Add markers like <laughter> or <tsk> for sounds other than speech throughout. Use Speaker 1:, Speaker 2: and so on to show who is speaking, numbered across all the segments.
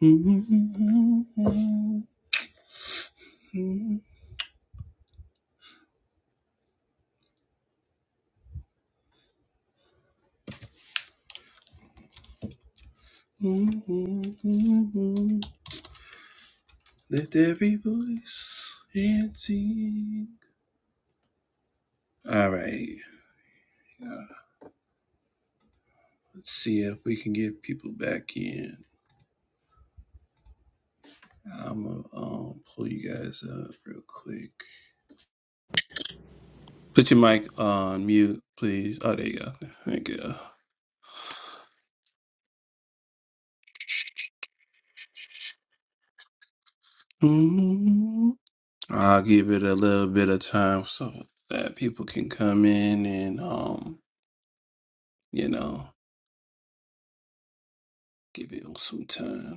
Speaker 1: Let every voice and sing. All right, let's see if we can get people back in. I'm gonna um, pull you guys up real quick. Put your mic on mute, please. Oh, there you go. Thank you. mm I'll give it a little bit of time so that people can come in and um, you know, give it some time.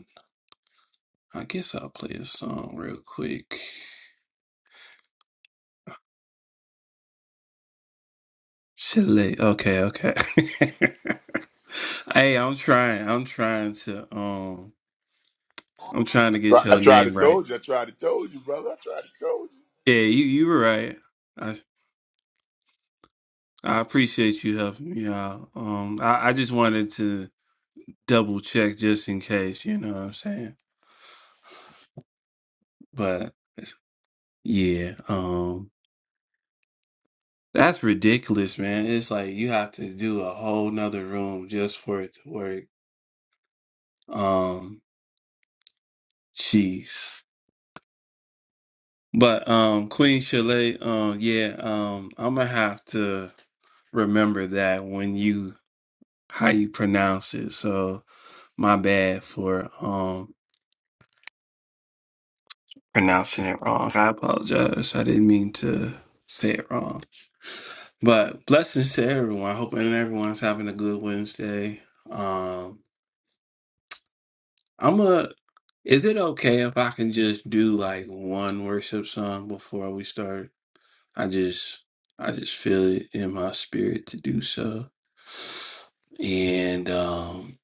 Speaker 1: I guess I'll play a song real quick. Chile. Okay, okay. <laughs> hey, I'm trying. I'm trying to um I'm trying to get
Speaker 2: Right, I
Speaker 1: your
Speaker 2: tried to
Speaker 1: name right.
Speaker 2: told you. I tried to told you, brother. I tried to told you.
Speaker 1: Yeah, you you were right. I I appreciate you helping me out. Um I, I just wanted to double check just in case, you know what I'm saying? But it's- yeah, um that's ridiculous, man. It's like you have to do a whole nother room just for it to work. Um jeez. But um Queen Chalet, um yeah, um I'm gonna have to remember that when you how you pronounce it. So my bad for um pronouncing it wrong. I apologize. I didn't mean to say it wrong. But blessings to everyone. I hope everyone's having a good Wednesday. Um I'm a is it okay if I can just do like one worship song before we start? I just I just feel it in my spirit to do so. And um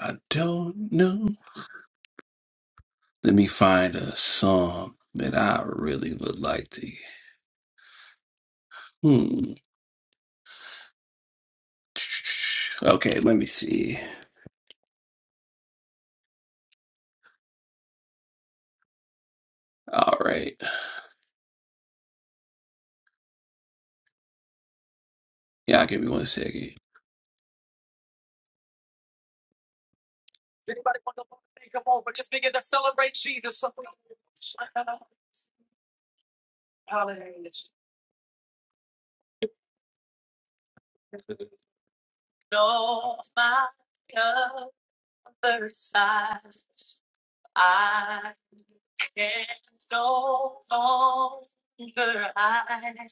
Speaker 1: I don't know. Let me find a song that I really would like to hmm. <tsk> Okay, let me see. All right. Yeah, give me one second. Anybody want the Lord to take them over? Just begin to celebrate Jesus. Hallelujah. No, my other side. I can no longer hide.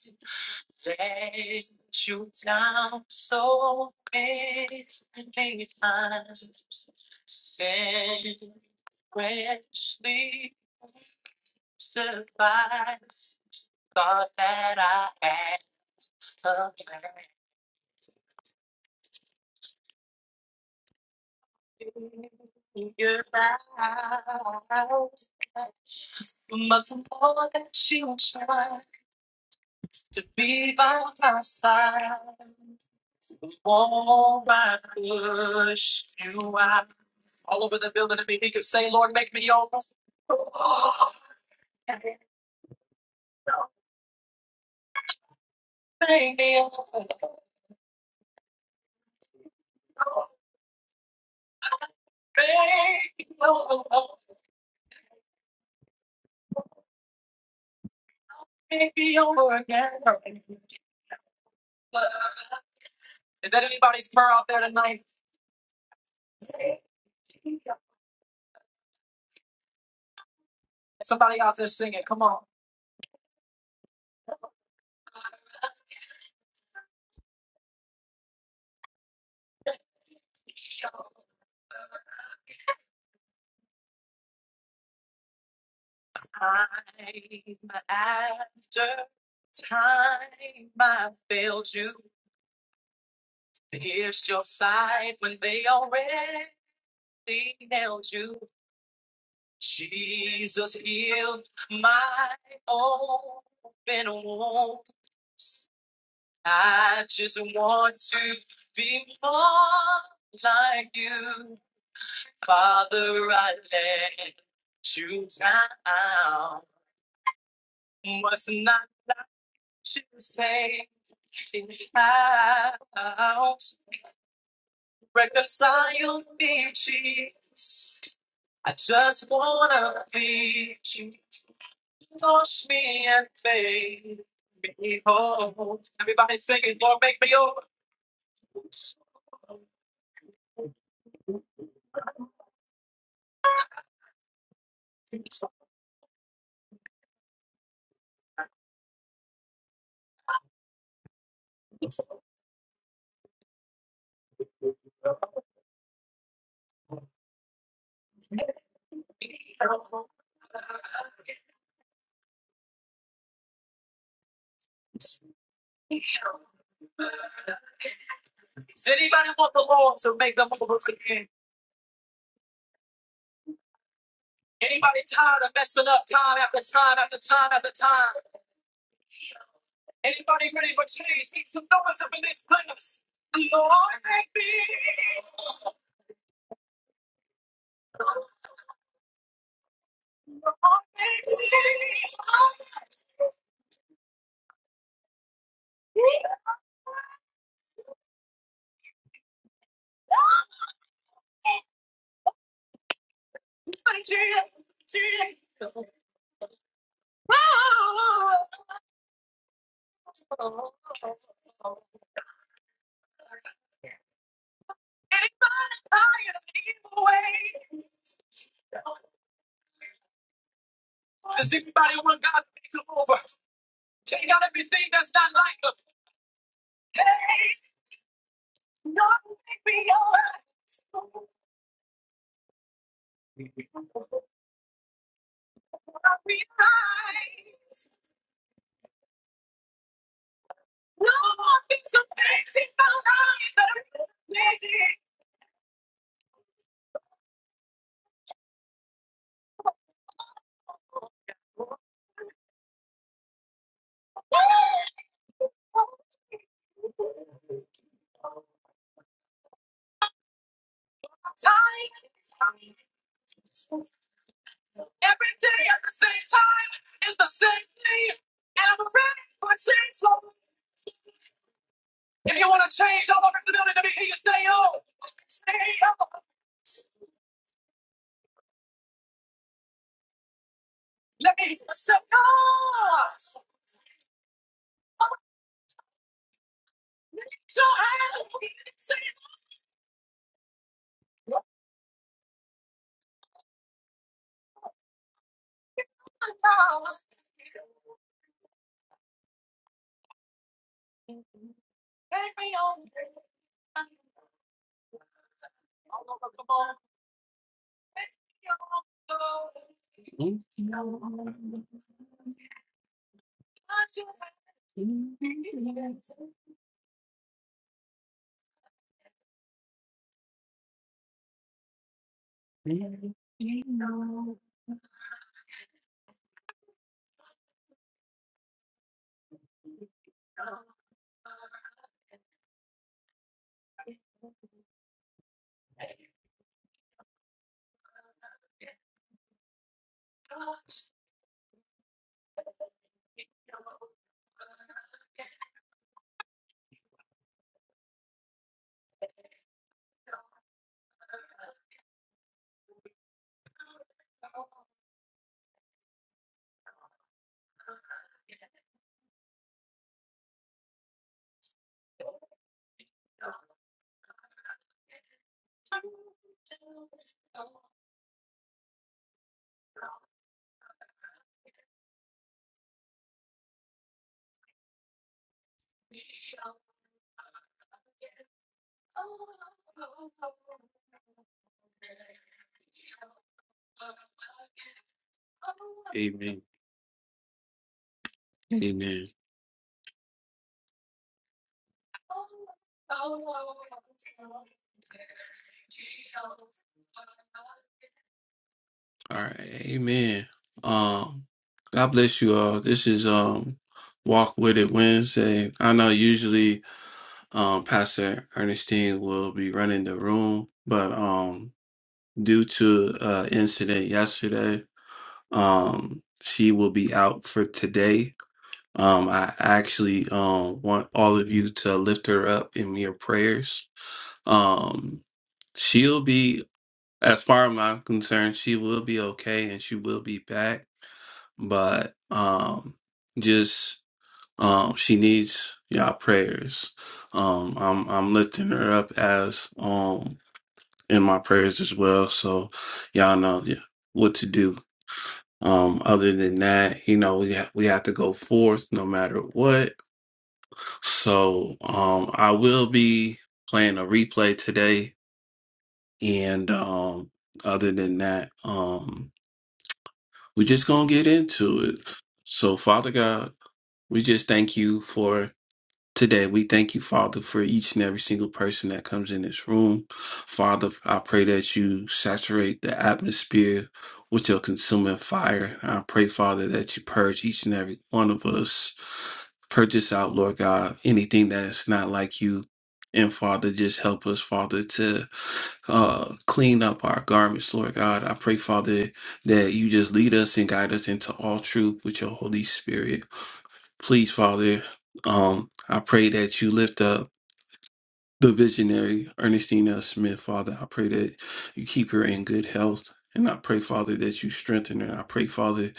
Speaker 1: Days shoot down so many times. Sin richly supplies. Thought that I had to You're right. But the more that you try. to be by my side. Won't I push you out? All over the building, if he could say, Lord, make me over. Oh, Make me over. Make me over. Make me over again. Is that anybody's prayer out there tonight? Somebody out there singing, come on. Time after time I failed you, pierced your side when they already nailed you. Jesus healed my open wounds. I just want to be more like you, Father. I let you down, must not let you stay. house. Reconcile me, Jesus. I just wanna be you. Wash me and fade me whole. Everybody singing, Lord, make me over. Does anybody want the Lord to make them over again? Anybody tired of messing up time after time after time after time? Anybody ready for change? Make some noise up in this place. Lord, make me. Lord, make me. Lord, change, change. Oh, oh, oh, oh. Anybody tired of evil way? Does anybody want God to make them over? Take out everything that's not like them. Hey, Lord, make me over. Amen. Amen. All right. Amen. Um, God bless you all. This is um Walk With It Wednesday. I know usually um Pastor Ernestine will be running the room, but um due to uh incident yesterday um she will be out for today um i actually um want all of you to lift her up in your prayers um she'll be as far as i'm concerned she will be okay and she will be back but um just um she needs y'all prayers um i'm i'm lifting her up as um in my prayers as well so y'all know yeah, what to do Um, other than that, you know, we ha- we have to go forth no matter what. So, um, I will be playing a replay today, and um, other than that, um, we're just gonna get into it. So, Father God, we just thank you for Today, we thank you, Father, for each and every single person that comes in this room. Father, I pray that you saturate the atmosphere with your consuming fire. I pray, Father, that you purge each and every one of us. Purge out, Lord God, anything that is not like you. And Father, just help us, Father, to uh, clean up our garments, Lord God. I pray, Father, that you just lead us and guide us into all truth with your Holy Spirit. Please, Father, um, I pray that you lift up the visionary Ernestine L. Smith, Father. I pray that you keep her in good health. And I pray, Father, that you strengthen her. I pray, Father,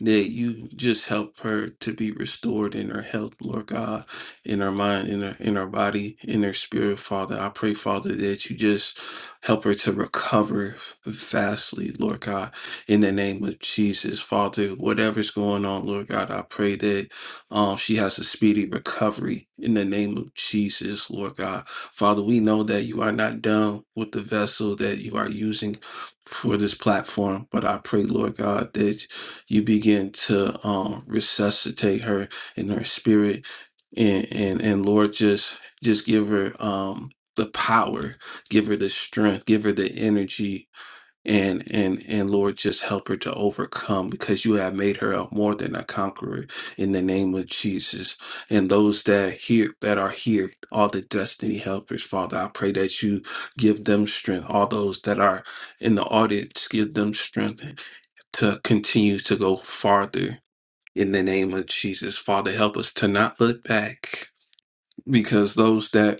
Speaker 1: that you just help her to be restored in her health, Lord God, in her mind, in her in her body, in her spirit, Father. I pray, Father, that you just help her to recover fastly, Lord God, in the name of Jesus, Father. Whatever's going on, Lord God, I pray that um, she has a speedy recovery in the name of Jesus, Lord God. Father, we know that you are not done with the vessel that you are using for this platform, but I pray, Lord God, that you begin to um, resuscitate her in her spirit, and and and Lord, just just give her um, the power, give her the strength, give her the energy and and and lord just help her to overcome because you have made her a more than a conqueror in the name of jesus and those that here that are here all the destiny helpers father i pray that you give them strength all those that are in the audience give them strength to continue to go farther in the name of jesus father help us to not look back because those that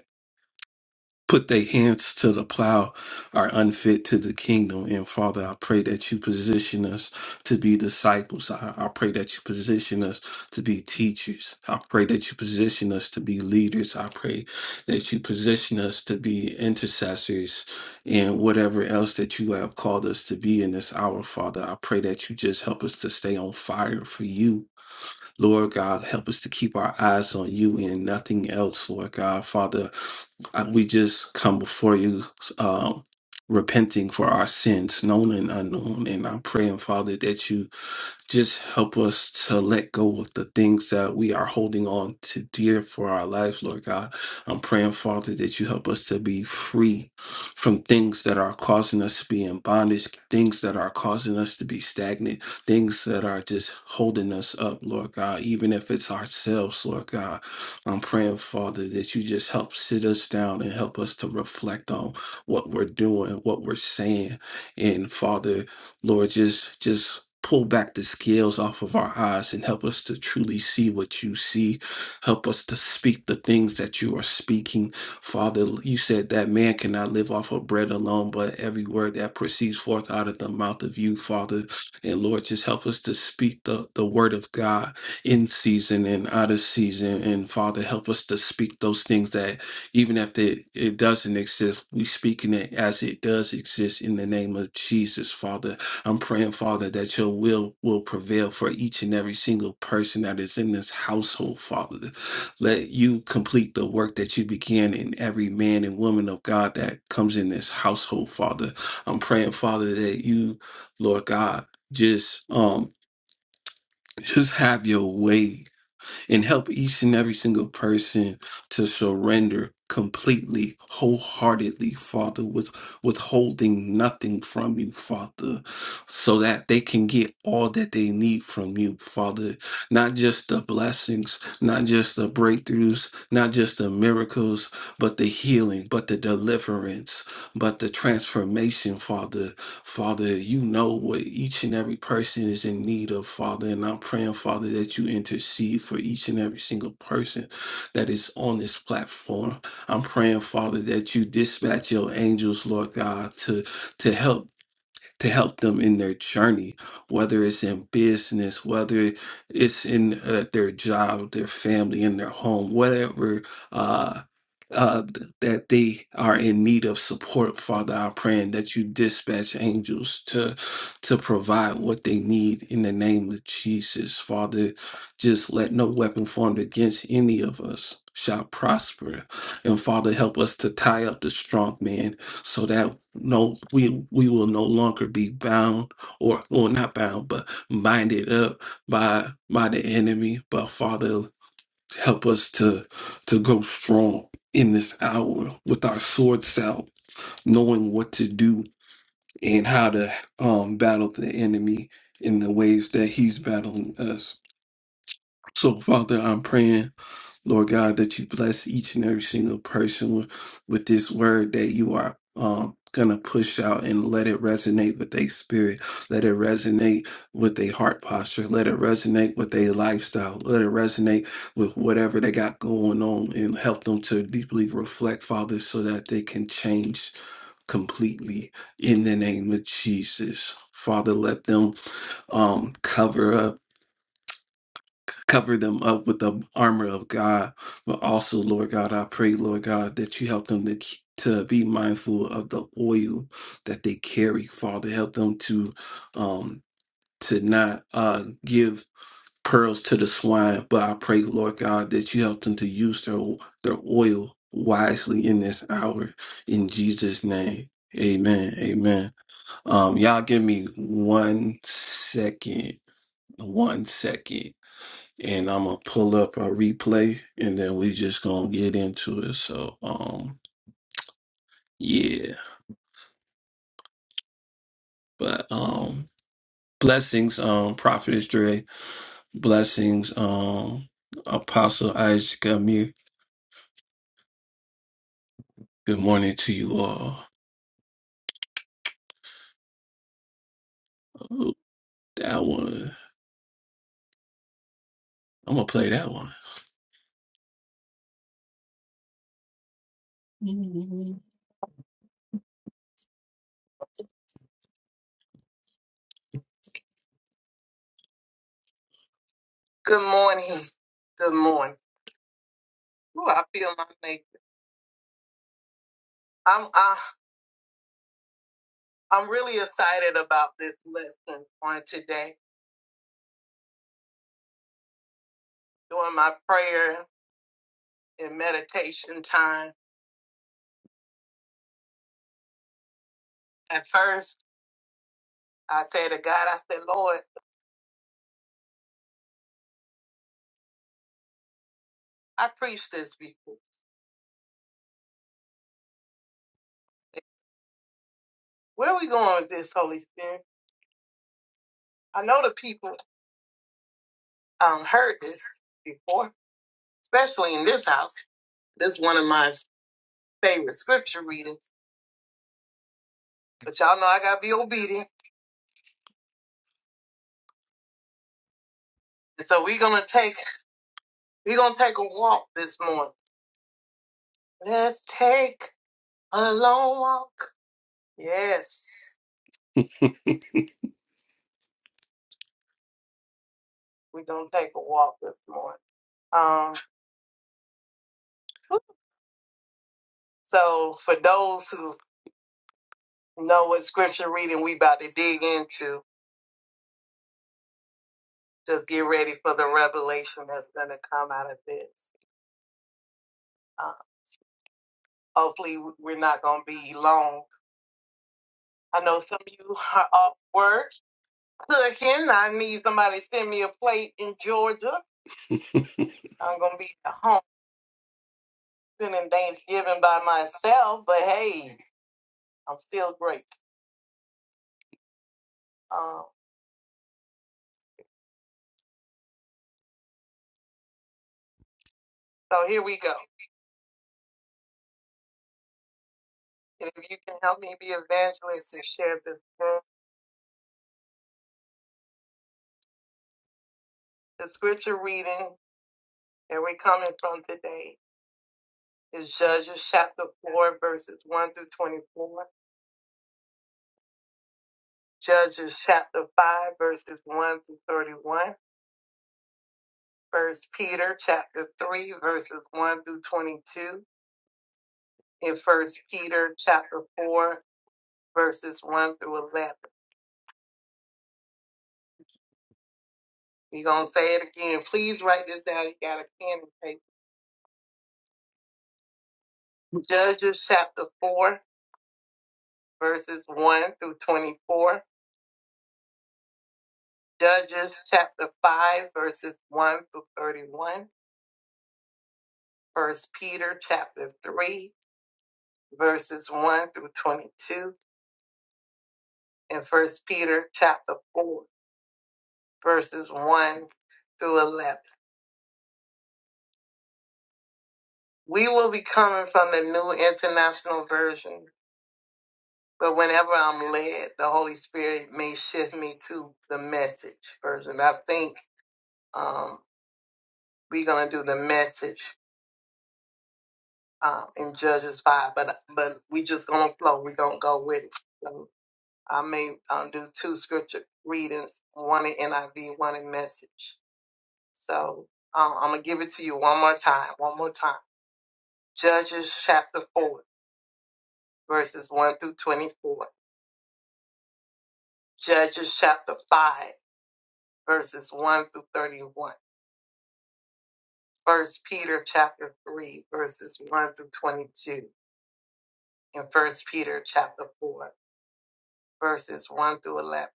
Speaker 1: put their hands to the plow are unfit to the kingdom. And Father, I pray that you position us to be disciples. I, I pray that you position us to be teachers. I pray that you position us to be leaders. I pray that you position us to be intercessors and whatever else that you have called us to be in this hour, Father. I pray that you just help us to stay on fire for you Lord God, help us to keep our eyes on you and nothing else, Lord God. Father, I- we just come before you um, repenting for our sins, known and unknown. And I'm praying, Father, that you just help us to let go of the things that we are holding on to dear for our lives, Lord God. I'm praying, Father, that you help us to be free from things that are causing us to be in bondage, things that are causing us to be stagnant, things that are just holding us up, Lord God, even if it's ourselves, Lord God. I'm praying, Father, that you just help sit us down and help us to reflect on what we're doing, what we're saying. And Father, Lord, just just pull back the scales off of our eyes and help us to truly see what you see. Help us to speak the things that you are speaking. Father, you said that man cannot live off of bread alone, but every word that proceeds forth out of the mouth of you, Father. And Lord, just help us to speak the, the word of God in season and out of season. And Father, help us to speak those things that even if it, it doesn't exist, we speaking it as it does exist in the name of Jesus, Father. I'm praying, Father, that your will will prevail for each and every single person that is in this household, Father. Let you complete the work that you began in every man and woman of God that comes in this household, Father. I'm praying, Father, that you, Lord God, just um just have your way and help each and every single person to surrender completely, wholeheartedly, Father, with withholding nothing from you, Father, so that they can get all that they need from you, Father. Not just the blessings, not just the breakthroughs, not just the miracles, but the healing, but the deliverance, but the transformation, Father. Father, you know what each and every person is in need of, Father. And I'm praying, Father, that you intercede for each and every single person that is on this platform. I'm praying, Father, that you dispatch your angels, Lord God, to to help to help them in their journey, whether it's in business, whether it's in uh, their job, their family, in their home, whatever uh, uh, th- that they are in need of support. Father, I'm praying that you dispatch angels to to provide what they need in the name of Jesus. Father, just let no weapon formed against any of us shall prosper. And Father, help us to tie up the strong man so that no we we will no longer be bound or well not bound but minded up by by the enemy but father help us to to go strong in this hour with our swords out knowing what to do and how to um battle the enemy in the ways that he's battling us so father i'm praying Lord God, that you bless each and every single person with, this word that you are um, going to push out and let it resonate with their spirit. Let it resonate with their heart posture. Let it resonate with their lifestyle. Let it resonate with whatever they got going on and help them to deeply reflect, Father, so that they can change completely in the name of Jesus. Father, let them um, cover up cover them up with the armor of God. But also, Lord God, I pray, Lord God, that you help them to k- to be mindful of the oil that they carry. Father, help them to um to not uh give pearls to the swine. But I pray, Lord God, that you help them to use their their oil wisely in this hour. In Jesus' name. Amen. Amen. Um, y'all give me one second. One second and I'm gonna pull up a replay, and then we just gonna get into it. So, um, yeah, but um, blessings, um, Prophet Dre, blessings, um, Apostle Isaac Amir. Good morning to you all. Oh, that one, I'm gonna play that one. Good morning. Good morning. Ooh, I feel my maker. I'm I, I'm really excited about this lesson on today. During my prayer and meditation time. At first, I said to God, I said, Lord, I preached this before. Where are we going with this, Holy Spirit? I know the people um, heard this before, especially in this house. This is one of my favorite scripture readings, but y'all know I gotta be obedient. And so we're gonna take we're gonna take a walk this morning. Let's take a long walk. Yes, we're gonna take a walk this morning. Um, so for those who know what scripture reading we about to dig into, just get ready for the revelation that's going to come out of this. Uh, hopefully, we're not going to be long. I know some of you are off work cooking. I need somebody to send me a plate in Georgia. I'm going to be at home spending Thanksgiving by myself, but hey, I'm still great. Um, so here we go. And if you can help me be evangelist and share this, book, the scripture reading that we're coming from today is Judges chapter 4, verses 1 through 24. Judges chapter 5, verses 1 through 31. First Peter chapter 3, verses 1 through 22. And First Peter chapter 4, verses 1 through 11. We're going to say it again. Please write this down. You got a pen and paper. Judges chapter 4, verses 1 through 24. Judges chapter 5, verses 1 through 31. First Peter chapter 3, verses 1 through 22 in First Peter chapter four, verses one through eleven. We will be coming from the New International Version, but whenever I'm led, the Holy Spirit may shift me to the Message version. I think um, we're gonna do the Message um, in Judges five, but but we just gonna flow. We're gonna go with it. So I may um, do two scripture readings, one in NIV, one in Message. So um, I'm gonna give it to you one more time, one more time Judges chapter 4, verses 1 through 24. Judges chapter 5, verses 1 through 31. First Peter chapter 3, verses 1 through 22. And First Peter chapter 4, verses 1 through 11.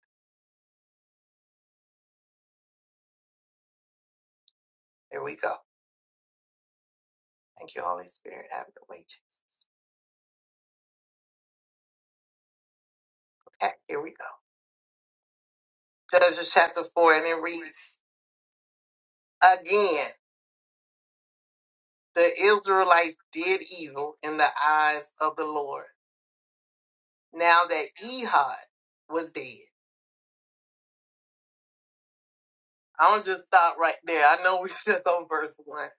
Speaker 1: Here we go. Thank you, Holy Spirit. Have your way, Jesus. Okay, here we go. Judges chapter 4, and it reads, Again, the Israelites did evil in the eyes of the Lord. Now that Ehud was dead I'm just stop right there. I know we <laughs> just on verse one,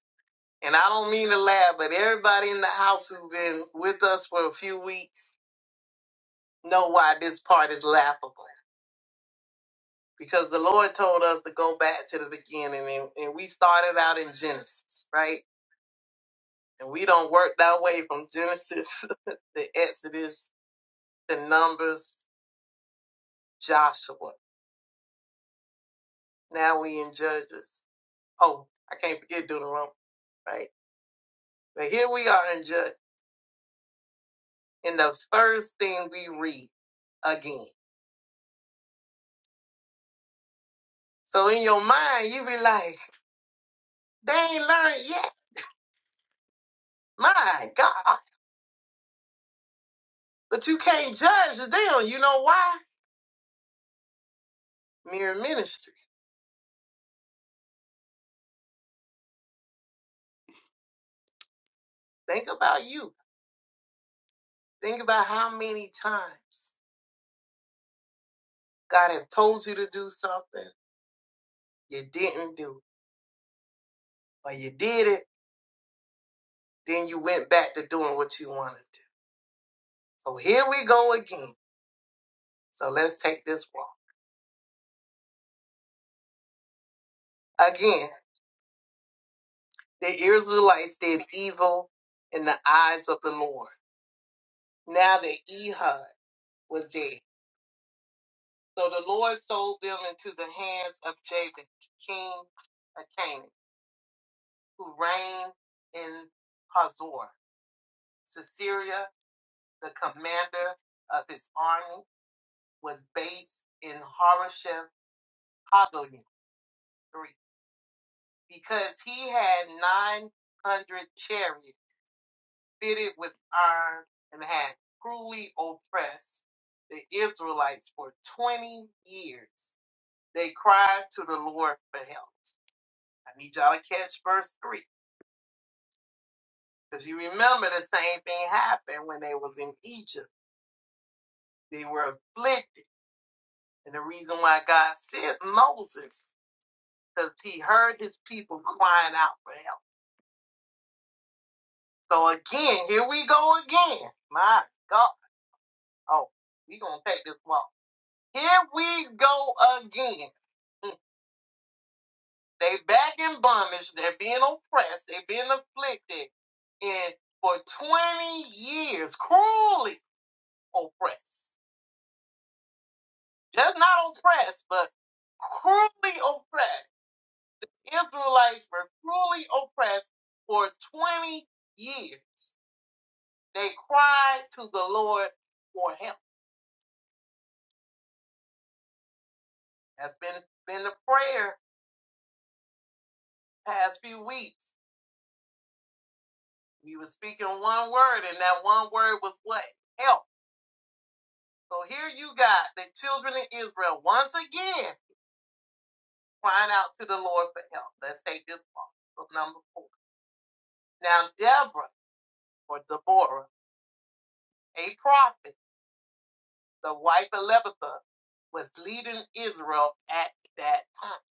Speaker 1: and I don't mean to laugh, but everybody in the house who's been with us for a few weeks know why this part is laughable because the Lord told us to go back to the beginning, and, and we started out in Genesis, right? And we don't work that way from Genesis <laughs> to Exodus to Numbers, Joshua. Now we in Judges. Oh, I can't forget Deuteronomy, right? But here we are in Judges. and the first thing we read again. So in your mind, you be like, they ain't learned yet. My God. But you can't judge them. You know why? Mirror ministry. Think about you. Think about how many times God had told you to do something you didn't do, or you did it, then you went back to doing what you wanted to. So here we go again. So let's take this walk. Again, the Israelites did evil in the eyes of the Lord now that Ehud was dead. So the Lord sold them into the hands of Jabin, king of Canaan, who reigned in Hazor. Sisera, the commander of his army, was based in Harosheth Hadolim, because he had 900 chariots fitted with iron and had cruelly oppressed the Israelites for 20 years They cried to the Lord for help. I need y'all to catch verse 3. Because you remember the same thing happened when they was in Egypt. They were afflicted. And the reason why God sent Moses, because he heard his people crying out for help. So again, here we go again. My God. Oh, we going to take this walk. Here we go again. They back in bondage. They're being oppressed. They're being afflicted. And for 20 years, cruelly oppressed. Just not oppressed, but cruelly oppressed. Israelites were cruelly oppressed for 20 years. They cried to the Lord for help. That's been been the prayer past few weeks. We were speaking one word, and that one word was what? Help. So here you got the children of Israel once again crying out to the Lord for help. Let's take this one. Number four. Now Deborah or Deborah, a prophet. the wife of Lebatha, was leading Israel at that time.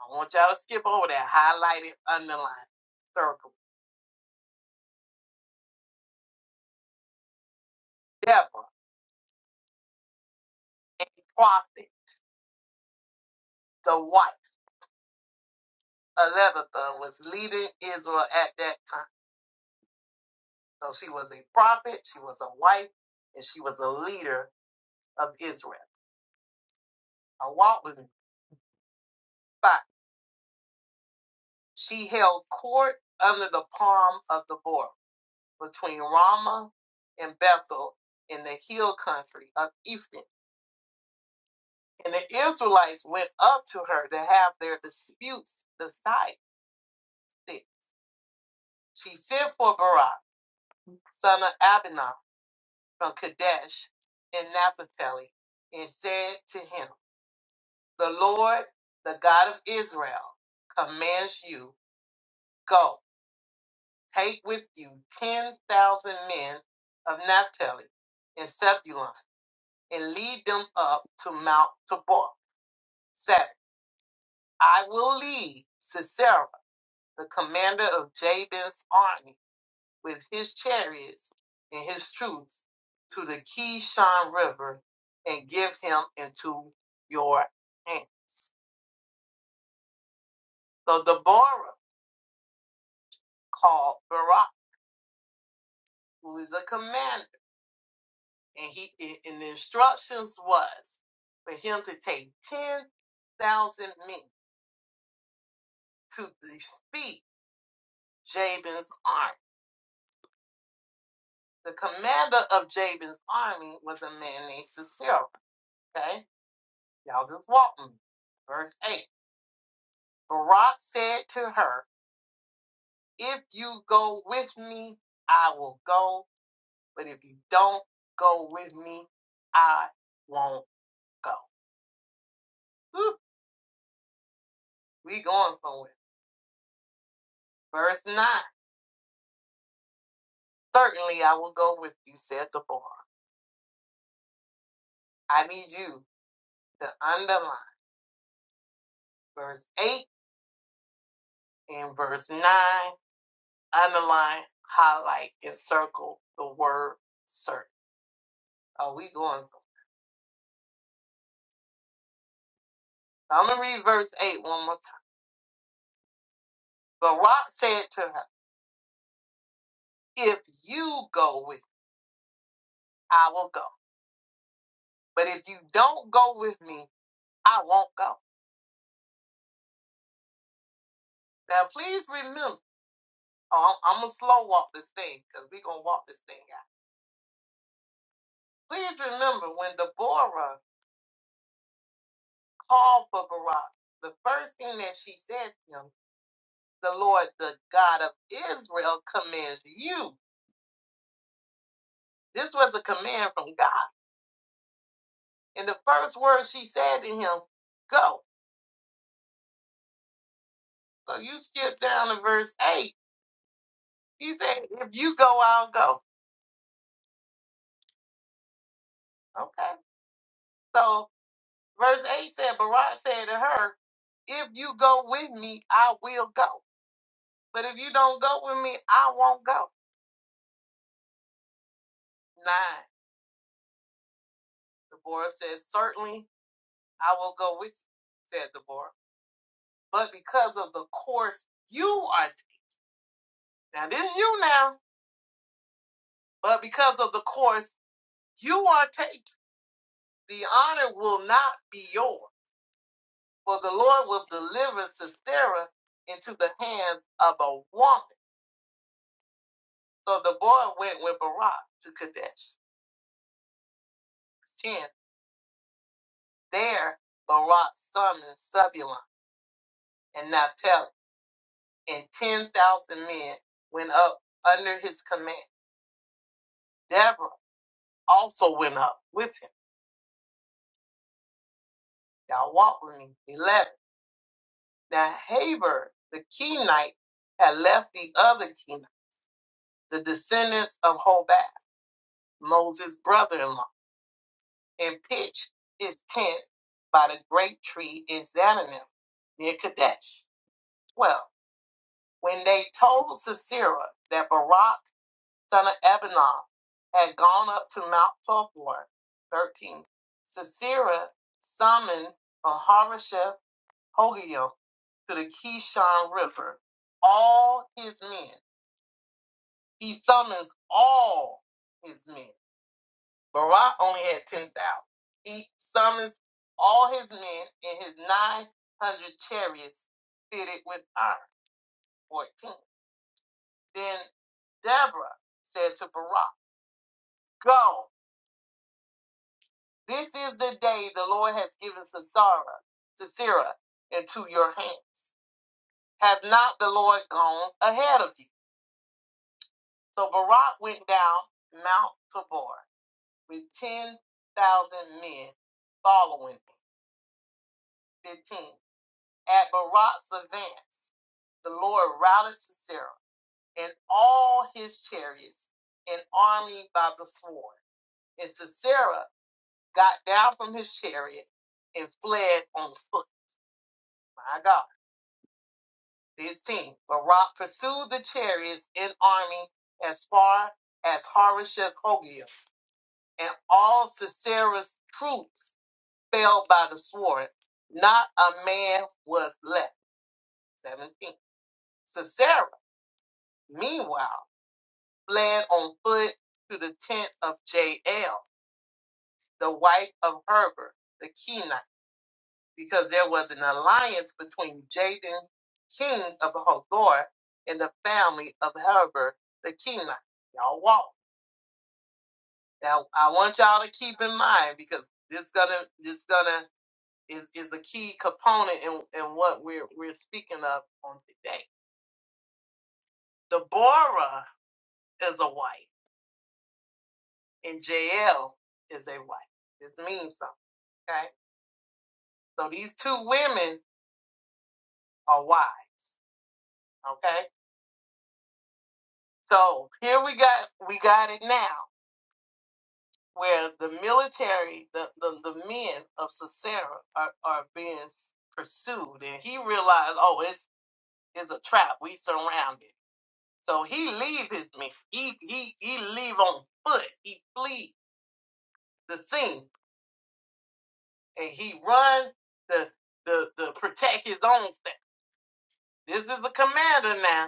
Speaker 1: I want y'all to skip over that, highlighted, underlined, circle. Deborah, a prophet, the wife of Lebatha, was leading Israel at that time. So she was a prophet, she was a wife, and she was a leader of Israel. I walk with me. Five. She held court under the palm of the board between Ramah and Bethel in the hill country of Ephraim And the Israelites went up to her to have their disputes decided. She sent for Barak, son of Abinah, from Kadesh in Naphtali, and said to him, The Lord, the God of Israel, commands you, go, take with you 10,000 men of Naphtali and Zebulun, and lead them up to Mount Tabor. Said, I will lead Sisera the commander of Jabin's army with his chariots and his troops to the Kishon River and give him into your hands. So Deborah called Barak, who is the commander, and he and the instructions was for him to take ten thousand men to defeat Jabin's army. The commander of Jabin's army was a man named Sisera. Okay Y'all just walking. Verse 8. Barak said to her, If you go with me, I will go. But if you don't go with me, I won't go. Whew, we going somewhere. Verse 9. Certainly I will go with you, said the bar. I need you to underline verse 8 and verse 9. Underline, highlight, and circle the word certain. Oh, we going somewhere. So I'm going to read verse 8 one more time. Barak said to her, If you go with me, I will go. But if you don't go with me, I won't go. Now, please remember, I'm, I'm going to slow walk this thing because we're going to walk this thing out. Please remember when Deborah called for Barak, the first thing that she said to him, The Lord, the God of Israel, commands you. This was a command from God. And the first word she said to him, Go. So you skip down to verse 8. He said, If you go, I'll go. Okay. So verse 8 said, Barak said to her, If you go with me, I will go. But if you don't go with me, I won't go. Nine. Deborah says, Certainly I will go with you, said Deborah. But because of the course you are taking, now this is you now, but because of the course you are taking, the honor will not be yours. For the Lord will deliver Sisera into the hands of a woman So the boy went with Barak to Kadesh. 10. There Barak summoned Zebulun and Naphtali, and 10,000 men went up under his command. Deborah also went up with him. Y'all walk with me. 11. Now Haber, the Kenite, had left the other Kenite, the descendants of Hobab, Moses' brother-in-law, and pitched his tent by the great tree in Zananim near Kadesh. 12. When they told Sisera that Barak, son of Abinah, had gone up to Mount Tabor, 13, Sisera summoned Maharasheth Hogiel to the Kishon River, all his men. He summons all his men. Barak only had 10,000. He summons all his men and his 900 chariots fitted with iron, 14. Then Deborah said to Barak, Go, this is the day the Lord has given to Sisera, to Sarah, into your hands. Has not the Lord gone ahead of you? So Barak went down Mount Tabor with 10,000 men following him. 15. At Barak's advance, the Lord routed Sisera and all his chariots and army by the sword. And Sisera got down from his chariot and fled on foot. My God. 16. Barak pursued the chariots in army as far as Harosheth Hogia, and all Sisera's troops fell by the sword. Not a man was left. 17. Sisera, meanwhile, fled on foot to the tent of Jael, the wife of Herbert, the Kenite. because there was an alliance between Jabin, king of Hazor, and the family of Heber the Kenite. Y'all walk. Now I want y'all to keep in mind because this gonna this gonna is, is a key component in, in what we're we're speaking of on today. Deborah is a wife and Jael is a wife. This means something. Okay. So these two women are wives. Okay. So here we got we got it now. where the military, the, the, the men of Sisera are, are being pursued. And he realized, oh, it's, it's a trap. We surrounded. So he leave his men. He, he, he leave on foot. He flee the scene and he run to the, the protect his own self. This is the commander now.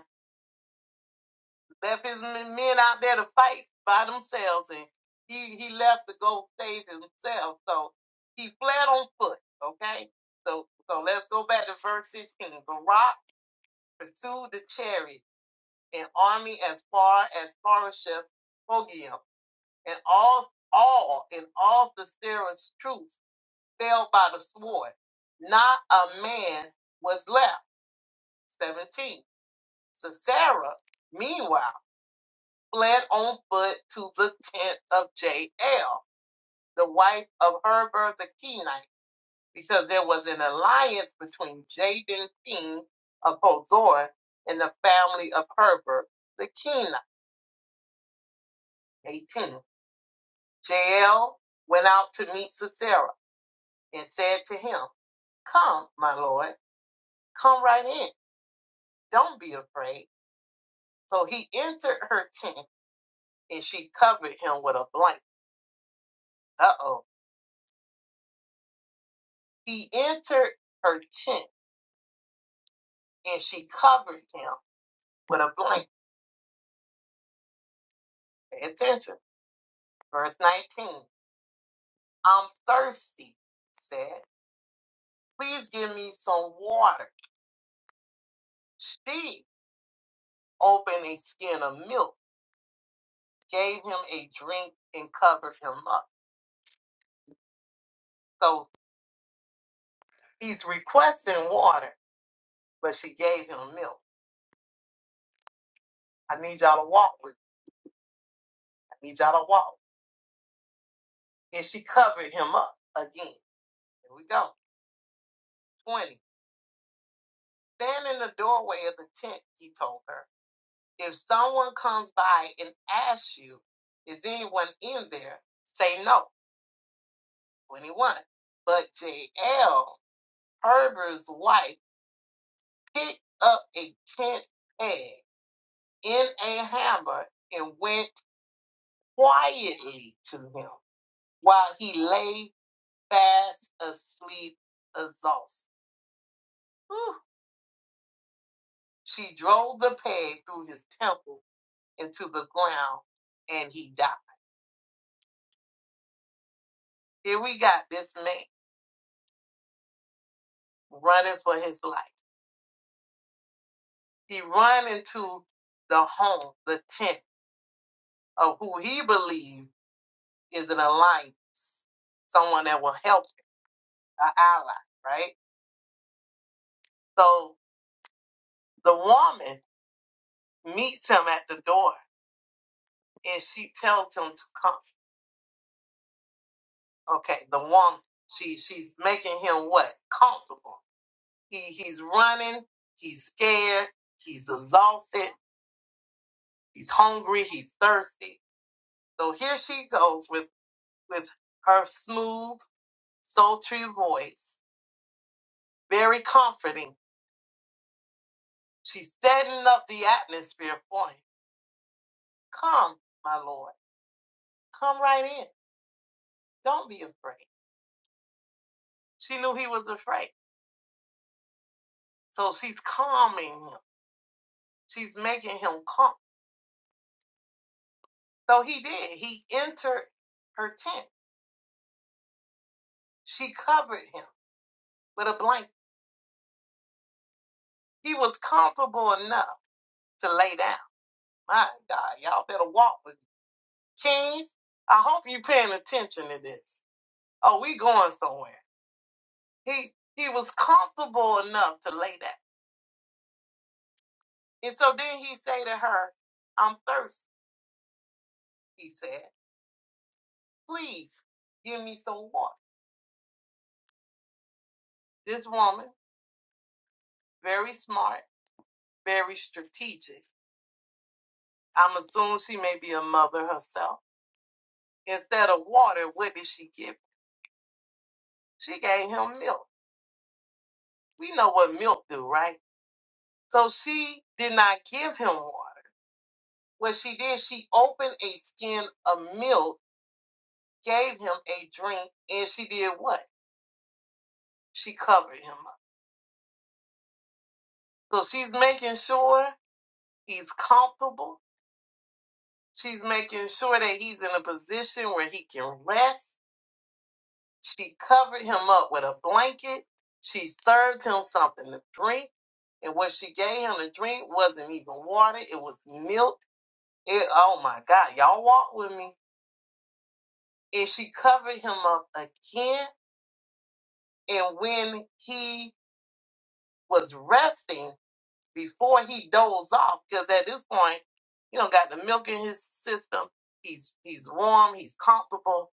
Speaker 1: left his men out there to fight by themselves, and he he left to go save himself. So he fled on foot. Okay, so so let's go back to verse sixteen. Barak pursued the chariot and army as far as Harosheth Hogiel, and all all and all Sisera's troops fell by the sword. Not a man was left. Seventeen. Sisera, meanwhile. fled on foot to the <laughs> tent of Jael, the wife of Heber the Kenite, because there was an alliance between Jabin, king of Hazor, and the family of Heber the Kenite. 18. Jael went out to meet Sisera and said to him, Come, my lord, come right in. Don't be afraid. So he entered her tent and she covered him with a blanket. Uh oh. He entered her tent and she covered him with a blanket. Pay attention. Verse 19. I'm thirsty, said. Please give me some water. She opened a skin of milk, gave him a drink, and covered him up. So he's requesting water, but she gave him milk. I need y'all to walk with me. I need y'all to walk. And she covered him up again. Here we go. 20. Stand in the doorway of the tent, he told her. If someone comes by and asks you, is anyone in there? Say no. 21. But J.L., Herbert's wife, picked up a tent peg in a hammer and went quietly to him while he lay fast asleep, exhausted. Whew. She drove the peg through his temple into the ground and he died. Here we got this man running for his life. He run into the home, the tent of who he believed is an alliance, someone that will help him, an ally, right? So the woman meets him at the door and she tells him to come. Okay, the woman, she she's making him what? Comfortable. He he's running, he's scared, he's exhausted, he's hungry, he's thirsty. So here she goes with with her smooth, sultry voice Very comforting. She's setting up the atmosphere for him. Come, my Lord. Come right in. Don't be afraid. She knew he was afraid. So she's calming him. She's making him calm. So he did. He entered her tent. She covered him with a blanket. He was comfortable enough to lay down. My God, y'all better walk with me. Kings, I hope you're paying attention to this. Oh, we going somewhere. He he was comfortable enough to lay down. And so then he say to her, I'm thirsty, he said. Please give me some water. This woman, very smart, very strategic. I'm assuming she may be a mother herself. Instead of water, what did she give? She gave him milk. We know what milk do, right? So she did not give him water. What she did, she opened a skin of milk, gave him a drink, and she did what? She covered him up. So she's making sure he's comfortable She's making sure that he's in a position where he can rest. She covered him up with a blanket. She served him something to drink. And what she gave him to drink wasn't even water, it was milk. It, oh my God, y'all walk with me. And she covered him up again. And when he was resting before he dozed off, because at this point, you know, got the milk in his system. He's he's warm, he's comfortable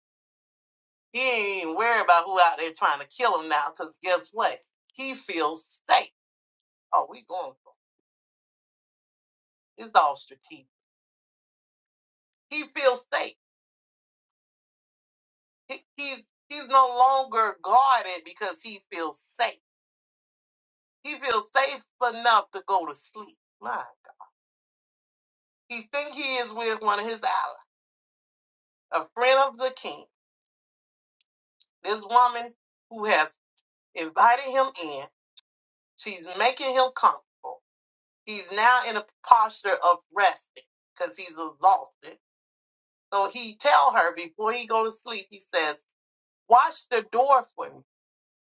Speaker 1: He ain't even worried about who out there trying to kill him now, because guess what? He feels safe. Oh, we going for it. It's all strategic. He feels safe. He, he's he's no longer guarded because he feels safe. He feels safe enough to go to sleep. My God. He think he is with one of his allies, a friend of the king. This woman who has invited him in, she's making him comfortable. He's now in a posture of resting because he's exhausted So he tell her before he go to sleep, he says, watch the door for me.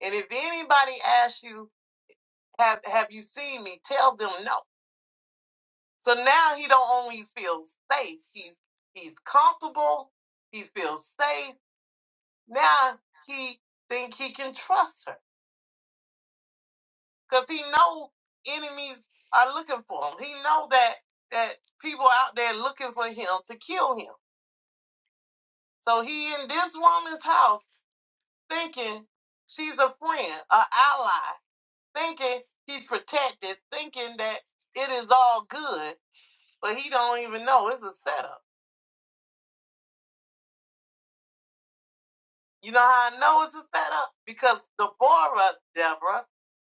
Speaker 1: And if anybody asks you, have have you seen me, tell them no. So now he don't only feel safe, He he's comfortable, he feels safe. Now he think he can trust her. Because he know enemies are looking for him. He know that that people out there looking for him to kill him. So he in this woman's house thinking she's a friend, a ally, thinking he's protected, thinking that it is all good, but he don't even know it's a setup. You know how I know it's a setup? Because Deborah, Deborah,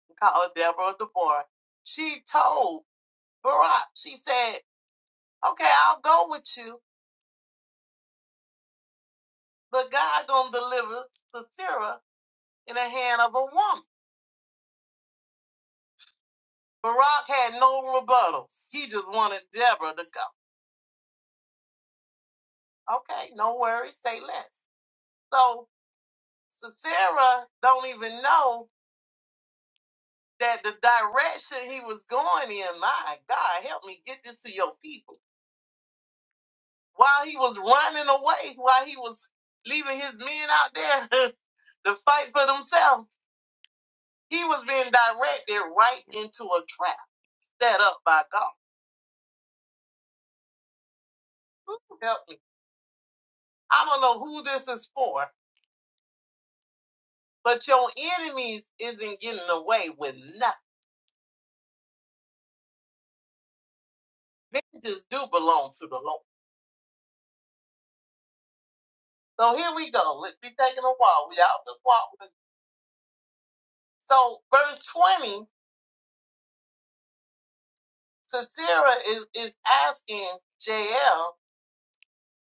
Speaker 1: we call her Deborah Deborah, she told Barack, she said, Okay, I'll go with you, but God gonna deliver Sisera in the hand of a woman. Barack had no rebuttals. He just wanted Deborah to go. Okay, no worries, say less. So So Sarah don't even know that the direction he was going in, my God, help me get this to your people. While he was running away, while he was leaving his men out there <laughs> to fight for themselves, he was being directed right into a trap set up by God. Ooh, Help me. I don't know who this is for, but your enemies isn't getting away with nothing. Vengeance do belong to the Lord. So here we go. Let's be taking a walk. We all just walk So verse 20, Sisera is, is asking Jael,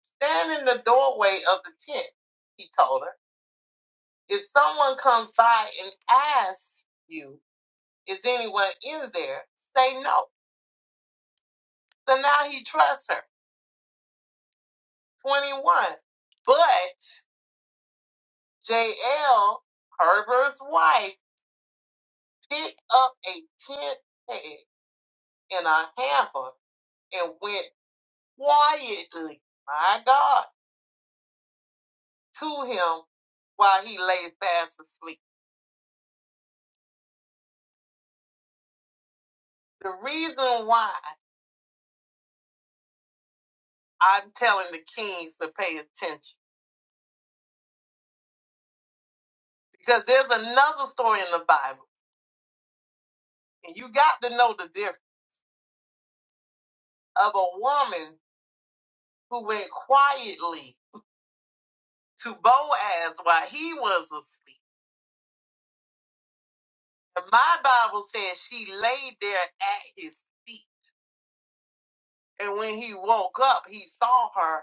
Speaker 1: stand in the doorway of the tent, he told her. If someone comes by and asks you, is anyone in there? Say no. So now he trusts her. 21. But Jael, Herbert's wife, picked up a tent peg in a hamper and went quietly, my God, to him while he lay fast asleep. The reason why I'm telling the kings to pay attention, because there's another story in the Bible, and you got to know the difference of a woman who went quietly to Boaz while he was asleep. And my Bible says she laid there at his feet. And when he woke up, he saw her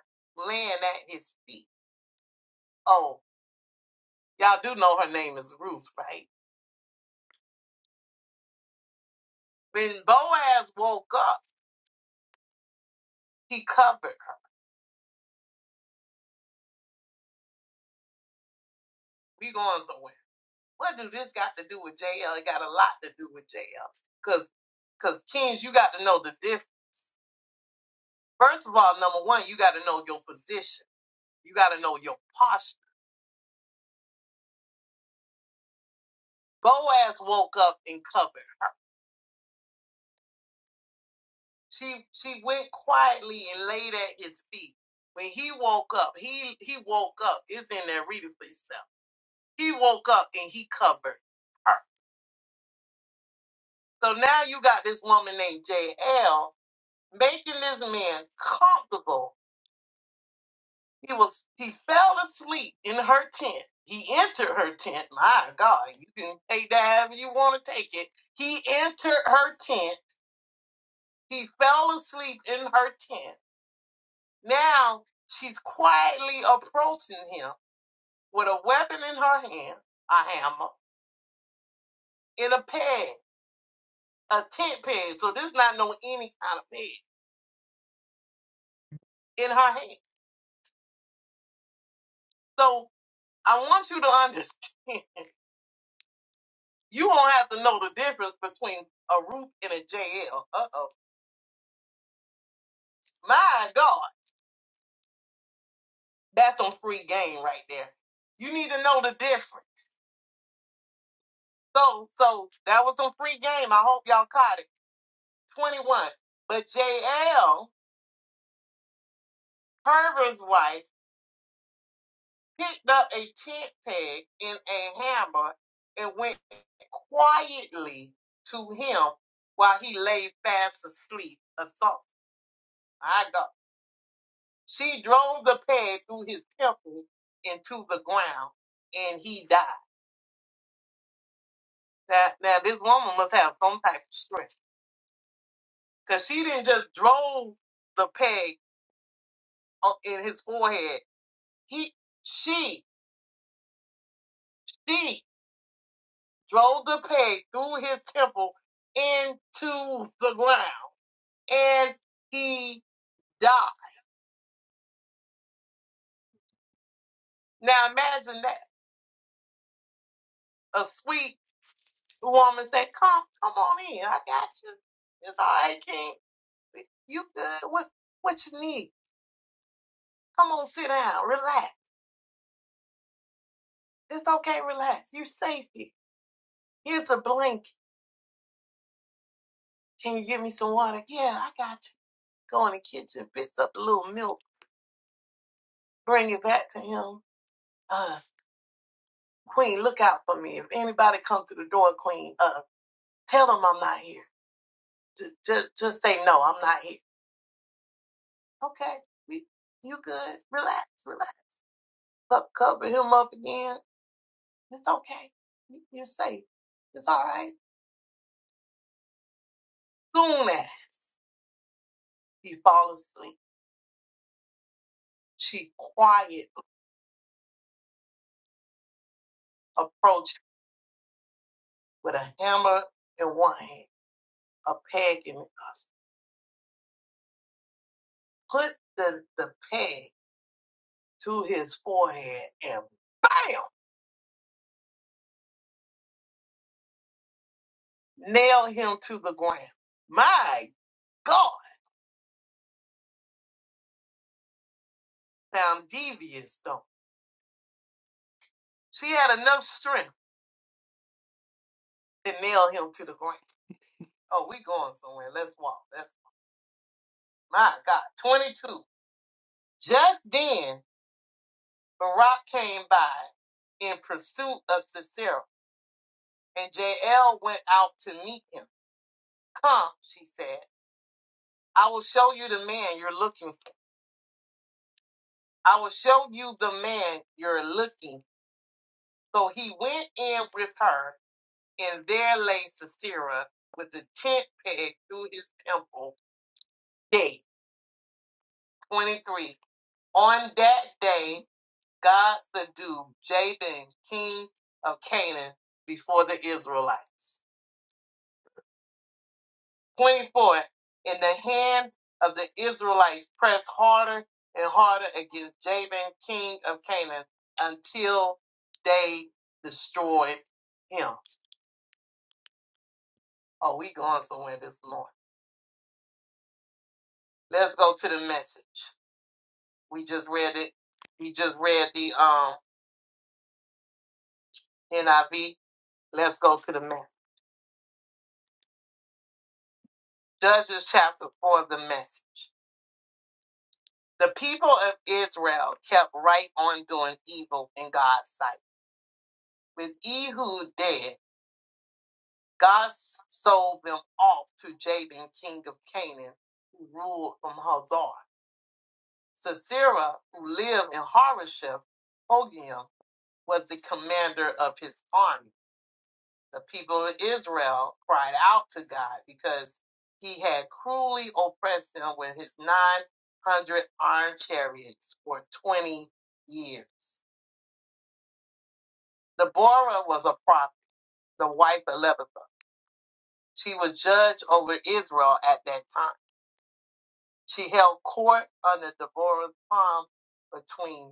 Speaker 1: laying at his feet. Oh, y'all do know her name is Ruth, right? When Boaz woke up, He covered her. We going somewhere. What do this got to do with JL? It got a lot to do with JL. Cause, cause Kings, you got to know the diff. First of all, number one, you got to know your position. You got to know your posture. Boaz woke up and covered. her. She she went quietly and laid at his feet. When he woke up, he he woke up. It's in there. Read it for yourself. He woke up and he covered her. So now you got this woman named JL making this man comfortable He was he fell asleep in her tent. He entered her tent. My God, you can take that however you want to take it. He entered her tent. He fell asleep in her tent. Now she's quietly approaching him with a weapon in her hand, a hammer, and a peg, a tent peg. So this is not no any kind of peg in her hand. So I want you to understand. <laughs> You won't have to know the difference between a roof and a JL. Uh oh My God, that's some free game right there. You need to know the difference. So, so that was some free game. I hope y'all caught it. 21. But JL, Herbert's wife, picked up a tent peg and a hammer and went quietly to him while he lay fast asleep. Assault. My God. She drove the peg through his temple into the ground and he died. That now this woman must have some type of strength, cause she didn't just drove the peg o- in his forehead. He, she, she drove the peg through his temple into the ground, and he died. Now imagine that a sweet woman said, "Come, come on in. I got you. It's all right, King. You good? What, what you need? Come on, sit down, relax. It's okay, relax. You're safe here. Here's a blanket. Can you give me some water? Yeah, I got you. Go in the kitchen, fix up a little milk, bring it back to him. Uh, Queen, look out for me. If anybody comes to the door, Queen, uh, tell them I'm not here. Just, just, just say no, I'm not here. Okay, we, you good? Relax, relax. Up, cover him up again. It's okay. You- You're safe. It's all right. Soon as he falls asleep, she quietly approached with a hammer in one hand, a peg in the other. put the, the peg to his forehead and bam, nail him to the ground. My God, sound devious though. She had enough strength to nail him to the ground. Oh, we going somewhere. Let's walk. That's my God. 22. Just then, Barak came by in pursuit of Sisera, and Jael went out to meet him. Come, she said. I will show you the man you're looking for. I will show you the man you're looking So he went in with her, and there lay Sisera with the tent peg through his temple gate. 23. On that day, God subdued Jabin, king of Canaan, before the Israelites. 24. And the hand of the Israelites pressed harder and harder against Jabin, king of Canaan, until they destroyed him. Oh, we going somewhere this morning. Let's go to the message. We just read it. We just read the um NIV. Let's go to the message. Judges chapter four, the message. The people of Israel kept right on doing evil in God's sight. With Ehud dead, God sold them off to Jabin, king of Canaan, who ruled from Hazar. Sisera, who lived in Harosheth, Hogiam, was the commander of his army. The people of Israel cried out to God because he had cruelly oppressed them with his 900 armed chariots for 20 years. Deborah was a prophet, the wife of Lebanon. She was judge over Israel at that time. She held court under Deborah's palm between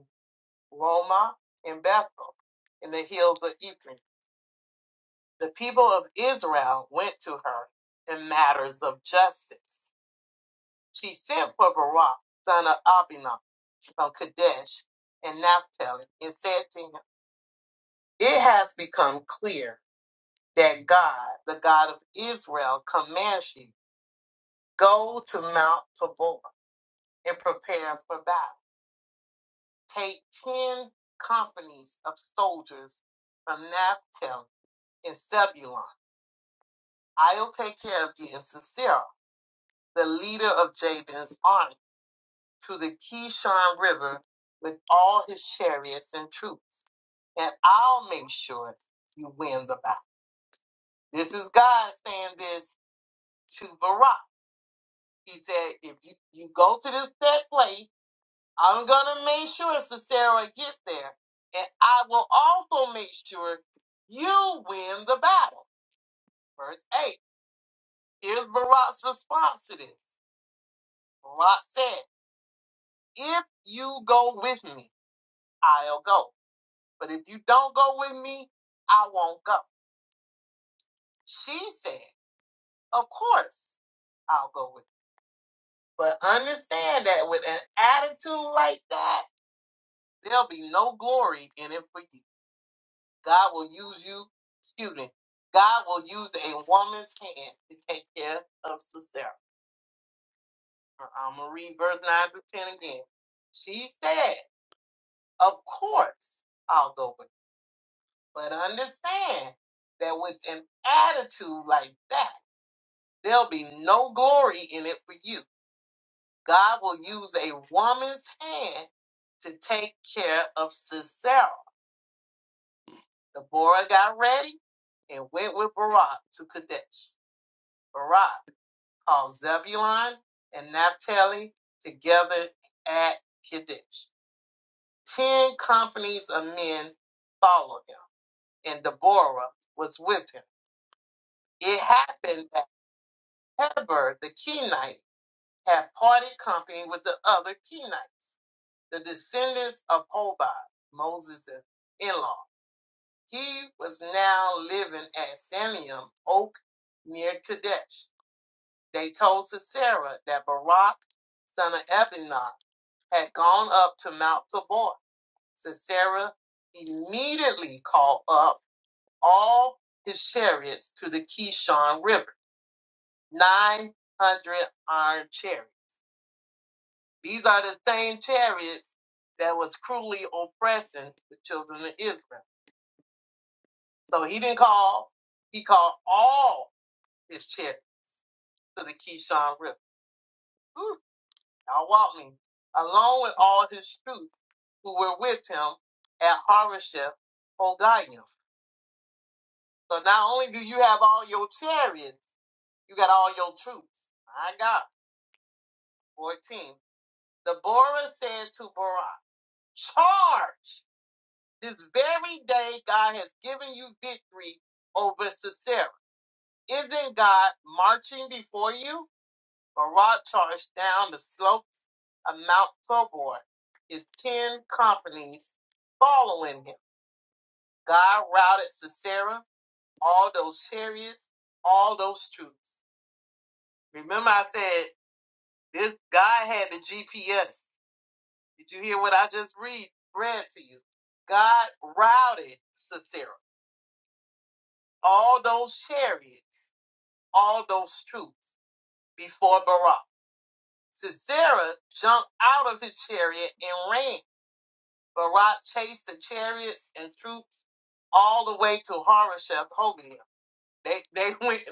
Speaker 1: Ramah and Bethel in the hills of Ephraim. The people of Israel went to her in matters of justice. She sent for Barak, son of Abinah, from Kadesh and Naphtali, and said to him, It has become clear that God, the God of Israel, commands you, go to Mount Tabor and prepare for battle. Take ten companies of soldiers from Naphtali and Zebulun. I'll take care of you and Sisera, the leader of Jabin's army to the Kishon River with all his chariots and troops, and I'll make sure you win the battle. This is God saying this to Barak. He said, if you, you go to this that place, I'm gonna make sure Sisera gets there, and I will also make sure you win the battle. Verse eight. Here's Barak's response to this. Barak said, "If you go with me, I'll go." But if you don't go with me, I won't go. She said, Of course. I'll go with. you. But understand that with an attitude like that, there'll be no glory in it for you. God will use you, excuse me, God will use a woman's hand to take care of Sisera. Uh, I'm going to read verse 9 to 10 again. She said, Of course I'll go with. you." But understand that with an attitude like that, There'll be no glory in it for you. God will use a woman's hand to take care of Sisera. Deborah got ready and went with Barak to Kadesh. Barak called Zebulun and Naphtali together at Kadesh. Ten companies of men followed him, and Deborah was with him. It happened that Heber the Kenite had parted company with the other Kenites the descendants of Hobab, Moses' in-law. He was now living at Sanium Oak near Kadesh. They told Sisera that Barak, son of Ebinah, had gone up to Mount Tabor. Sisera immediately called up all his chariots to the Kishon River, 900 iron chariots. These are the same chariots that was cruelly oppressing the children of Israel. So he didn't call. He called all his chariots to the Kishon River. Ooh, y'all walk me. Along with all his troops who were with him at Harosheth Hogayim. So not only do you have all your chariots, you got all your troops. I got 14. Deborah said to Barak, charge! This very day God has given you victory over Sisera. Isn't God marching before you? barrage charge down the slopes of Mount Tabor, his ten companies following him. God routed Sisera, all those chariots, all those troops. Remember, I said this God had the GPS. Did you hear what I just read read to you? God routed Sisera, all those chariots, all those troops before Barak. Sisera jumped out of his chariot and ran. Barak chased the chariots and troops all the way to Harosheth Hoganim. They <laughs> they went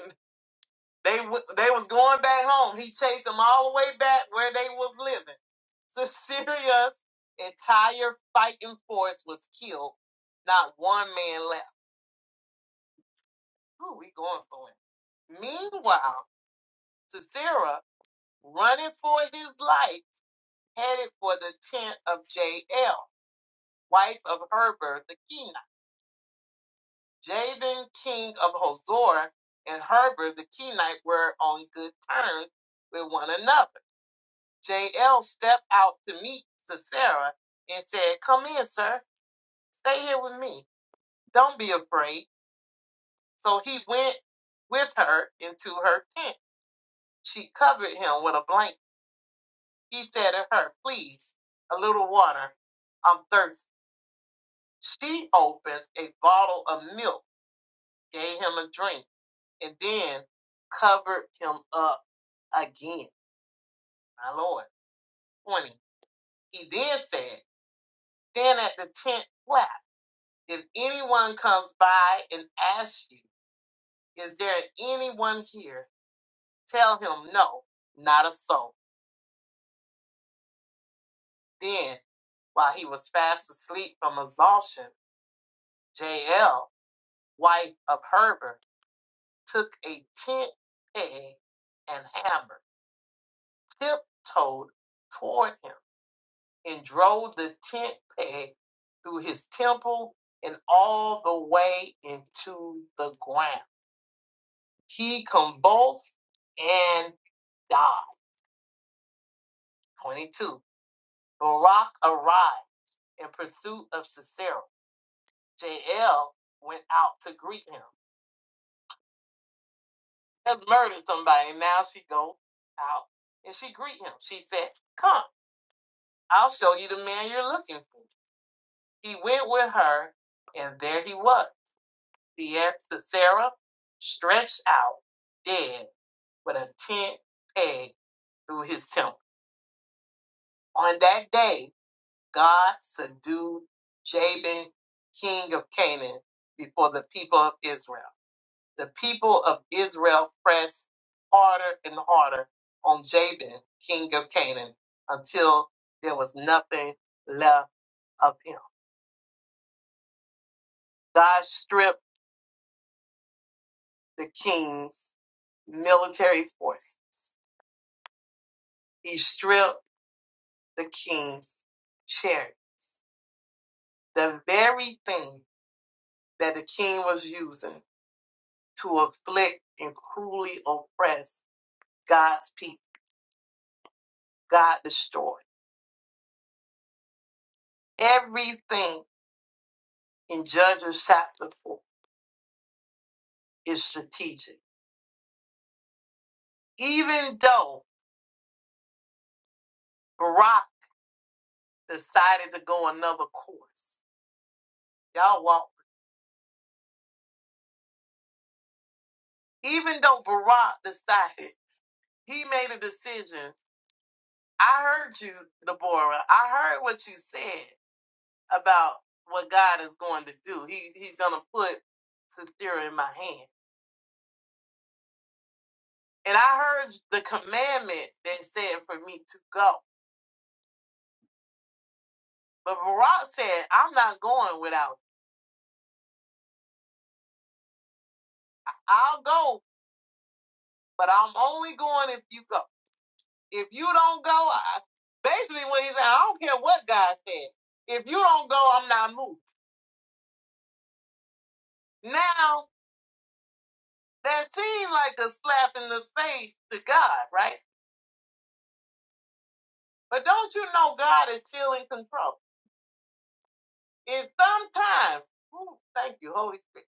Speaker 1: they w- they was going back home. He chased them all the way back where they was living. <laughs> So Syria's entire fighting force was killed. Not one man left. Who we going for it? Meanwhile, Sisera, running for his life, headed for the tent of Jael, wife of Herbert the Kenite. Jabin, king of Hazor, and Heber the Kenite were on good terms with one another. Jael stepped out to meet Sisera and said, Come in, sir. Stay here with me. Don't be afraid. So he went with her into her tent. She covered him with a blanket. He said to her, Please, a little water. I'm thirsty. She opened a bottle of milk, gave him a drink and then covered him up again. My Lord. 20. He then said, Then at the tenth flap, if anyone comes by and asks you, Is there anyone here? Tell him, No, not a soul. Then, while he was fast asleep from exhaustion, Jael, wife of Herbert, took a tent peg and hammer, tiptoed toward him and drove the tent peg through his temple and all the way into the ground. He convulsed and died. 22. Barak arrived in pursuit of Sisera. Jael went out to greet him. Has murdered somebody. Now she goes out and she greet him. She said, "Come, I'll show you the man you're looking for." He went with her, and there he was. Sierra- Sarah stretched out dead with a tent peg through his temple. On that day, God subdued Jabin, king of Canaan, before the people of Israel. The people of Israel pressed harder and harder on Jabin, king of Canaan, until there was nothing left of him. God stripped the king's military forces. He stripped the king's chariots, the very thing that the king was using to afflict and cruelly oppress God's people. God destroyed everything in Judges chapter 4 is strategic. Even though Barak decided to go another course, y'all walk. Even though Barak decided, he made a decision. I heard you, Deborah. I heard what you said. about what God is going to do. He he's gonna put Sisera in my hand. And I heard the commandment that said for me to go. But Barak said, I'm not going without. you. I'll go, but I'm only going if you go. If you don't go, I basically what he said, I don't care what God said. If you don't go, I'm not moving. Now that seemed like a slap in the face to God, right? But don't you know God is still in control? And sometimes, ooh, thank you, Holy Spirit.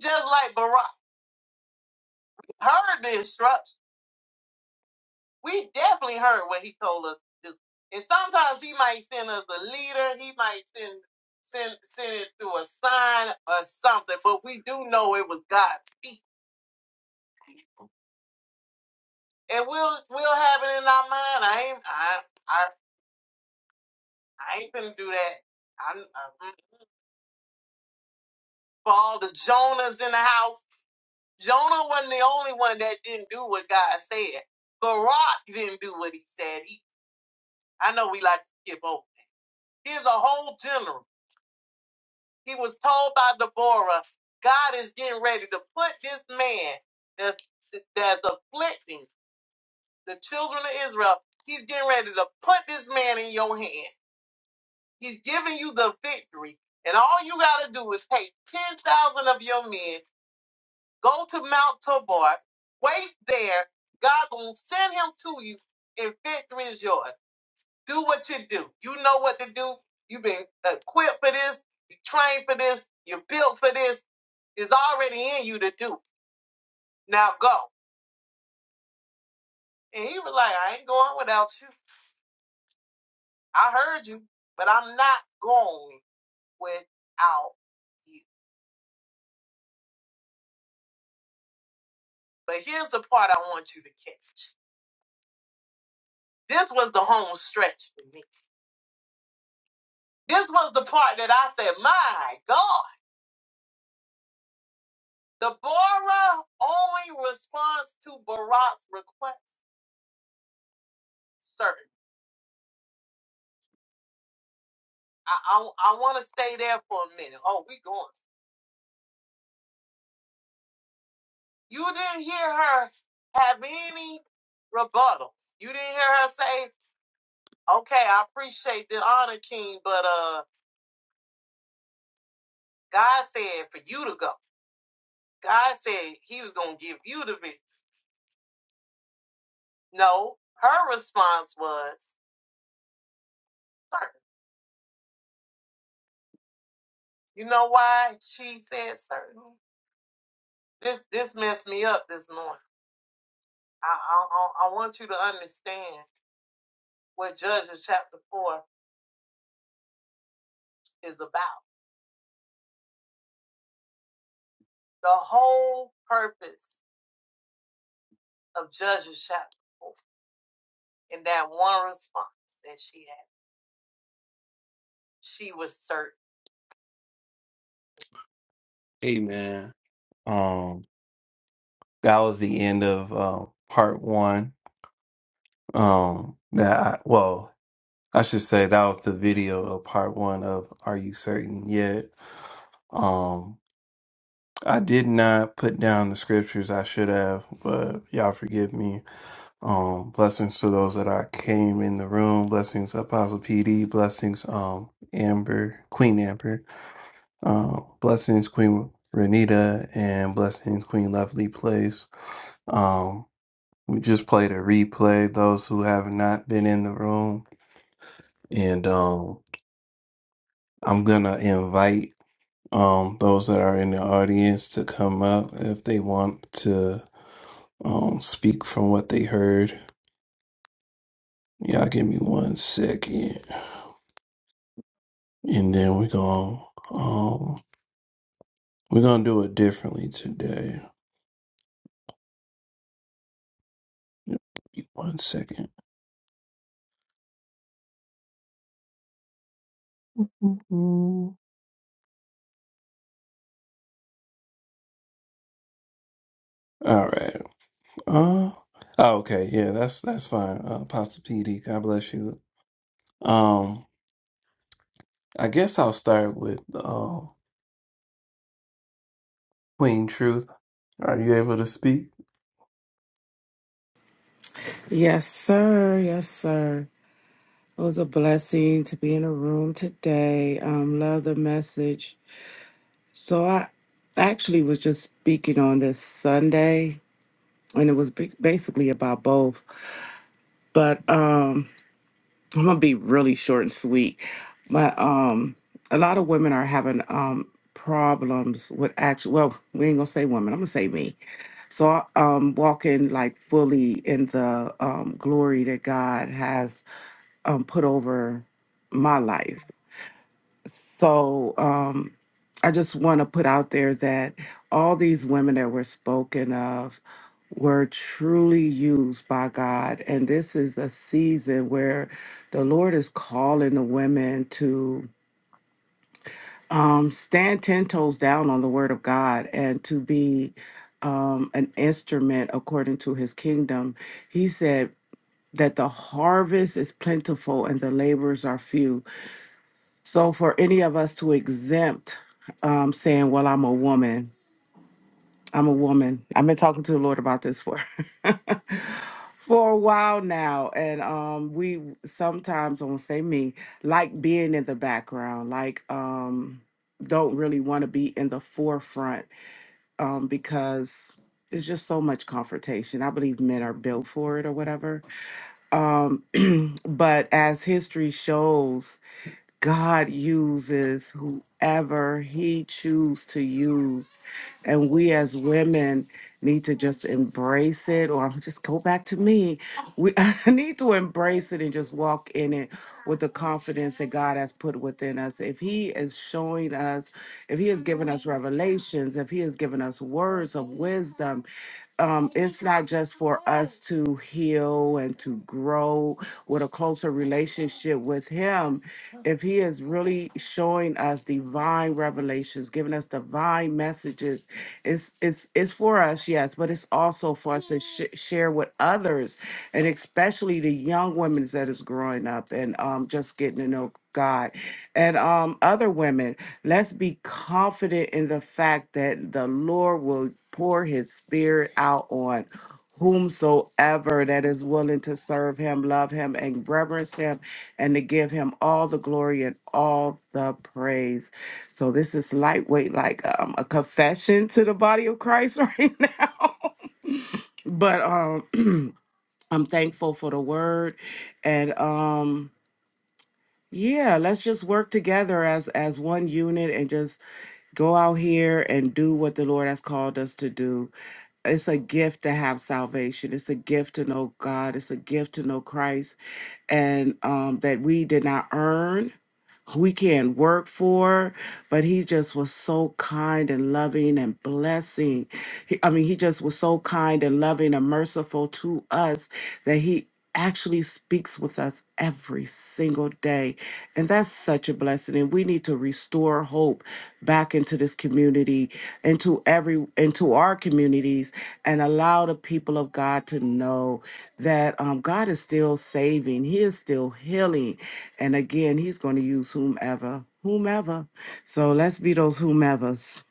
Speaker 1: Just like Barack heard the instruction, we definitely heard what he told us to do. And sometimes he might send us a leader, he might send send send it through a sign or something, but we do know it was God speaking. And we'll we'll have it in our mind. I ain't I I I ain't gonna do that. I'm, i for all the Jonas in the house. Jonah wasn't the only one that didn't do what God said. Barak didn't do what he said. He, I know we like to skip over. Here's a whole general. He was told by Deborah, God is getting ready to put this man that's, that's afflicting the children of Israel. He's getting ready to put this man in your hand. He's giving you the victory. And all you got to do is take 10,000 of your men Go to Mount Tabor. Wait there. God gonna send him to you, and victory is yours. Do what you do. You know what to do. You've been equipped for this. You trained for this. You're built for this. It's already in you to do. Now go. And he was like, I ain't going without you. I heard you, but I'm not going without you. But here's the part I want you to catch. This was the home stretch for me. This was the part that I said, my God. Deborah only responds to Barak's request. Certain. I I, I want to stay there for a minute. Oh, we going. You didn't hear her have any rebuttals. You didn't hear her say, "Okay, I appreciate the honor, King, but uh, God said for you to go. God said He was gonna give you the victory." No, her response was certain. You know why she said certain? This this messed me up this morning I, I, I want you to understand what Judges chapter 4 is about. The whole purpose of Judges chapter 4 in that one response that she had, she was certain. Amen. Um, that was the end of um, part one. Um, that I, well, I should say that was the video of part one of "Are You Certain Yet." Um, I did not put down the scriptures I should have, but y'all forgive me. Um, blessings to those that are came in the room. Blessings, Apostle PD. Blessings, um, Amber, Queen Amber. Um, blessings, Queen Renita, and blessings, Queen Lovely Place. Um, we just played a replay. Those who have not been in the room, and um, I'm gonna invite um those that are in the audience to come up if they want to um speak from what they heard. Y'all give me one second. and then we're gonna um we're gonna do it differently today. Give me One second. All right. Uh oh, okay, yeah, that's that's fine. Uh Pastor PD, God bless you. Um I guess I'll start with uh Queen Truth. Are you able to speak?
Speaker 3: Yes, sir. Yes, sir. It was a blessing to be in a room today. Um, love the message. So I actually was just speaking on this Sunday, and it was ba- basically about both. But um, I'm gonna be really short and sweet. But um, a lot of women are having um problems with actual. Well, we ain't gonna say women. I'm gonna say me. So I um walking like fully in the um glory that God has um, put over my life. So um, I just want to put out there that all these women that were spoken of were truly used by God. And this is a season where the Lord is calling the women to um, stand 10 toes down on the word of God and to be um, an instrument according to his kingdom. He said, that the harvest is plentiful and the laborers are few So for any of us to exempt um, saying, well, I'm a woman, I'm a woman. I've been talking to the Lord about this for <laughs> for a while now. And um, we sometimes, I won't say me, like being in the background, like um, don't really want to be in the forefront um, because it's just so much confrontation. I believe men are built for it or whatever. Um, but as history shows, God uses whoever he chooses to use. And we as women need to just embrace it, or I'll just go back to me. We <laughs> I need to embrace it and just walk in it with the confidence that God has put within us. If he is showing us, if he has given us revelations, if he has given us words of wisdom, um, it's not just for us to heal and to grow with a closer relationship with Him. If He is really showing us divine revelations, giving us divine messages, it's it's it's for us, yes, but it's also for us to sh- share with others, and especially the young women that is growing up and um, just getting to know God and um, other women. Let's be confident in the fact that the Lord will pour his spirit out on whomsoever that is willing to serve him, love him, and reverence him, and to give him all the glory and all the praise. So this is lightweight, like um, a confession to the body of Christ <laughs> right now. but um <clears throat> I'm thankful for the word and um yeah, let's just work together as as one unit and just go out here and do what the Lord has called us to do. It's a gift to have salvation. It's a gift to know God. It's a gift to know Christ and um that we did not earn we can't work for, but he just was so kind and loving and blessing. He, I mean, he just was so kind and loving and merciful to us that he actually speaks with us every single day. And that's such a blessing. And we need to restore hope back into this community into every into our communities and allow the people of god to know that um, god is still saving he is still healing and again he's going to use whomever whomever so let's be those whomevers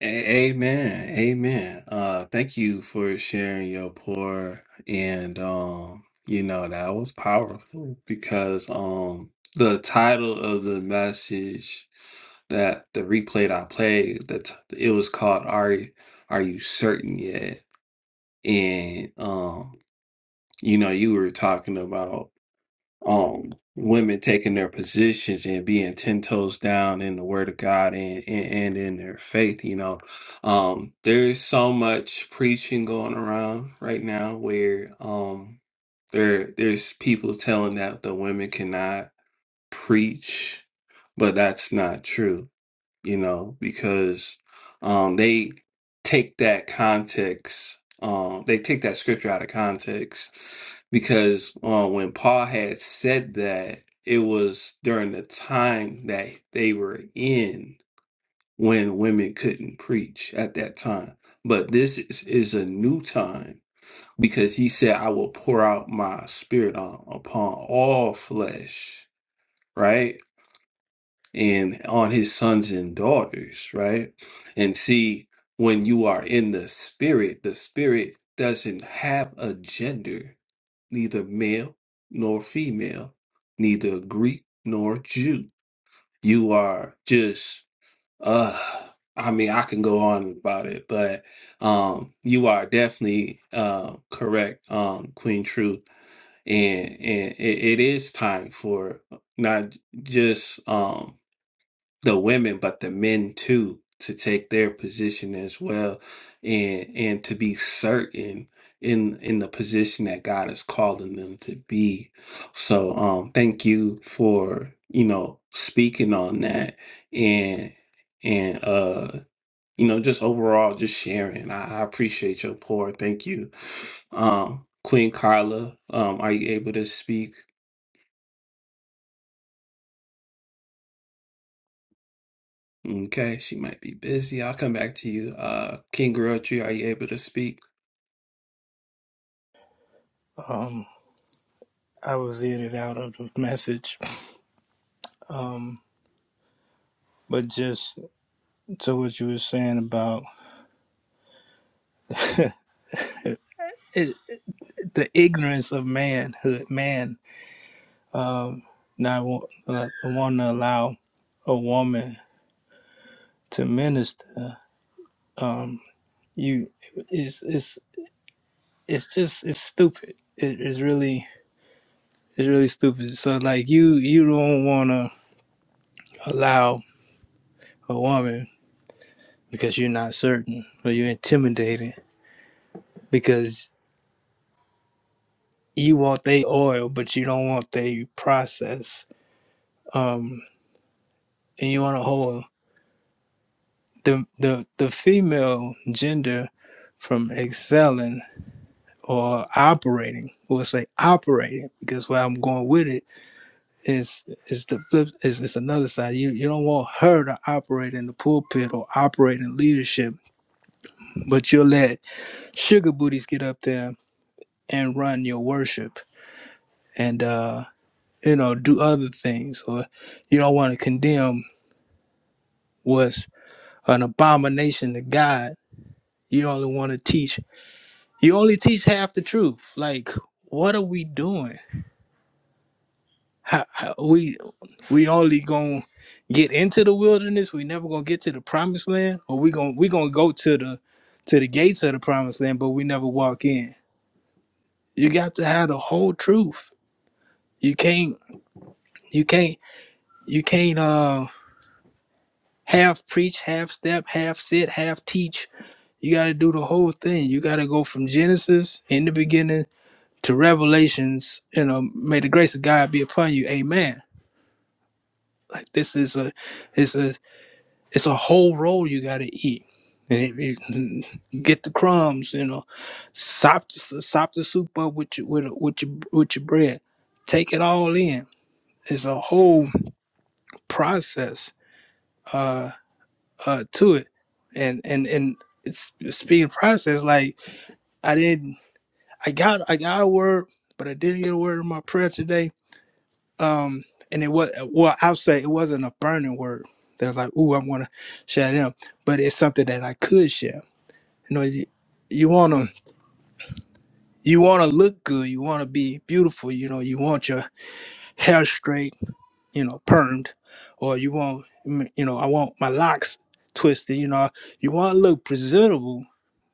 Speaker 1: A- amen. Amen. Uh, thank you for sharing your pour, and um, you know that was powerful because um, the title of the message that the replay that I played that it was called "Are You- Are You Certain Yet?" and um, you know you were talking about um women taking their positions and being ten toes down in the word of God and and, and in their faith, you know. Um there's so much preaching going around right now where um there there's people telling that the women cannot preach, but that's not true you know, because um, they take that context, um, they take that scripture out of context, because uh, when Paul had said that, it was during the time that they were in when women couldn't preach at that time. But this is, is a new time because he said, I will pour out my spirit on, upon all flesh, right? and on his sons and daughters, right? And see, when you are in the spirit, the spirit doesn't have a gender, neither male nor female, neither Greek nor Jew. You are just, uh, I mean, I can go on about it, but um, you are definitely uh, correct, um, Queen Truth, and and it, it is time for not just um the women but the men too to take their position as well and and to be certain in in the position that God is calling them to be. So um thank you for, you know, speaking on that and and uh you know just overall just sharing. I, I appreciate your pour. Thank you. Um Queen Carla, um are you able to speak? Okay, she might be busy. I'll come back to you. Uh, King Grotri, are you able to speak?
Speaker 4: Um, I was in and out of the message. Um, but just to what you were saying about it, the ignorance of manhood, man um, not want, uh, want to allow a woman to minister. Um, you, it's it's it's just it's stupid. It, it's really it's really stupid. So like you you don't want to allow a woman because you're not certain or you're intimidated because. you want they oil, but you don't want they process. Um, and you want to hold the the the female gender from excelling or operating. We'll say operating because where I'm going with it is is the flip is is another side. You you don't want her to operate in the pulpit or operate in leadership, but you'll let sugar booties get up there and run your worship and uh you know do other things or you don't want to condemn what's an abomination to God. You only want to teach. You only teach half the truth. Like, what are we doing? How, how- we we only gonna get into the wilderness. We never gonna get to the promised land, or we gonna we gonna go to the to the gates of the promised land, but we never walk in. You got to have the whole truth. You can't you can't you can't uh half preach, half step, half sit, half teach. You got to do the whole thing. You got to go from Genesis in the beginning to revelations you know may the grace of god be upon you amen like this is a it's a it's a whole roll you got to eat And if you <laughs> get the crumbs you know sop the, sop the soup up with your with, with your with your bread take it all in it's a whole process uh uh to it and and and it's it's being processed like i didn't i got i got a word but i didn't get a word in my prayer today Um, and it was well, I'll say it wasn't a burning word that was like, "Ooh, I want to share them," but it's something that I could share. You know, you, you wanna you wanna look good, you wanna be beautiful. You know, you want your hair straight you know, permed, or you want, mm, you know, I want my locks twisted. You know, you want to look presentable,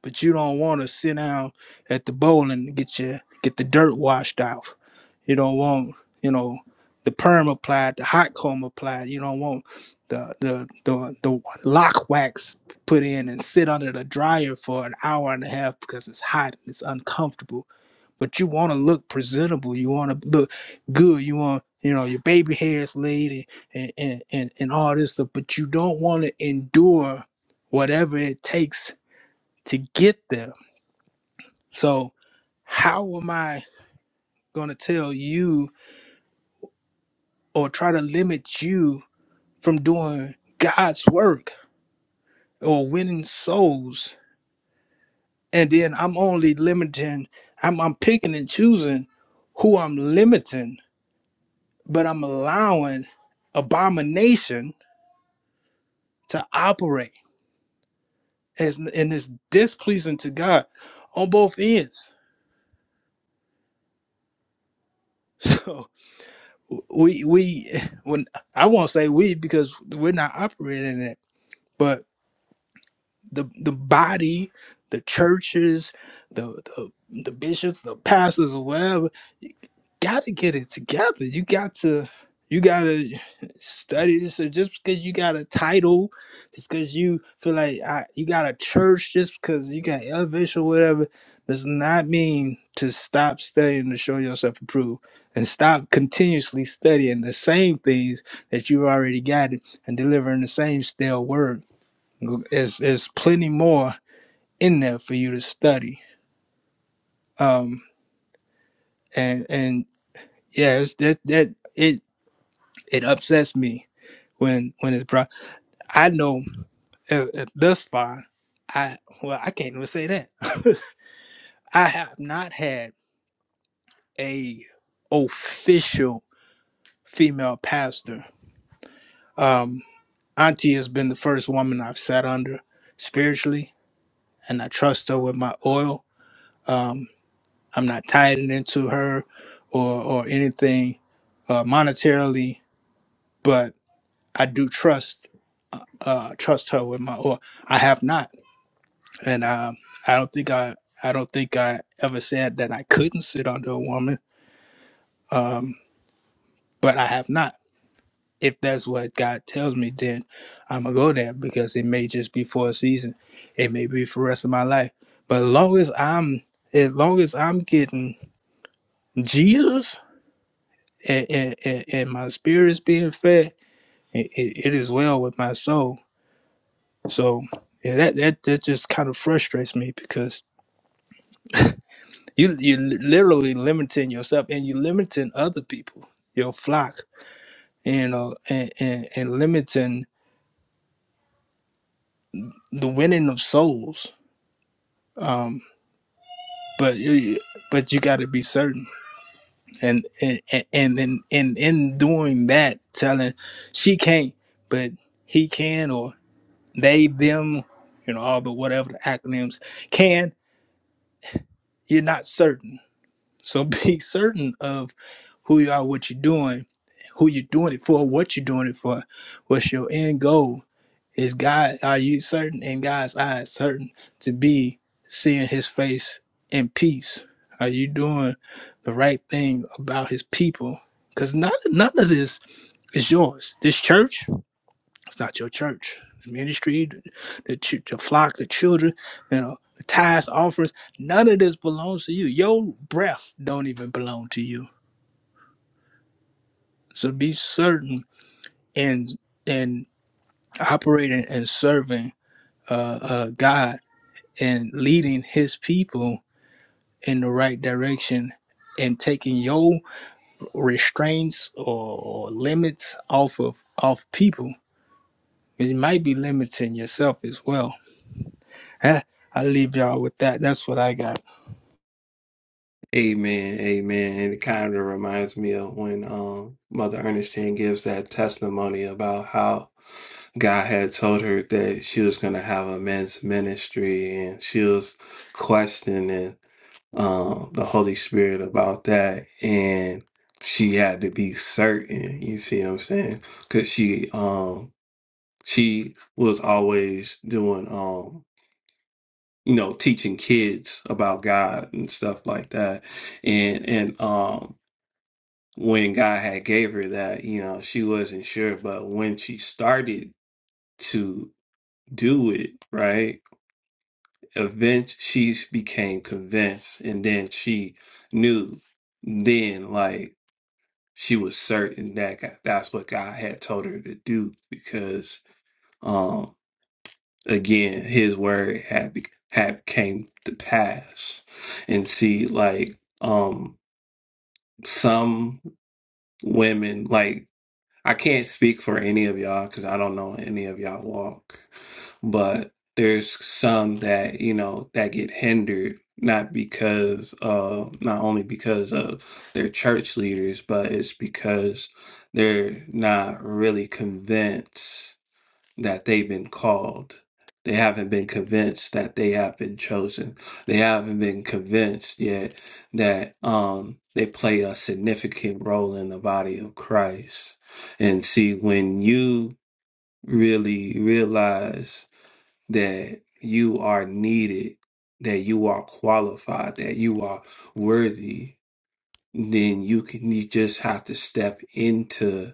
Speaker 4: but you don't want to sit down at the bowl and get your get the dirt washed off. You don't want, you know, the perm applied, the hot comb applied. You don't want the the the, the lock wax put in and sit under the dryer for an hour and a half because it's hot and it's uncomfortable but you want to look presentable. You want to look good. You want, you know, your baby hair is laid and, and, and, and all this stuff, but you don't want to endure whatever it takes to get there. So, how am I going to tell you or try to limit you from doing God's work or winning souls? And then I'm only limiting, I'm, I'm picking and choosing who I'm limiting, but I'm allowing abomination to operate as and it's displeasing to God on both ends. <laughs> So we we when I won't say we because we're not operating in it, but the the body, the churches, the the, the bishops, the pastors, or whatever gotta get it together. You got to you gotta study this. Or just because you got a title, just because you feel like I, you got a church, just because you got elevation or whatever, does not mean to stop studying to show yourself approved and stop continuously studying the same things that you already got and delivering the same stale word. There's, there's plenty more in there for you to study. Um, and and yeah, it's that that it. It upsets me when when it's brought. I know uh, uh, thus far, I well, I can't even say that. <laughs> I have not had a official female pastor. Um, Auntie has been the first woman I've sat under spiritually, and I trust her with my oil. Um, I'm not tied into her or or anything uh, monetarily, but I do trust uh, uh, trust her with my oil. I have not. and um, I don't think I I don't think I ever said that I couldn't sit under a woman, um, but I have not. If that's what God tells me, then I'm gonna go there because it may just be for a season, it may be for the rest of my life. But as long as I'm as long as I'm getting Jesus and, and, and and my spirit is being fed, it, it, it is well with my soul. So yeah, that, that that just kind of frustrates me because You you literally limiting yourself and you limiting other people, your flock, you know, and and, and limiting the winning of souls. Um, but you but you got to be certain, and and and and in in in doing that, telling she can't, but he can, or they them, you know, all the whatever the acronyms can. You're not certain So <laughs> be certain of who you are, what you're doing, who you're doing it for, what you're doing it for, what's your end goal. Is God are you certain in God's eyes, certain to be seeing his face in peace? Are you doing the right thing about his people? Because not none of this is yours. This church, it's not your church. It's ministry, the, the, ch- the flock, the children, you know, the tithes, offers. None of this belongs to you. Your breath don't even belong to you. So be certain in in operating and serving uh, uh, God and leading His people in the right direction and taking your restraints or, or limits off of off people. It might be limiting yourself as well <laughs> I'll leave y'all with that. That's what I got.
Speaker 1: Amen, amen. And it kind of reminds me of when um Mother Ernestine gives that testimony about how God had told her that she was going to have a men's ministry, and she was questioning um the Holy Spirit about that, and she had to be certain. You see what I'm saying? Because she um she was always doing um you know, teaching kids about God and stuff like that. And and um when God had gave her that, you know, she wasn't sure, but when she started to do it, right? Event she became convinced and then she knew then like she was certain that God, that's what God had told her to do because um, again his word had be- had came to pass and see like um some women like i can't speak for any of y'all because i don't know any of y'all walk but there's some that you know that get hindered not because uh not only because of their church leaders but it's because they're not really convinced that they've been called. They haven't been convinced that they have been chosen. They haven't been convinced yet that um, they play a significant role in the body of Christ. And see, when you really realize that you are needed, that you are qualified, that you are worthy, then you can you just have to step into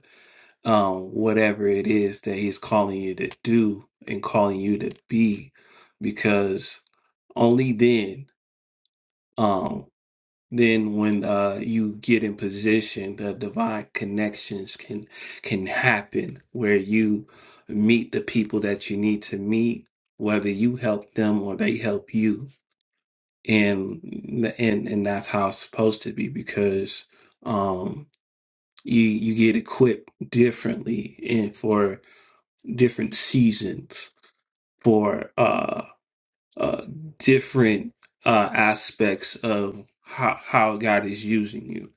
Speaker 1: um, whatever it is that he's calling you to do and calling you to be because only then um then when uh you get in position the divine connections can can happen where you meet the people that you need to meet whether you help them or they help you and and and that's how it's supposed to be because um you you get equipped differently and for. different seasons for uh, uh, different uh, aspects of how, how God is using you.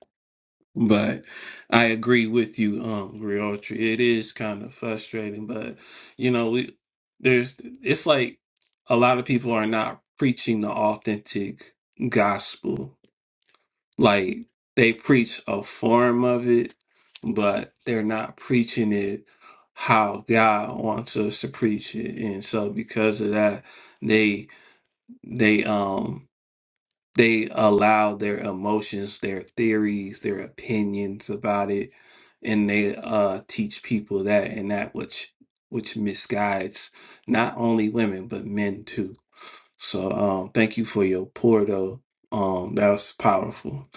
Speaker 1: But I agree with you, um, Griotri. It is kind of frustrating, but you know, we, there's it's like a lot of people are not preaching the authentic gospel like they preach a form of it, but they're not preaching it how God wants us to preach it. And so because of that, they they um they allow their emotions, their theories, their opinions about it, and they uh teach people that and that which which misguides not only women but men too so um, thank you for your pour though. Um, that was powerful.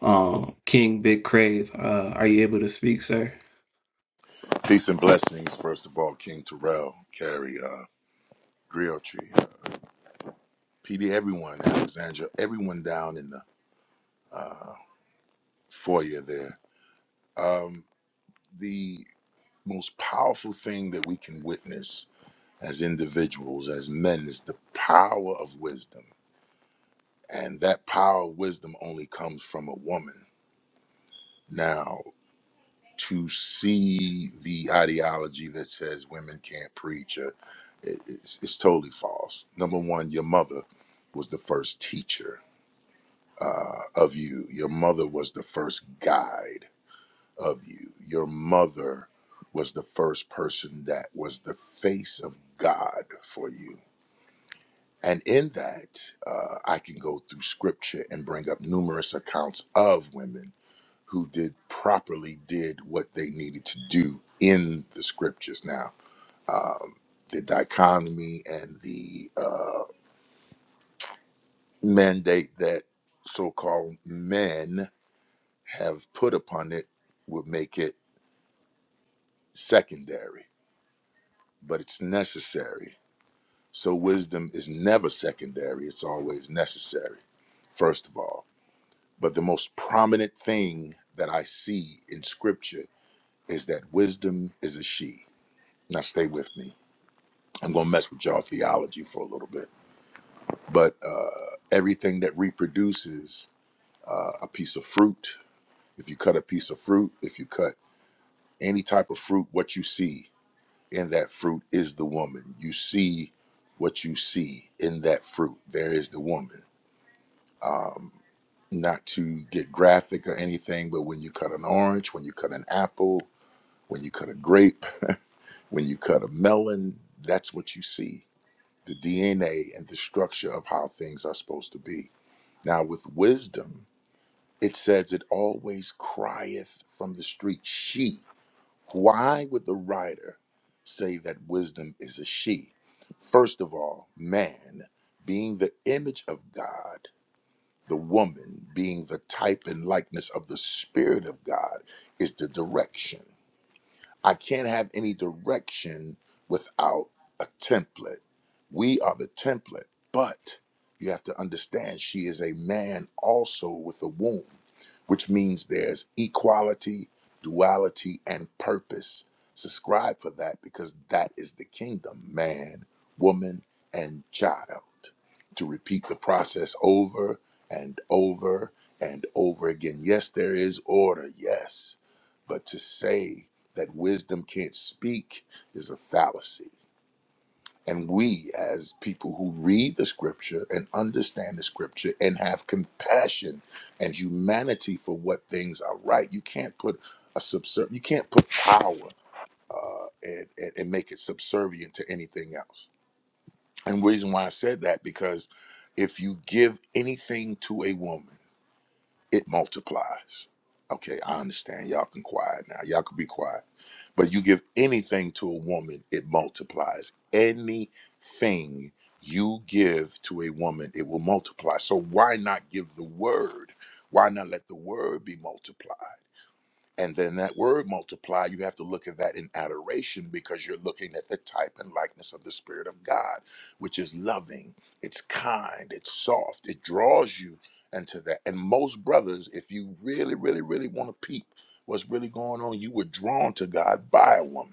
Speaker 1: Um, King Big Crave, uh, are you able to speak, sir?
Speaker 2: Peace and blessings, first of all, King Terrell, Carrie, uh, Griotry, uh, PD, everyone, Alexandra, everyone down in the foyer there. Um, the most powerful thing that we can witness as individuals, as men, is the power of wisdom, and that power of wisdom only comes from a woman. Now, to see the ideology that says women can't preach. Or, it, it's, it's totally false. Number one, your mother was the first teacher uh, of you, your mother was the first guide of you, your mother was the first person that was the face of God for you. And in that, uh, I can go through scripture and bring up numerous accounts of women who did properly did what they needed to do in the scriptures. Now, um, the dichotomy and the uh, mandate that so-called men have put upon it would make it secondary, but it's necessary. So wisdom is never secondary; it's always necessary. First of all, but the most prominent thing that I see in Scripture is that wisdom is a she. Now, stay with me I'm going to mess with y'all theology for a little bit. But uh, everything that reproduces uh, a piece of fruit, if you cut a piece of fruit, if you cut any type of fruit, what you see in that fruit is the woman. You see what you see in that fruit. There is the woman. Um, not to get graphic or anything, but when you cut an orange, when you cut an apple, when you cut a grape, when you cut a melon, that's what you see the DNA and the structure of how things are supposed to be Now, with wisdom, it says it always crieth from the street, She. Why would the writer say that wisdom is a she? First of all, man being the image of God, the woman being the type and likeness of the Spirit of God is the direction. I can't have any direction without a template. We are the template, but you have to understand she is a man also with a womb, which means there's equality, duality, and purpose. Subscribe for that because that is the kingdom man, woman, and child. To repeat the process over and over and over again. Yes, there is order, yes, but to say, that wisdom can't speak is a fallacy. And we, as people who read the scripture and understand the scripture and have compassion and humanity for what things are right, you can't put a subserv you can't put power uh, and, and, and make it subservient to anything else. And the reason why I said that because if you give anything to a woman, it multiplies. Okay, I understand. Y'all can quiet now. Y'all can be quiet but you give anything to a woman, it multiplies. Anything you give to a woman, it will multiply. So why not give the word? Why not let the word be multiplied? And then that word multiply, you have to look at that in adoration because you're looking at the type and likeness of the Spirit of God, which is loving, it's kind, it's soft, it draws you into that. And most brothers, if you really, really, really want to peep what's really going on, you were drawn to God by a woman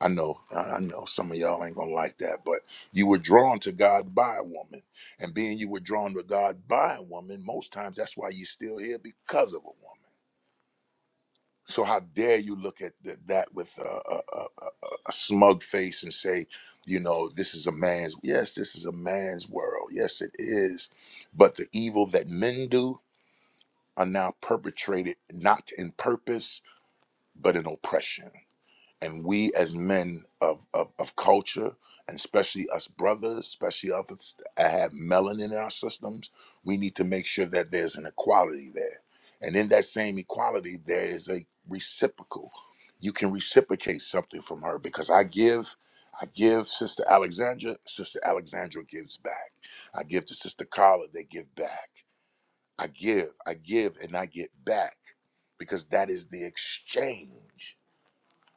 Speaker 2: I know, I I know some of y'all ain't gonna like that, but you were drawn to God by a woman. And being you were drawn to God by a woman, most times that's why you're still here because of a woman. So how dare you look at th- that with a, a, a, a a smug face and say, you know, this is a man's, yes, this is a man's world. Yes, it is. But the evil that men do are now perpetrated not in purpose, but in oppression. and we as men of, of, of culture, and especially us brothers, especially us that have melanin in our systems, we need to make sure that there's an equality there. And in that same equality, there is a reciprocal. You can reciprocate something from her because I give, I give Sister Alexandra, Sister Alexandra gives back. I give to Sister Carla, they give back. I give, I give, and I get back because that is the exchange.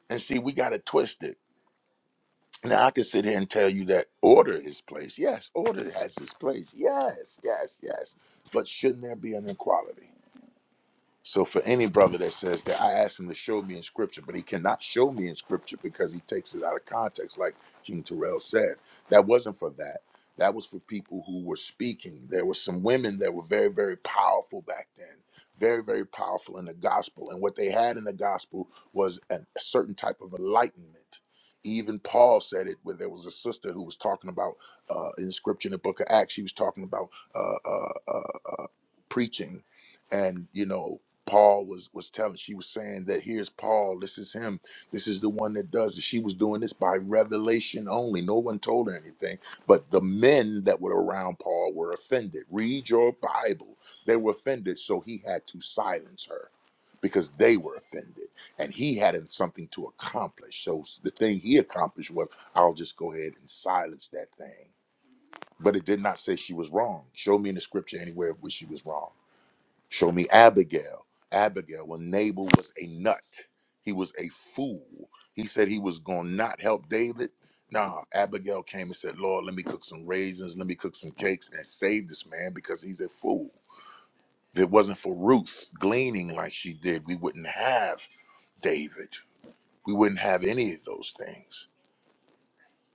Speaker 2: And see, we got it twisted now I can sit here and tell you that order is place. Yes, order has its place. Yes, yes, yes. But shouldn't there be an equality? So for any brother that says that I asked him to show me in scripture, but he cannot show me in scripture because he takes it out of context, like King Terrell said. That wasn't for that. That was for people who were speaking. There were some women that were very, very powerful back then, very, very powerful in the gospel. And what they had in the gospel was an- a certain type of enlightenment. Even Paul said it where there was a sister who was talking about uh, in scripture in the book of Acts, she was talking about uh, uh, uh, preaching and you know paul was was telling she was saying that here's paul this is him this is the one that does it she was doing this by revelation only no one told her anything but the men that were around paul were offended read your bible they were offended so he had to silence her because they were offended and he had something to accomplish so the thing he accomplished was i'll just go ahead and silence that thing but it did not say she was wrong show me in the scripture anywhere where she was wrong Show me Abigail. Abigail, when Nabal was a nut, he was a fool. He said he was going to not help David. Nah, Abigail came and said, Lord, let me cook some raisins, let me cook some cakes and save this man because he's a fool. If it wasn't for Ruth gleaning like she did, we wouldn't have David. We wouldn't have any of those things.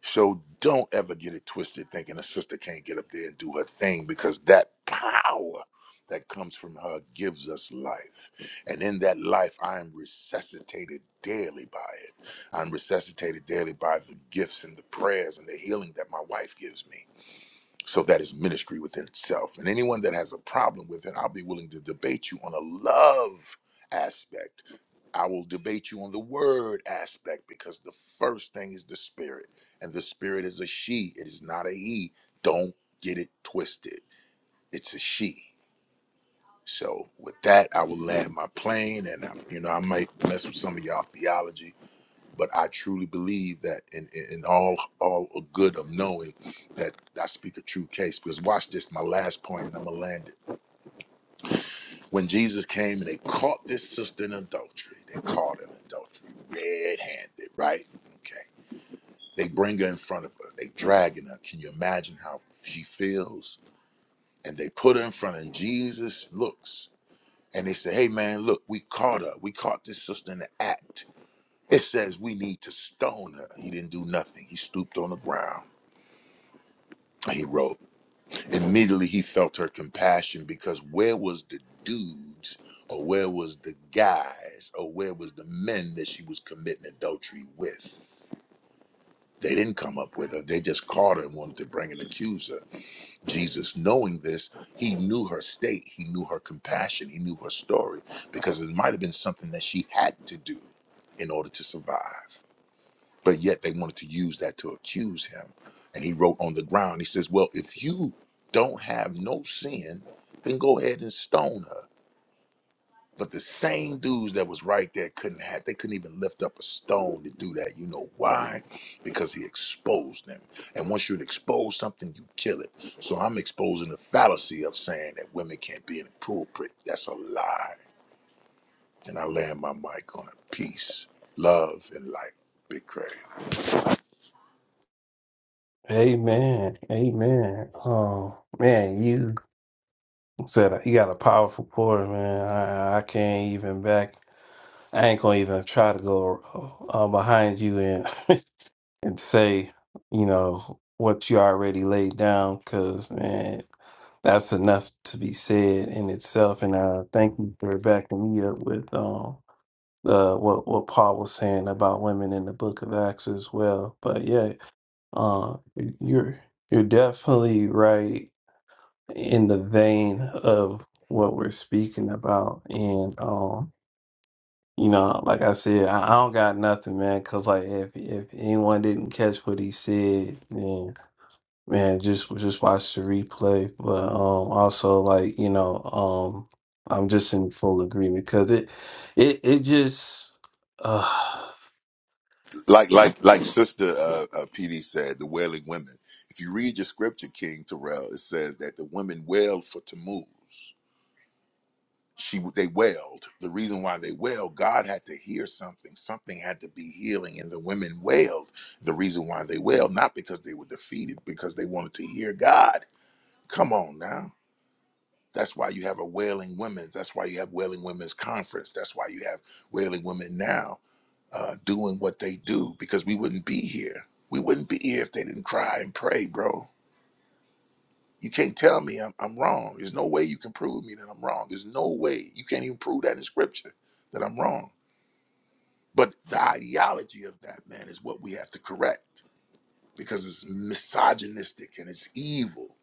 Speaker 2: So don't ever get it twisted thinking a sister can't get up there and do her thing because that power that comes from her gives us life. And in that life, I am resuscitated daily by it. I'm resuscitated daily by the gifts and the prayers and the healing that my wife gives me. So that is ministry within itself. And anyone that has a problem with it, I'll be willing to debate you on a love aspect. I will debate you on the word aspect because the first thing is the spirit. And the spirit is a she, it is not a he. Don't get it twisted. It's a she. So with that, I will land my plane and I, you know, I might mess with some of y'all theology but I truly believe that in, in, in all all good of knowing that I speak a true case. Because watch this, my last point, and I'm gonna land it. When Jesus came and they caught this sister in adultery, they caught her in adultery, red-handed, right? Okay. They bring her in front of her. They dragging her. Can you imagine how she feels? And they put her in front, and Jesus looks, and they say, "Hey, man, look, we caught her. We caught this sister in the act." It says we need to stone her. He didn't do nothing. He stooped on the ground he wrote. Immediately he felt her compassion because where was the dudes or where was the guys or where was the men that she was committing adultery with? They didn't come up with her. They just caught her and wanted to bring an accuser. Jesus, knowing this, he knew her state. He knew her compassion. He knew her story because it might have been something that she had to do in order to survive but yet they wanted to use that to accuse him. And he wrote on the ground, he says, Well, if you don't have no sin, then go ahead and stone her. But the same dudes that was right there couldn't have, they couldn't even lift up a stone to do that. You know why? Because he exposed them. And once you expose something, you kill it. So I'm exposing the fallacy of saying that women can't be inappropriate. That's a lie. And I land my mic on it. Peace, love, and light. Big Craig.
Speaker 1: Amen. Amen. Oh man, you said you got a powerful pour, man. I, I can't even back. I ain't gonna even try to go uh, behind you and <laughs> and say, you know, what you already laid down, because, man, that's enough to be said in itself. And uh, thank you for backing me up with um, uh, what what Paul was saying about women in the Book of Acts as well. But yeah, uh, you're you're definitely right in the vein of what we're speaking about, and um, you know, like I said, I, I don't got nothing, man, because like if if anyone didn't catch what he said, then Man, just just watch the replay, but um also like, you know, um I'm just in full agreement because it it it just uh
Speaker 2: like like like sister uh, uh pd said the wailing women if you read your scripture king terrell it says that the women wailed for tammuz she they wailed the reason why they wailed god had to hear something something had to be healing and the women wailed the reason why they wailed not because they were defeated because they wanted to hear god come on now that's why you have a wailing women that's why you have wailing women's conference that's why you have wailing women now uh, doing what they do because we wouldn't be here. We wouldn't be here if they didn't cry and pray, bro. You can't tell me I'm, I'm wrong. There's no way you can prove me that I'm wrong. There's no way. You can't even prove that in scripture that I'm wrong. But the ideology of that, man, is what we have to correct because it's misogynistic and it's evil.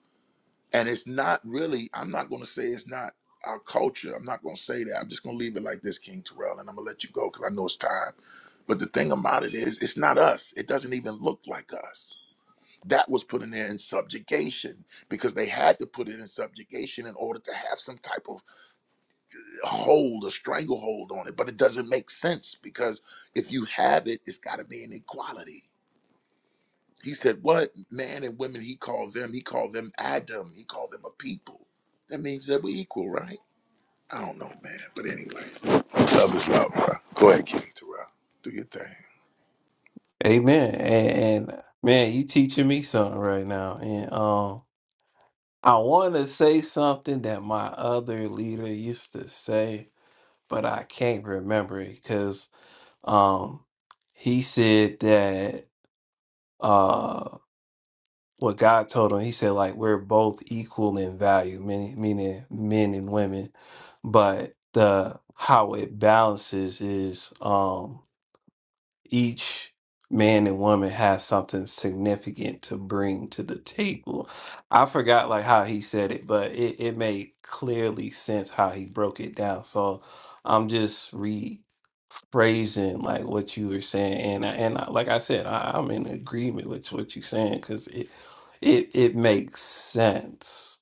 Speaker 2: And it's not really, I'm not going to say it's not our culture. I'm not going to say that. I'm just going to leave it like this, King Terrell, and I'm going to let you go because I know it's time. But the thing about it is, it's not us. It doesn't even look like us. That was put in there in subjugation because they had to put it in subjugation in order to have some type of hold or stranglehold on it. But it doesn't make sense because if you have it, it's got to be an equality. He said, What man and women he called them? He called them Adam. He called them a people. That means that we're equal, right? I don't know, man. But anyway, love is love, bro. Go ahead, King Terrell. Do your thing.
Speaker 1: amen. And, and man, you teaching me something right now. And um I want to say something that my other leader used to say, but I can't remember it because um he said that uh, what God told him. He said, like, we're both equal in value, meaning, meaning men and women. But the how it balances is um, each man and woman has something significant to bring to the table. I forgot like how he said it, but it, it made clearly sense how he broke it down. So I'm just rephrasing like what you were saying, and I- and I, like I said, I, I'm in agreement with what you're saying because it it it makes sense.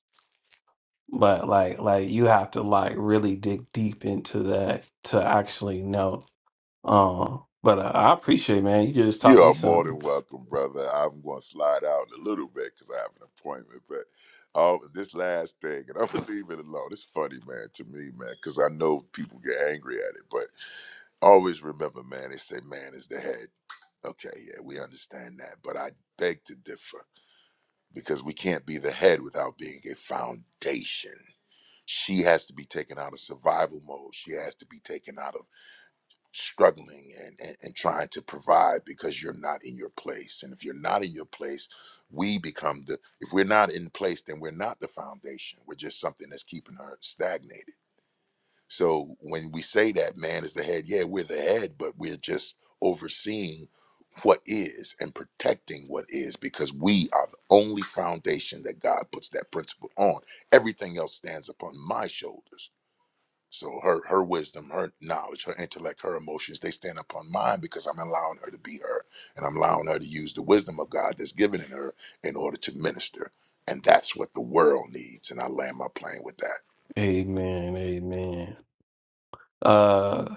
Speaker 1: But like like you have to like really dig deep into that to actually know. Uh, but I, I appreciate, it, man. You just
Speaker 2: You
Speaker 1: taught me
Speaker 2: are more than
Speaker 1: something.
Speaker 2: welcome, brother. I'm going to slide out in a little bit because I have an appointment. But uh, this last thing, and <laughs> I'm going to <laughs> leave it alone. It's funny, man, to me, man, because I know people get angry at it. But always remember, man, they say man is the head. Okay, yeah, we understand that. But I beg to differ because we can't be the head without being a foundation. She has to be taken out of survival mode. She has to be taken out of struggling and, and, and trying to provide because you're not in your place. And if you're not in your place, we become the, if we're not in place, then we're not the foundation. We're just something that's keeping her stagnated. So when we say that man is the head, yeah, we're the head, but we're just overseeing what is and protecting what is because we are the only foundation that God puts that principle on. Everything else stands upon my shoulders. So her her wisdom, her knowledge, her intellect, her emotions, they stand upon mine because I'm allowing her to be her and I'm allowing her to use the wisdom of God that's given in her in order to minister. And that's what the world needs. And I land my plane with that.
Speaker 1: Amen. Amen. Uh,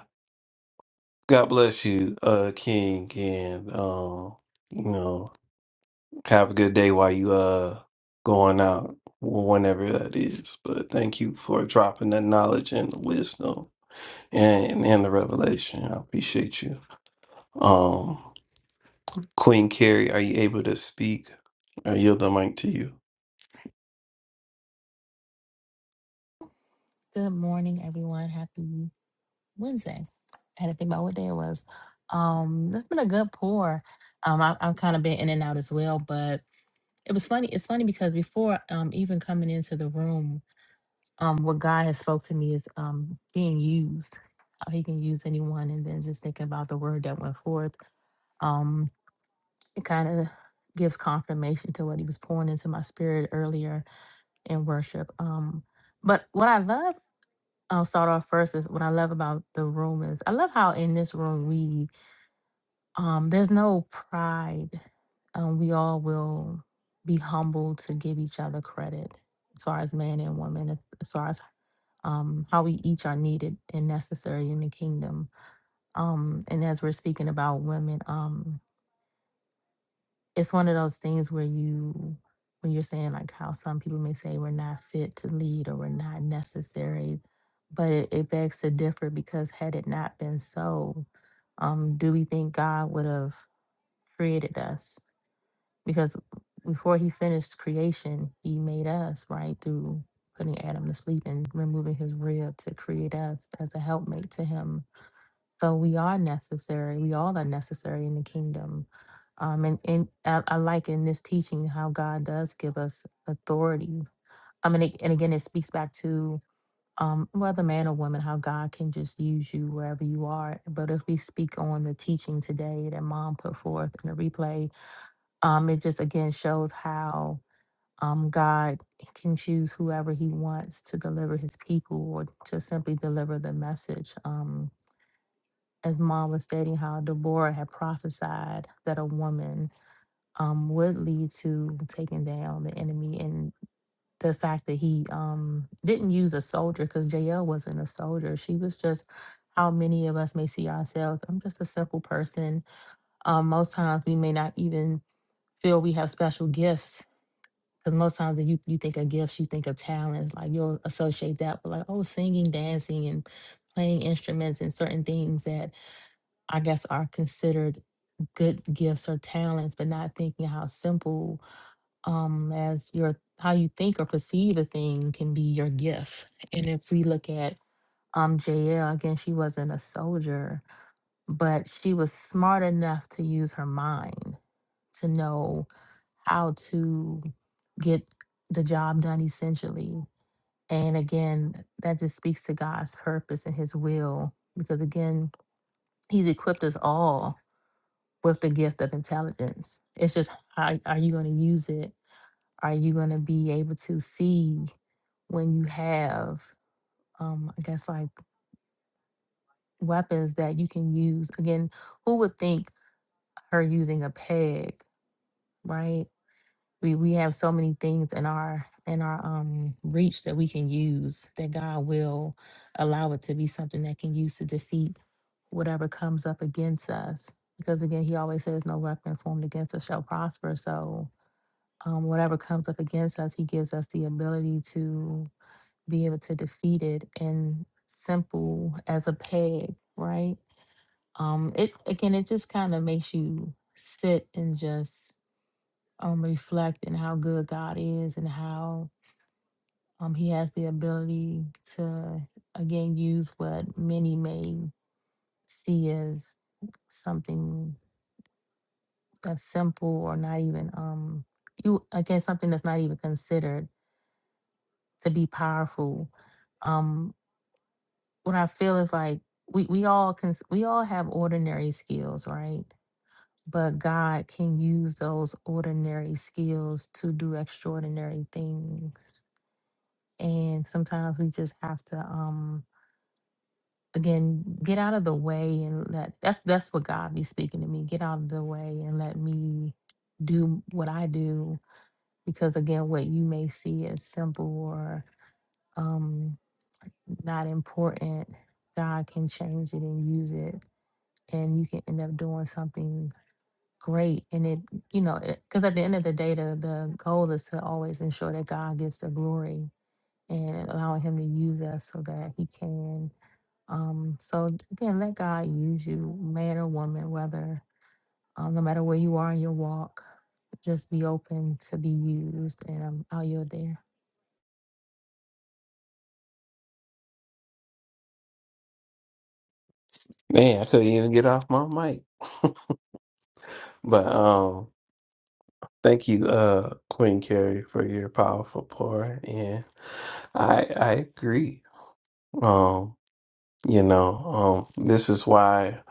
Speaker 1: God bless you, uh, King, and um, you know, have a good day while you uh going out, whenever that is. But thank you for dropping that knowledge and the wisdom and and the revelation. I appreciate you. Um. Queen Carrie, are you able to speak? I yield the mic to you.
Speaker 5: Good morning, everyone. Happy Wednesday. I had to think about what day it was. Um, that's been a good pour. Um, I, I've kind of been in and out as well, but it was funny. It's funny because before um even coming into the room, um, what God has spoke to me is um being used. How He can use anyone, and then just thinking about the word that went forth. Um, it kind of gives confirmation to what He was pouring into my spirit earlier in worship. Um, but what I love I'll start off first is what I love about the room is I love how in this room we um there's no pride. Um we all will be humble to give each other credit as far as man and woman, as as far as um how we each are needed and necessary in the kingdom. Um and as we're speaking about women, um it's one of those things where you when you're saying like how some people may say we're not fit to lead or we're not necessary but it, it begs to differ because had it not been so um do we think god would have created us because before he finished creation he made us right through putting adam to sleep and removing his rib to create us as a helpmate to him so we are necessary. We all are necessary in the kingdom. Um, and and I, I like in this teaching how God does give us authority. I mean, it, and again, it speaks back to um, whether man or woman, how God can just use you wherever you are. But if we speak on the teaching today that Mom put forth in the replay, um, it just again shows how um, God can choose whoever He wants to deliver His people or to simply deliver the message. Um, as mom was stating how Deborah had prophesied that a woman um, would lead to taking down the enemy, and the fact that he um, didn't use a soldier because JL wasn't a soldier. She was just how many of us may see ourselves. I'm just a simple person. Um, most times we may not even feel we have special gifts. Because most times when you, you think of gifts, you think of talents. Like you'll associate that with like, oh, singing, dancing, and playing instruments and certain things that I guess, are considered good gifts or talents, but not thinking how simple um, as your how you think or perceive a thing can be your gift. And if we look at um, JL again, she wasn't a soldier, but she was smart enough to use her mind to know how to get the job done essentially. And again, that just speaks to God's purpose and his will because again, he's equipped us all with the gift of intelligence. It's just how are you going to use it? Are you going to be able to see when you have, um, I guess, like weapons that you can use? Again, who would think her using a peg, right? We we have so many things in our in our um reach that we can use that God will allow it to be something that can use to defeat whatever comes up against us. Because again, He always says, "No weapon formed against us shall prosper." So um, whatever comes up against us, he gives us the ability to be able to defeat it and simple as a peg, right? Um, it again, it just kind of makes you sit and just um, reflect on how good God is and how um, He has the ability to again use what many may see as something that's simple or not even um you again something that's not even considered to be powerful. Um, what I feel is like we we all can we all have ordinary skills, right? But God can use those ordinary skills to do extraordinary things. And sometimes we just have to um again get out of the way and let that's that's what God be speaking to me. Get out of the way and let me do what I do because again what you may see as simple or um not important, God can change it and use it, and you can end up doing something great. And it, you know, because at the end of the day, the, the goal is to always ensure that God gets the glory and allowing Him to use us so that He can. Um, so again, let God use you, man or woman, whether um, no matter where you are in your walk, just be open to be used. And um, I'll yield there.
Speaker 1: Man, I couldn't even get off my mic. But um, thank you, uh, Queen Carrie, for your powerful pour, and I I agree. Um, You know, um, this is why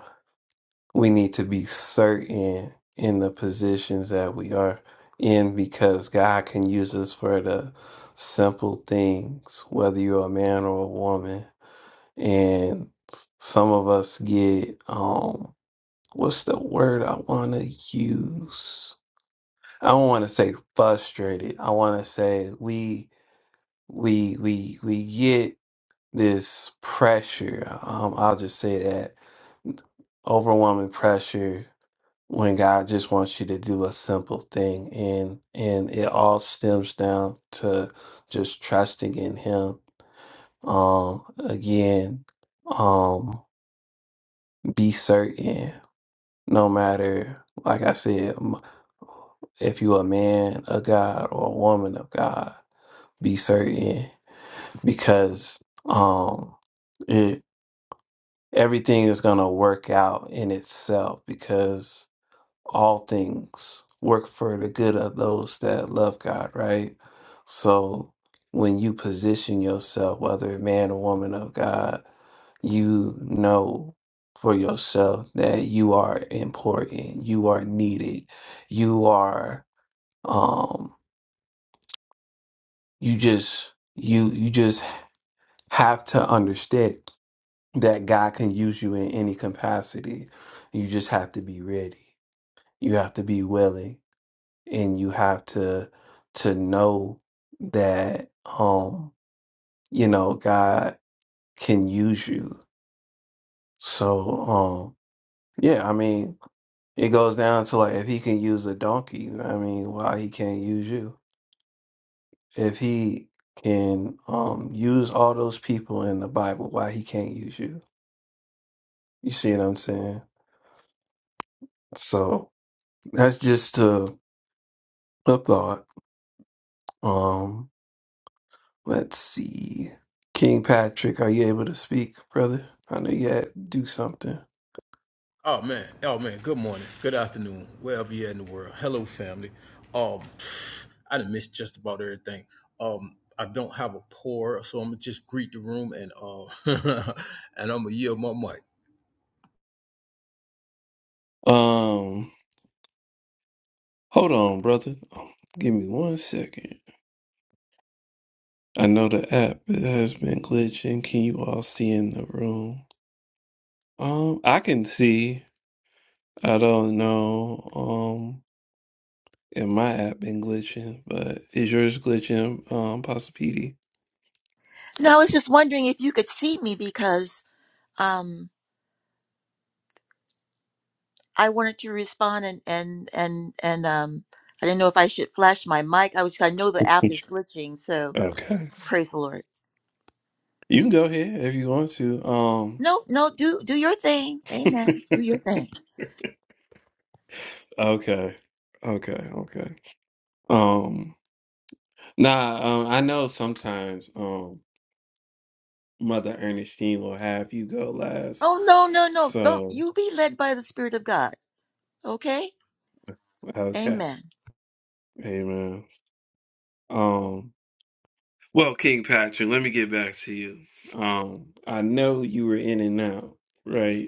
Speaker 1: we need to be certain in the positions that we are in because God can use us for the simple things, whether you're a man or a woman. And s- some of us get, um, what's the word I want to use? I don't want to say frustrated. I want to say we we we we get this pressure. Um, I'll just say that overwhelming pressure when God just wants you to do a simple thing, and and it all stems down to just trusting in Him. Um, again, um, be certain, no matter like I said, m- if you a man of God or a woman of God, be certain because um. everything is going to work out in itself because all things work for the good of those that love God, right? So when you position yourself, whether a man or woman of God, you know for yourself that you are important, you are needed, you are um you just you you just have to understand that God can use you in any capacity. You just have to be ready. You have to be willing and you have to to know that um you know God can use you. So um yeah, I mean, it goes down to like if he can use a donkey, I mean, why he can't use you? If he can um use all those people in the Bible, why he can't use you? You see what I'm saying? So that's just to a thought. Um, let's see. King Patrick, are you able to speak, brother? I know you had to do something.
Speaker 6: Oh man, oh man. Good morning, good afternoon, wherever you're in the world. Hello, family. Um, I done missed just about everything. Um, I don't have a pour, so I'm gonna just greet the room and uh, <laughs> and I'm gonna yield my mic.
Speaker 1: Um, hold on, brother. Give me one second. I know the app has been glitching. Can you all see in the room? Um, I can see. I don't know. Um, if my app been glitching, but is yours glitching? Um, Possipedi?
Speaker 7: No, I was just wondering if you could see me because um, I wanted to respond and and and and um, I didn't know if I should flash my mic. I was I know the app
Speaker 1: Which-
Speaker 7: is glitching, so
Speaker 1: Okay.
Speaker 7: praise the Lord.
Speaker 1: You can go ahead if you want to. Um
Speaker 7: No, no, do do your thing.
Speaker 1: <laughs>
Speaker 7: Amen. Do your thing.
Speaker 1: Okay. Okay, okay. Um nah, um I know sometimes um Mother Ernestine will have you go last.
Speaker 7: Oh no, no, no. Don't
Speaker 1: So
Speaker 7: you be led by the Spirit of God. Okay?
Speaker 1: okay.
Speaker 7: Amen.
Speaker 1: Amen. Um well King Patrick, let me get back to you. Um I know you were in and out, right?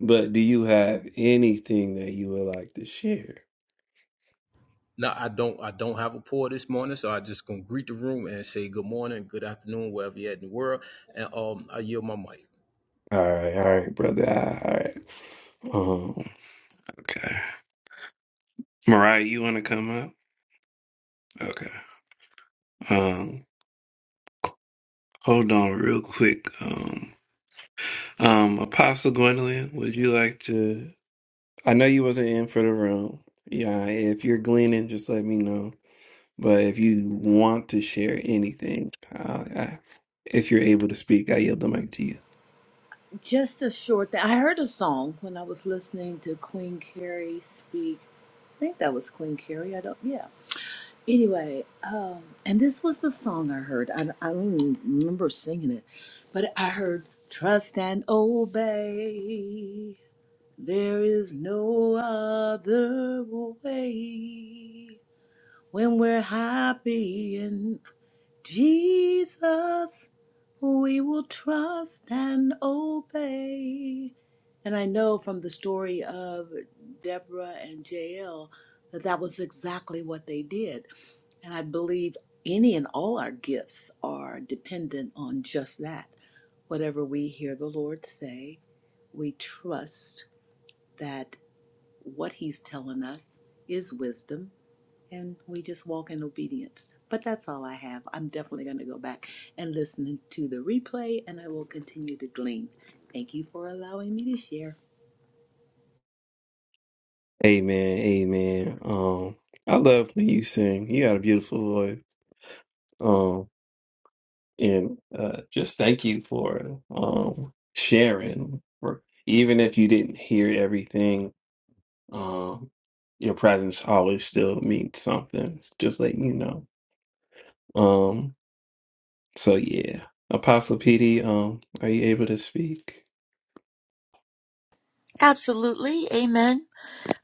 Speaker 1: But do you have anything that you would like to share?
Speaker 6: Now I don't. I don't have a pour this morning, so I just gonna greet the room and say good morning, good afternoon, wherever you're at in the world, and um, I yield my mic.
Speaker 1: All right, all right, brother. All right. Um, okay. Mariah, you want to come up? Okay. Um, hold on real quick. Um, um, Apostle Gwendolyn, would you like to? I know you wasn't in for the room. Yeah, if you're gleaning, just let me know. But if you want to share anything, uh, I, if you're able to speak, I yield the mic to you.
Speaker 8: Just a short thing. I heard a song when I was listening to Queen Carrie speak. I think that was Queen Carrie. I don't, yeah. Anyway, um, and this was the song I heard. I, I don't even remember singing it, but I heard Trust and Obey. There is no other way when we're happy and. Jesus, we will trust and obey. And I know from the story of Deborah and Jael that that was exactly what they did. And I believe any and all our gifts are dependent on just that. Whatever we hear the Lord say, we trust that what He's telling us is wisdom and we just walk in obedience. But that's all I have. I'm definitely going to go back and listen to the replay, and I will continue to glean. Thank you for allowing me to share.
Speaker 1: Amen, amen. Um, I love when you sing. You got a beautiful voice. Um, And uh, just thank you for um, sharing. For even if you didn't hear everything, um, your presence always still means something. Just letting you know. Um, so yeah, Apostle PD, um, are you able to speak?
Speaker 7: Absolutely. Amen.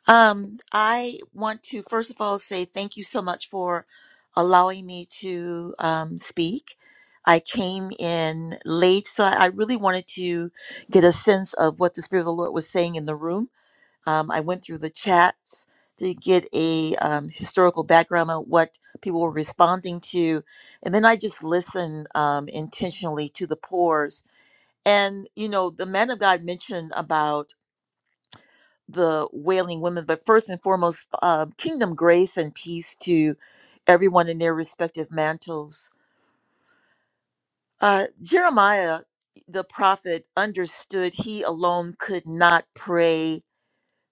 Speaker 7: Um, I want to first of all say thank you so much for allowing me to um, speak. I came in late, so I I really wanted to get a sense of what the Spirit of the Lord was saying in the room. Um, I went through the chats to get a um, historical background on what people were responding to, and then I just listened um, intentionally to the pores. And you know, the man of God mentioned the wailing women, but first and foremost, um, kingdom grace and peace to everyone in their respective mantles. Uh, Jeremiah, the prophet, understood he alone could not pray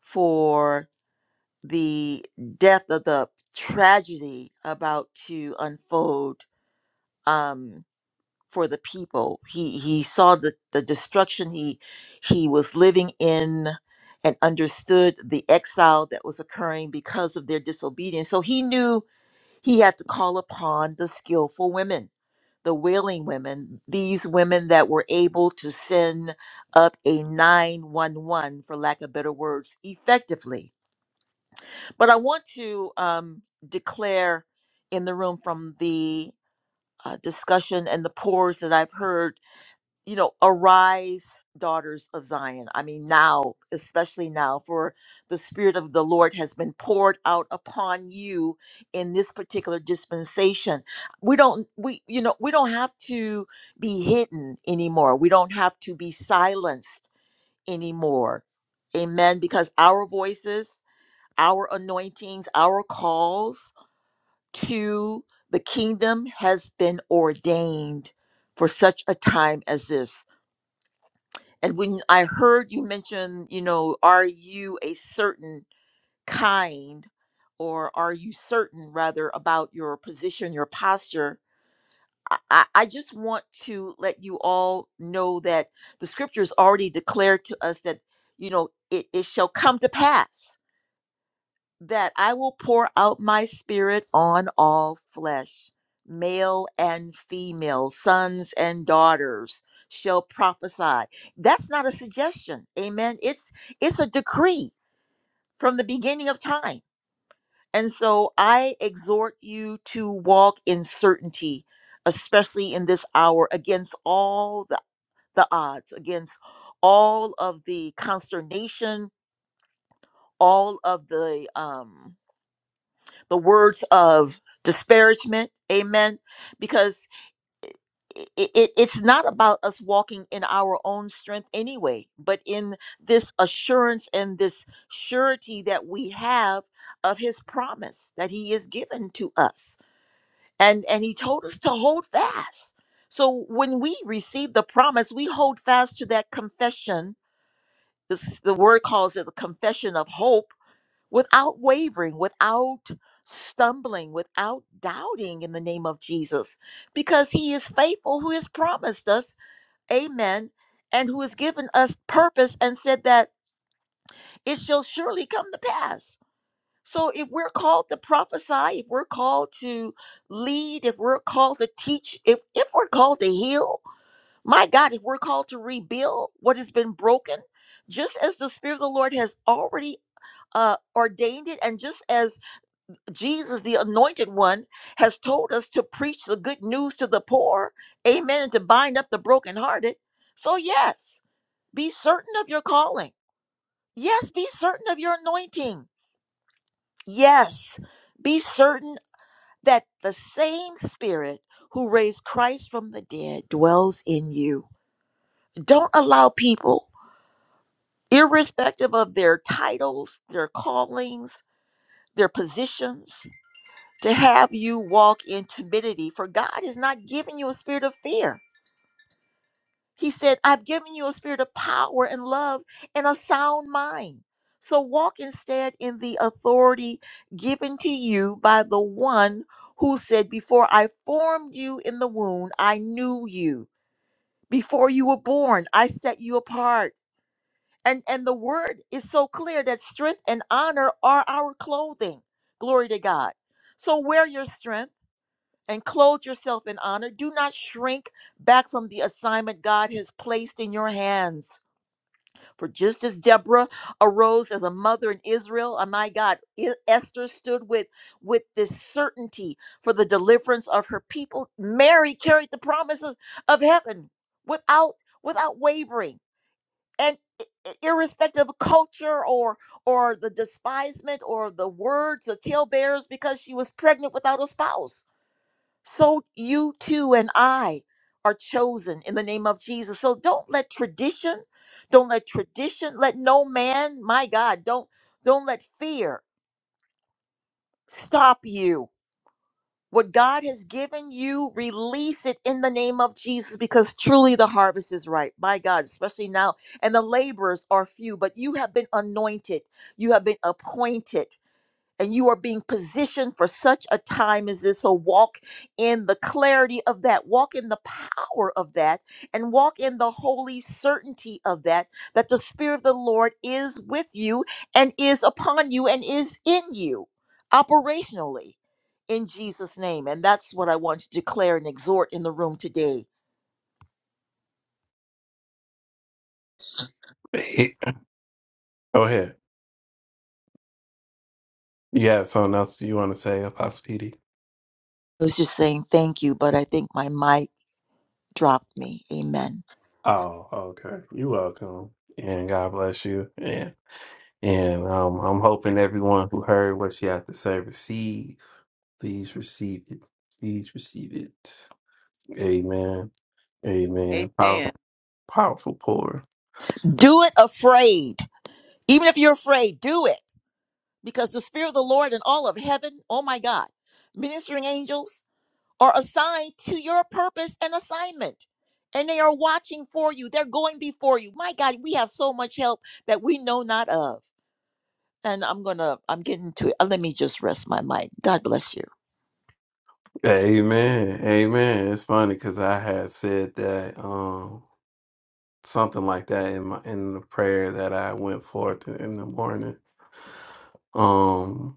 Speaker 7: for the death of the tragedy about to unfold. Um, for the people. He he saw the, the destruction he he was living in and understood the exile that was occurring because of their disobedience. So he knew he had to call upon the skillful women, the wailing women, these women that were able to send up a 911, for lack of better words, effectively. But I want to um, declare in the room from the uh, discussion and the pores that I've heard you know, arise, daughters of Zion. I mean, now, especially now, for the Spirit of the Lord has been poured out upon you in this particular dispensation. We don't, we, you know, we don't have to be hidden anymore. We don't have to be silenced anymore. Amen. Because our voices, our anointings, our calls to the kingdom has been ordained for such a time as this and when I heard you mention, you know, are you a certain kind or are you certain rather about your position, your posture? I, I I just want to let you all know that the scriptures already declared to us that, you know, it, it shall come to pass that I will pour out my spirit on all flesh, male and female, sons and daughters shall prophesy. That's not a suggestion. Amen. It's it's a decree from the beginning of time. And so I exhort you to walk in certainty, especially in this hour, against all the, the odds, against all of the consternation, all of the um the words of disparagement amen because it, it, it's not about us walking in our own strength anyway but in this assurance and this surety that we have of his promise that he has given to us and and he told us to hold fast so when we receive the promise we hold fast to that confession the, the word calls it a confession of hope without wavering, without stumbling, without doubting in the name of Jesus, because He is faithful who has promised us, amen, and who has given us purpose and said that it shall surely come to pass. So if we're called to prophesy, if we're called to lead, if we're called to teach, if, if we're called to heal, my God, if we're called to rebuild what has been broken, just as the Spirit of the Lord has already uh, ordained it, and just as Jesus, the anointed one, has told us to preach the good news to the poor, amen, and to bind up the brokenhearted. So, yes, be certain of your calling. Yes, be certain of your anointing. Yes, be certain that the same spirit who raised Christ from the dead dwells in you. Don't allow people, irrespective of their titles, their callings, their positions, to have you walk in timidity, for God is not giving you a spirit of fear. He said, I've given you a spirit of power and love and a sound mind. So walk instead in the authority given to you by the one who said, Before I formed you in the womb, I knew you. Before you were born, I set you apart. And, and the word is so clear that strength and honor are our clothing. Glory to God. So wear your strength and clothe yourself in honor. Do not shrink back from the assignment God has placed in your hands. For just as Deborah arose as a mother in Israel, oh my God, E- Esther stood with with this certainty for the deliverance of her people. Mary carried the promise of, of heaven without without wavering. And i- i- irrespective of culture or or the despisement or the words the talebearers because she was pregnant without a spouse so you too and I are chosen in the name of Jesus. So don't let tradition, don't let tradition, let no man, my God, don't don't let fear stop you. What God has given you, release it in the name of Jesus because truly the harvest is ripe. My God, especially now. And the laborers are few, but you have been anointed. You have been appointed and you are being positioned for such a time as this. So walk in the clarity of that, walk in the power of that, and walk in the holy certainty of that, that the Spirit of the Lord is with you and is upon you and is in you operationally in Jesus' name. And that's what I want to declare and exhort in the room today.
Speaker 1: Hey, Go ahead. You got something else you want to say, Apostle PD?
Speaker 7: I was just saying thank you, but I think my mic dropped me. Amen.
Speaker 1: Oh, okay. You welcome. And God bless you. And and um I'm hoping everyone who heard what she had to say receive. Please receive it. Please receive it. Amen. Amen. Power,
Speaker 8: Amen.
Speaker 1: powerful pour.
Speaker 7: Do it afraid. Even if you're afraid, do it. Because the Spirit of the Lord and all of heaven, oh my God, ministering angels are assigned to your purpose and assignment. And they are watching for you. They're going before you. My God, we have so much help that we know not of. And I'm gonna, I'm getting to it. Uh, Let me just rest my mic. God bless you.
Speaker 1: Amen. Amen. It's funny because I had said that um something like that in my in the prayer that I went forth in the morning. Um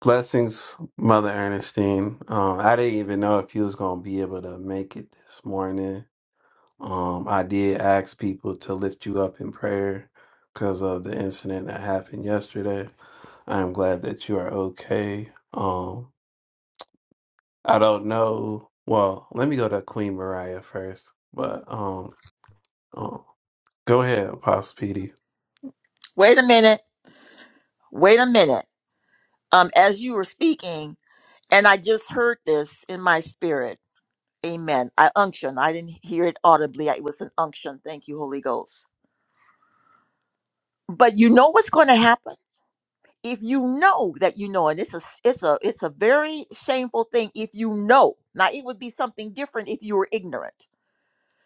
Speaker 1: Blessings, Mother Ernestine. Um, I didn't even know if you was gonna be able to make it this morning. Um, I did ask people to lift you up in prayer because of the incident that happened yesterday. I am glad that you are okay. Um, I don't know. Well, let me go to Queen Mariah first. But um, uh, Go ahead, Apostle PD.
Speaker 7: Wait a minute. Wait a minute. Um, as you were speaking, and I just heard this in my spirit. Amen. I unction. I didn't hear it audibly. It was an unction. Thank you, Holy Ghost. But you know what's going to happen if you know that you know, and it's a it's a it's a very shameful thing if you know. Now it would be something different if you were ignorant.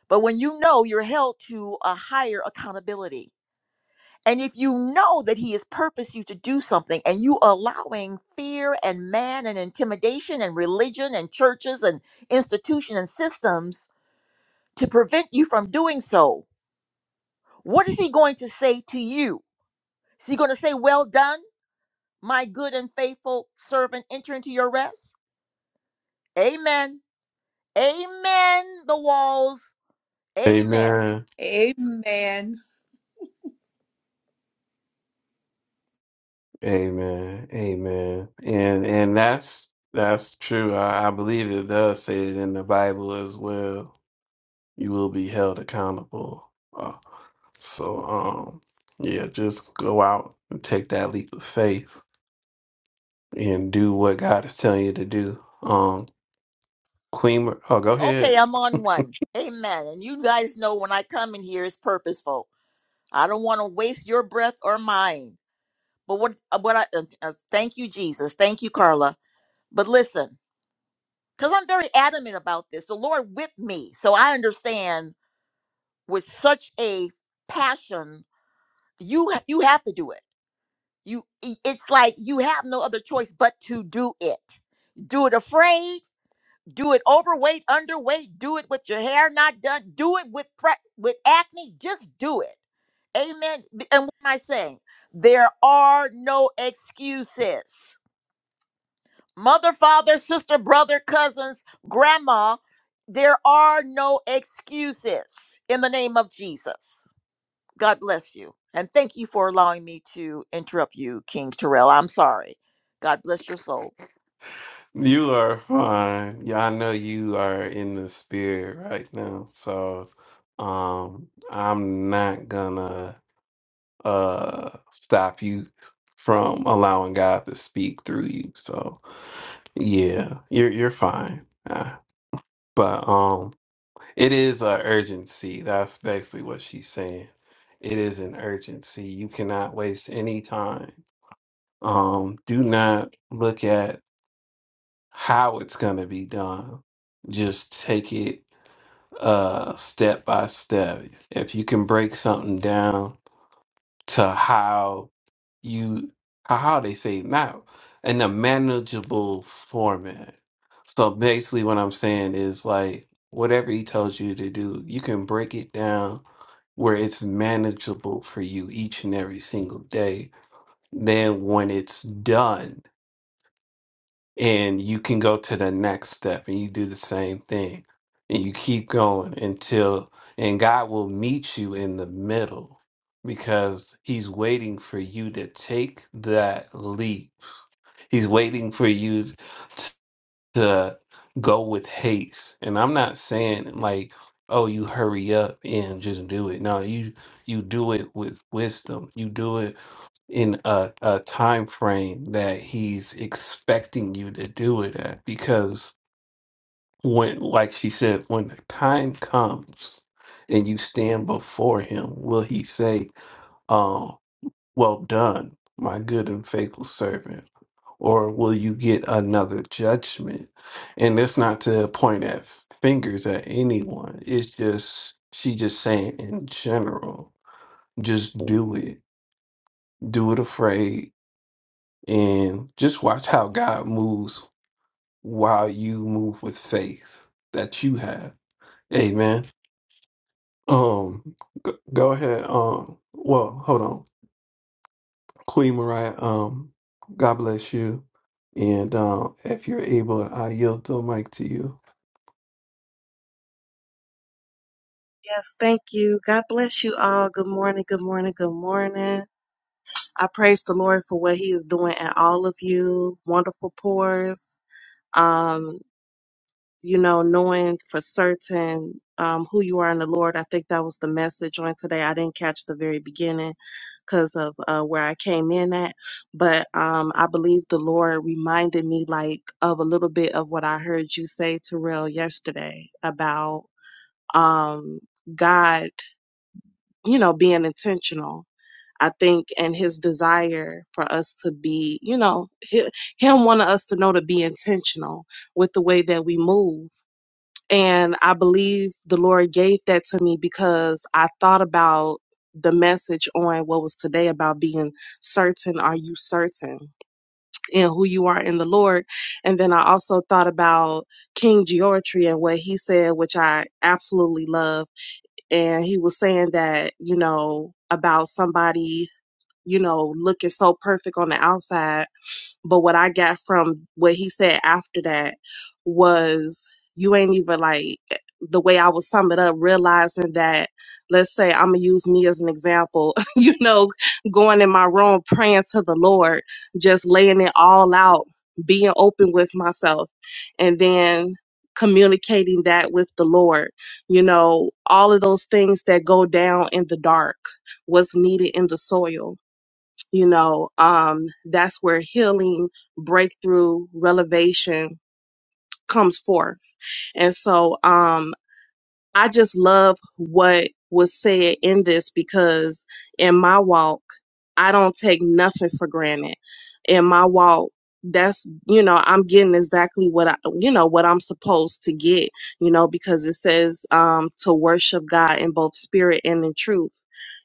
Speaker 7: But when you know, you're held to a higher accountability And if you know that he has purposed you to do something and you allowing fear and man and intimidation and religion and churches and institution and systems to prevent you from doing so, what is he going to say to you? Is he going to say, Well done, my good and faithful servant, enter into your rest? Amen. Amen. The walls. Amen.
Speaker 1: Amen.
Speaker 8: Amen.
Speaker 1: Amen. Amen. And and that's that's true. I, I believe it does say it in the Bible as well. you will be held accountable. Uh, so, um, yeah, just go out and take that leap of faith and do what God is telling you to do. Um, Queen, Mar- oh, go
Speaker 7: Okay,
Speaker 1: ahead.
Speaker 7: I'm on one.
Speaker 1: <laughs>
Speaker 7: Amen. And you guys know when I come in here, it's purposeful. I don't want to waste your breath or mine. But what uh, what I uh, uh, thank you Jesus, thank you Carla. But listen, cuz I'm very adamant about this. The Lord whipped me. So I understand with such a passion, you ha- you have to do it. You i- it's like you have no other choice but to do it. Do it afraid, do it overweight, underweight, do it with your hair not done, do it with pre- with acne, just do it. Amen. B- And what am I saying? There are no excuses. mother, father, sister, brother, cousins, grandma, there are no excuses in the name of Jesus. God bless you. And thank you for allowing me to interrupt you, King Terrell. I'm sorry. God bless your soul.
Speaker 1: You are fine. Yeah, I know you are in the spirit right now. So, um, I'm not gonna uh stop you from allowing God to speak through you. So, yeah, you're you're fine. Uh, but um, it is a urgency. That's basically what she's saying. It is an urgency. You cannot waste any time. Um, do not look at how it's going to be done. Just take it uh step by step. If you can break something down to how you how they say it now in a manageable format. So basically what I'm saying is like whatever he tells you to do, you can break it down where it's manageable for you each and every single day. Then when it's done, and you can go to the next step and you do the same thing and you keep going until and God will meet you in the middle because he's waiting for you to take that leap. He's waiting for you t- to go with haste. And I'm not saying like oh you hurry up and just do it. No, you you do it with wisdom. You do it in a, a time frame that he's expecting you to do it at because when like she said when the time comes and you stand before him will he say "Uh, well done my good and faithful servant or will you get another judgment and it's not to point at fingers at anyone it's just she just saying in general just do it do it afraid And just watch how God moves while you move with faith that you have. Amen. Um, go, go ahead. Um, well, hold on. Queen Mariah, um, God bless you. And um, if you're able, I yield the mic to you.
Speaker 9: Yes, thank you. God bless you all. Good morning, good morning, good morning. I praise the Lord for what He is doing in all of you. Wonderful pours. Um, you know, knowing for certain um, who you are in the Lord. I think that was the message on today. I didn't catch the very beginning because of uh, where I came in at, but um, I believe the Lord reminded me like of a little bit of what I heard you say, Terrell, yesterday about um, God. you know, being intentional. I think, and his desire for us to be, you know, hi- him wanting us to know to be intentional with the way that we move. And I believe the Lord gave that to me because I thought about the message on what was today about being certain. Are you certain in who you are in the Lord? And then I also thought about King George and what he said, which I absolutely love and he was saying that you know about somebody you know looking so perfect on the outside but what I got from what he said after that was you ain't even like the way I would sum it up, realizing that let's say I'm gonna use me as an example, <laughs> you know, going in my room praying to the Lord, just laying it all out, being open with myself, and then communicating that with the Lord, you know, all of those things that go down in the dark, what's needed in the soil you know um that's where healing breakthrough revelation comes forth and so um, I just love what was said in this because in my walk, I don't take nothing for granted. In my walk, that's you know I'm getting exactly what I you know what I'm supposed to get you know because it says um to worship God in both spirit and in truth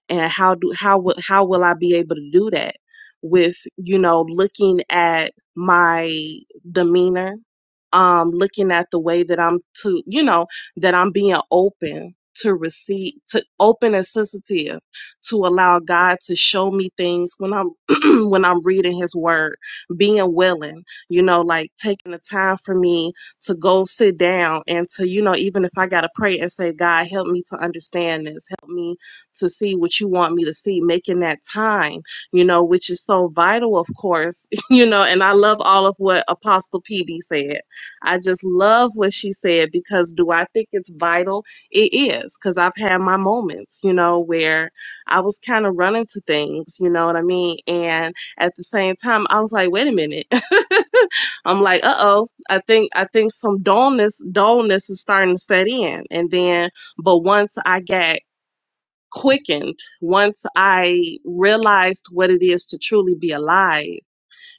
Speaker 9: and how do how will how will I be able to do that with you know looking at my demeanor um looking at the way that I'm to you know that I'm being open to receive, to open and sensitive to allow God to show me things when I'm, <clears throat> when I'm reading his word, being willing, you know, like taking the time for me to go sit down and to, you know, even if I got to pray and say, God, help me to understand this, help me to see what you want me to see, making that time, you know, which is so vital, of course, <laughs> you know, and I love all of what Apostle PD said I just love what she said because do I think it's vital? It is because I've had my moments, you know, where I was kind of running to things, you know what I mean? And at the same time, I was like, wait a minute. <laughs> I'm like, uh oh, I think I think some dullness dullness is starting to set in. And then, but once I got quickened, once I realized what it is to truly be alive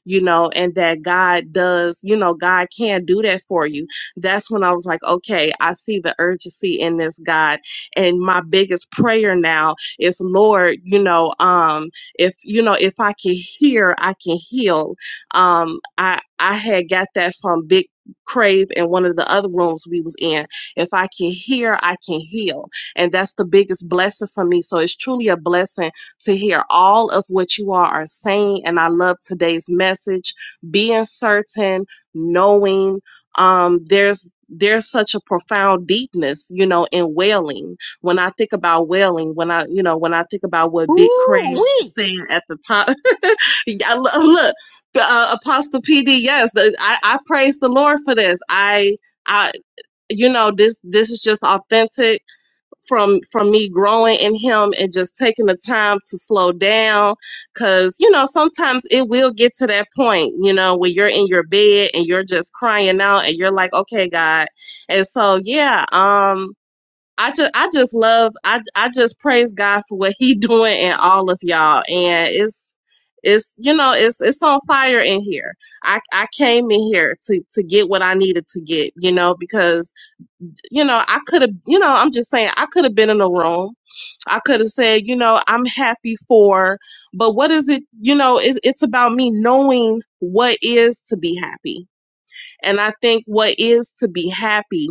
Speaker 9: you know, and that God does, you know, God can do that for you. That's when I was like, okay, I see the urgency in this God. And my biggest prayer now is, Lord, you know, um, if you know, if I can hear, I can heal. Um, I I had got that from Big Crave in one of the other rooms we was in. If I can hear, I can heal. And that's the biggest blessing for me. So it's truly a blessing to hear all of what you all are saying. And I love today's message. Being certain, knowing, um, there's there's such a profound deepness, you know, in wailing. When I think about wailing, when I, you know, when I think about what Big
Speaker 7: Ooh,
Speaker 9: Crave
Speaker 7: wee,
Speaker 9: saying at the top, <laughs> yeah, look, look uh, Apostle PD, yes, the, I, I praise the Lord for this. I, I, you know, this this is just authentic from from me growing in him and just taking the time to slow down cuz you know sometimes it will get to that point you know when you're in your bed and you're just crying out and you're like okay God and so yeah um I just I just love I I just praise God for what he <laughs> doing in all of y'all and it's it's you know it's it's on fire in here. I I came in here to to get what I needed to get, you know, because you know, I could have, you know, I'm just saying, I could have been in the room. I could have said, you know, I'm happy for, but what is it, you know, it, it's about me knowing what is to be happy. And I think what is to be happy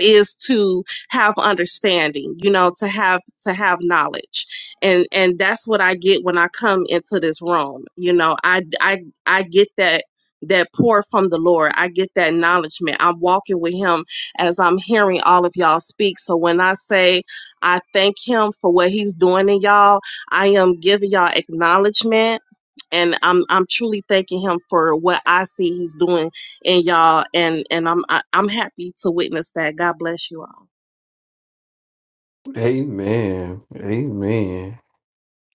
Speaker 9: is to have understanding you know to have to have knowledge and and that's what i get when i come into this room you know i i i get that that pour from the lord i get that acknowledgement i'm walking with him as i'm hearing all of y'all speak so when i say i thank him for what he's doing in y'all i am giving y'all acknowledgement and i'm i'm truly thanking him for what i see he's doing and y'all and and i'm I, i'm happy to witness that god bless you all
Speaker 1: Amen. Amen.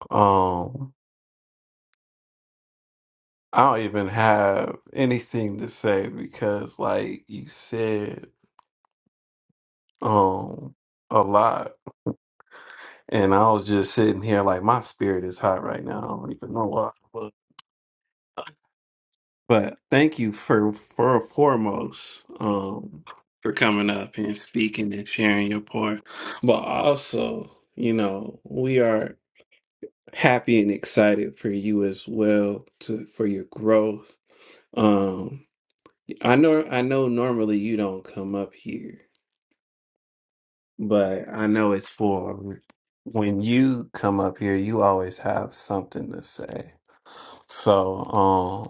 Speaker 1: Um, I don't even have anything to say because, like you said, um a lot. And I was just sitting here like my spirit is hot right now. I don't even know why. But but thank you for for foremost um for coming up and speaking and sharing your part but also you know we are happy and excited for you as well to for your growth um i know i know normally you don't come up here but I know it's for when you come up here, you always have something to say. So, um,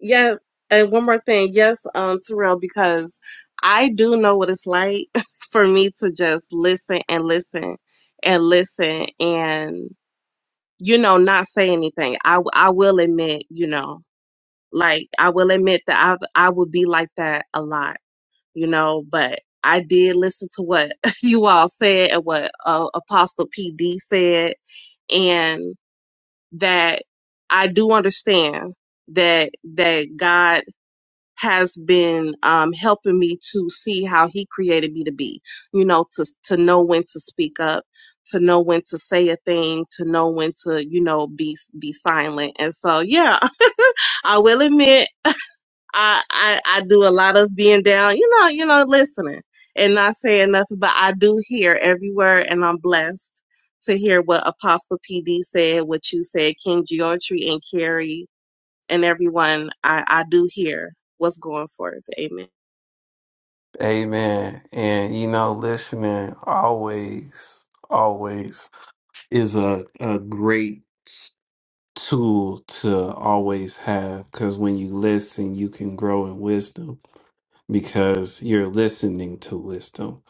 Speaker 9: yes and one more thing yes um terrell because i do know what it's like <laughs> for me to just listen and listen and listen and you know not say anything i w- i will admit you know like i will admit that i i would be like that a lot you know but i did listen to what <laughs> you all said and what uh, apostle pd said and. that I do understand that that God has been um, helping me to see how He created me to be. You know, to to know when to speak up, to know when to say a thing, to know when to you know be be silent. And so, yeah, <laughs> I will admit. I, I I do a lot of being down, you know, you know, listening and not saying nothing, but I do hear every word, and I'm blessed to hear what Apostle PD said, what you said, King Georgie and Carrie and everyone. I I do hear what's going forth. Amen.
Speaker 1: amen. And you know, listening always, always is a, a great s- tool to always have because when you listen, you can grow in wisdom because you're listening to wisdom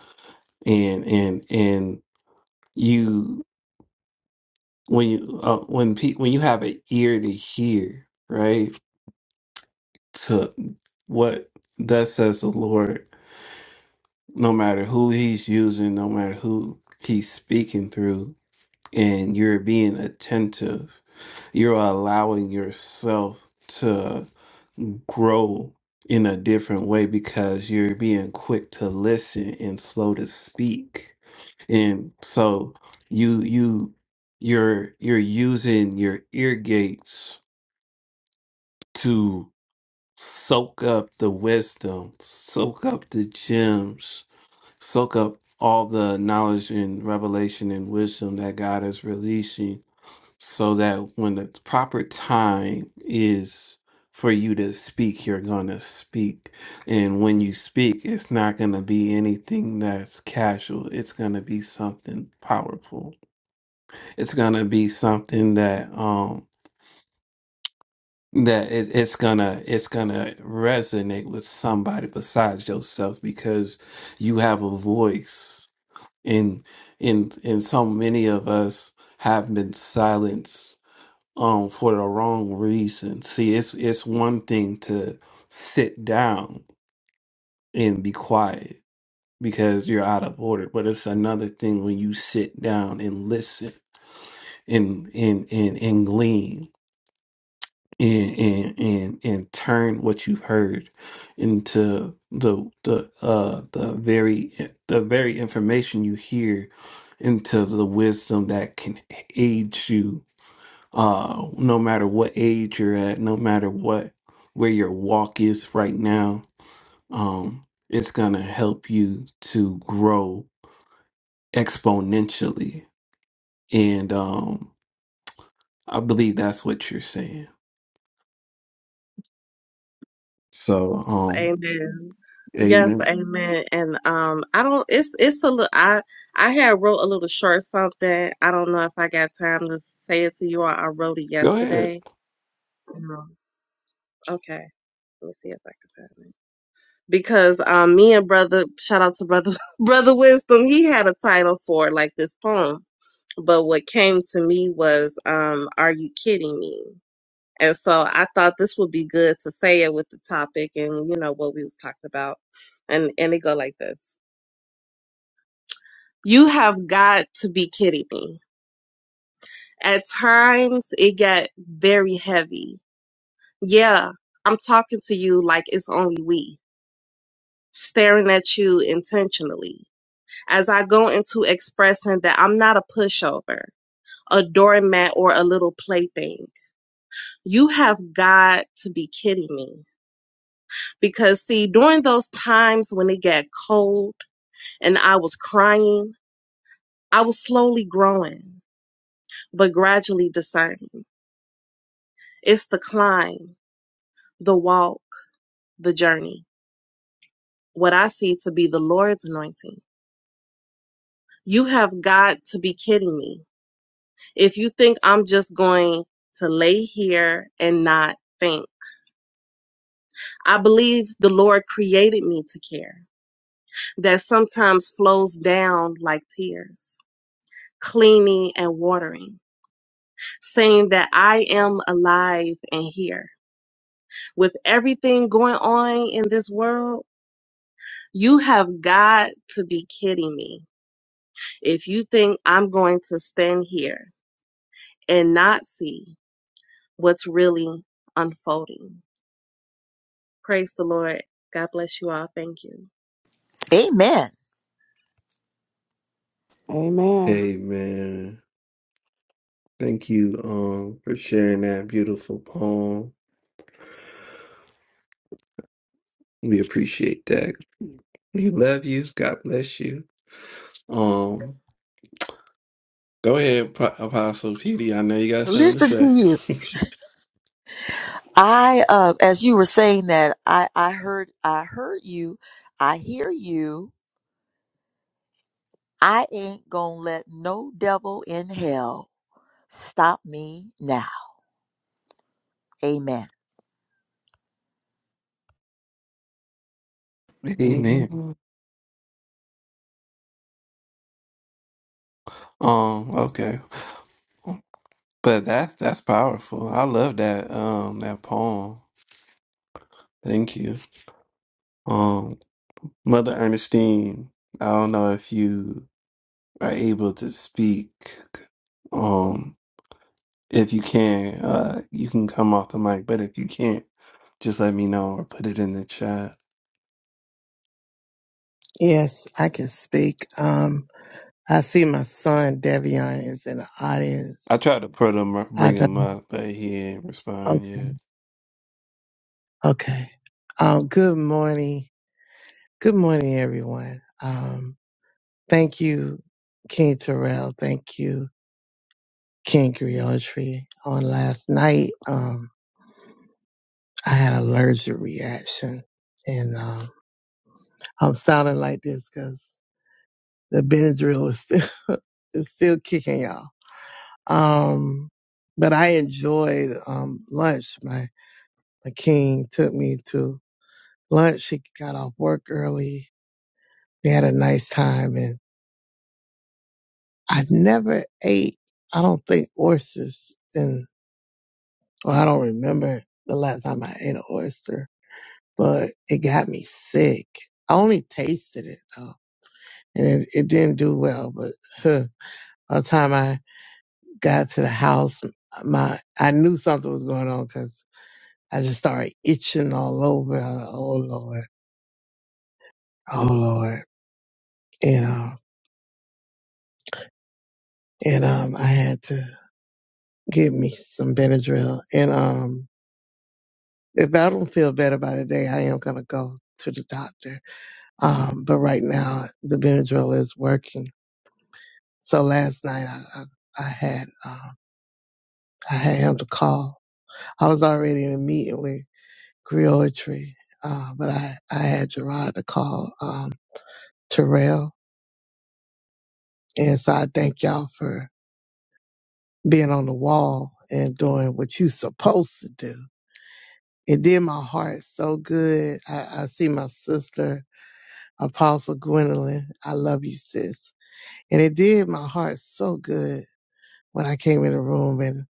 Speaker 1: and and and you when you uh, when pe- when you have an ear to hear, right, to what thus says the Lord, no matter who He's using, no matter who He's speaking through, and you're being attentive, you're allowing yourself to grow in a different way because you're being quick to listen and slow to speak, and so you you you're you're using your ear gates to soak up the wisdom, soak up the gems, soak up all the knowledge and revelation and wisdom that God is releasing so that when the proper time is for you to speak, you're going to speak. And when you speak, it's not going to be anything that's casual. It's going to be something powerful. It's going to be something that um, that it, it's gonna it's gonna resonate with somebody besides yourself because you have a voice and and and so many of us have been silenced um for the wrong reason see it's it's one thing to sit down and be quiet because you're out of order but it's another thing when you sit down and listen and and and, and glean and and and and turn what you heard into the the uh the very the very information you hear into the wisdom that can aid you uh no matter what age you're at no matter what where your walk is right now um it's gonna help you to grow exponentially and um i believe that's what you're saying so um
Speaker 9: Amen. Yes,
Speaker 1: amen
Speaker 9: amen. And um, I don't. It's it's a little. I I had wrote a little short something. I don't know if I got time to say it to you. Or I wrote it
Speaker 1: go ahead
Speaker 9: yesterday. Um, okay. Let me see if I can find it. because um, me and brother, shout out to brother, <laughs> brother Wisdom, he had a title for like this poem. But what came to me was, um, "Are you kidding me?" And so I thought this would be good to say it with the topic and you know what we was talking about, and and it go like this: You have got to be kidding me. At times it got very heavy. Yeah, I'm talking to you like it's only we, staring at you intentionally as I go into expressing that I'm not a pushover, a doormat, or a little plaything. You have got to be kidding me. Because, see, during those times when it got cold and I was crying, I was slowly growing, but gradually discerning. It's the climb, the walk, the journey, what I see to be the Lord's anointing. You have got to be kidding me. If you think I'm just going to lay here and not think. I believe the Lord created me to care, that sometimes flows down like tears, cleaning and watering, saying that I am alive and here. With everything going on in this world, you have got to be kidding me if you think I'm going to stand here and not see what's really unfolding. Praise the Lord. God bless you all. Thank you.
Speaker 7: Amen.
Speaker 3: Amen.
Speaker 1: Amen. Thank you um for sharing that beautiful poem. We appreciate that. We love you. God bless you. Um go ahead, Pro- Apostle PD. I know you got something to
Speaker 7: listen
Speaker 1: say.
Speaker 7: to you. I uh as you were saying that, I I heard I heard you. I hear you. I ain't gonna let no devil in hell stop me now. Amen.
Speaker 1: <laughs> Amen.
Speaker 3: Amen.
Speaker 1: Um okay. But that that's powerful. I love that um that poem. Thank you. Um Mother Ernestine, I don't know if you are able to speak. If you can, uh, you can come off the mic, but if you can't, just let me know or put it in the chat.
Speaker 10: Yes, I can speak. Um, I see my son Devion is in the
Speaker 1: I
Speaker 10: audience.
Speaker 1: tried to put him,
Speaker 10: I
Speaker 1: bring him
Speaker 10: don't.
Speaker 1: up, but he ain't
Speaker 10: o-
Speaker 1: respond yet.
Speaker 10: Okay. Um, good morning. Good morning, everyone. Um, thank you, King Terrell. Thank you, King Griotry. On last night, um, I had an allergic reaction, and um, I'm sounding like this because the Benadryl is still, <laughs> is still kicking y'all. Um, but I enjoyed um, lunch. the king took me to lunch. He got off work early. We had a nice time and I never ate, I don't think oysters and well, I don't remember the last time I ate an oyster, but it got me sick. I only tasted it though and it, it didn't do well, but huh, by the time I got to the house, my, I knew something was going on because I just started itching all over. I was like, Oh Lord. Oh Lord. You know and um, I had to give me some Benadryl. And um, if I don't feel better by the day, I am gonna go to the doctor. Um, but right now, the Benadryl is working. So last night, I I, I had um, I had him to call. I was already in a meeting with Griotry, uh, but I I had Gerard to call um, Terrell, and so I thank y'all for being on the wall and doing what you supposed to do It did my heart so good. I, I see my sister, Apostle Gwendolyn. I love you, sis. And it did my heart so good when I came in the room and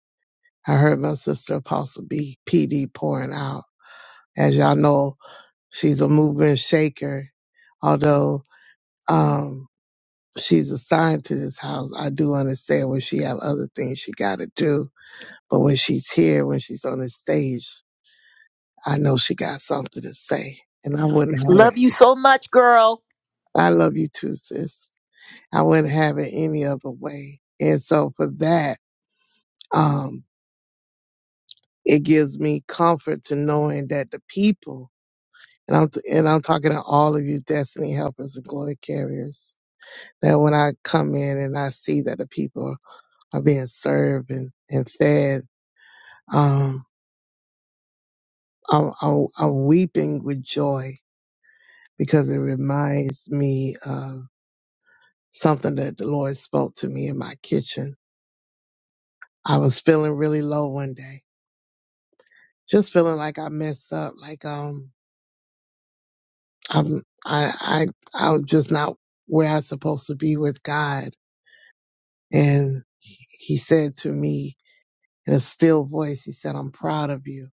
Speaker 10: I heard my sister, Apostle B. P. D. pouring out. As y'all know, she's a mover and shaker. Although um, she's assigned to this house, I do understand when she have other things she got to do. But when she's here, when she's on the stage, I know she got something to say, and I wouldn't have it.
Speaker 7: Love you so much, girl.
Speaker 10: I love you too, sis. I wouldn't have it any other way. And so for that, um, it gives me comfort to knowing that the people, and I'm and I'm talking to all of you destiny helpers and glory carriers, that when I come in and I see that the people are being served and, and fed, um, I'm, I'm, I'm weeping with joy because it reminds me of something that the Lord spoke to me in my kitchen. I was feeling really low one day just feeling like I messed up, like um I'm I I I'm just not where I'm supposed to be with God. And he he said to me in a still voice, he said, I'm proud of you.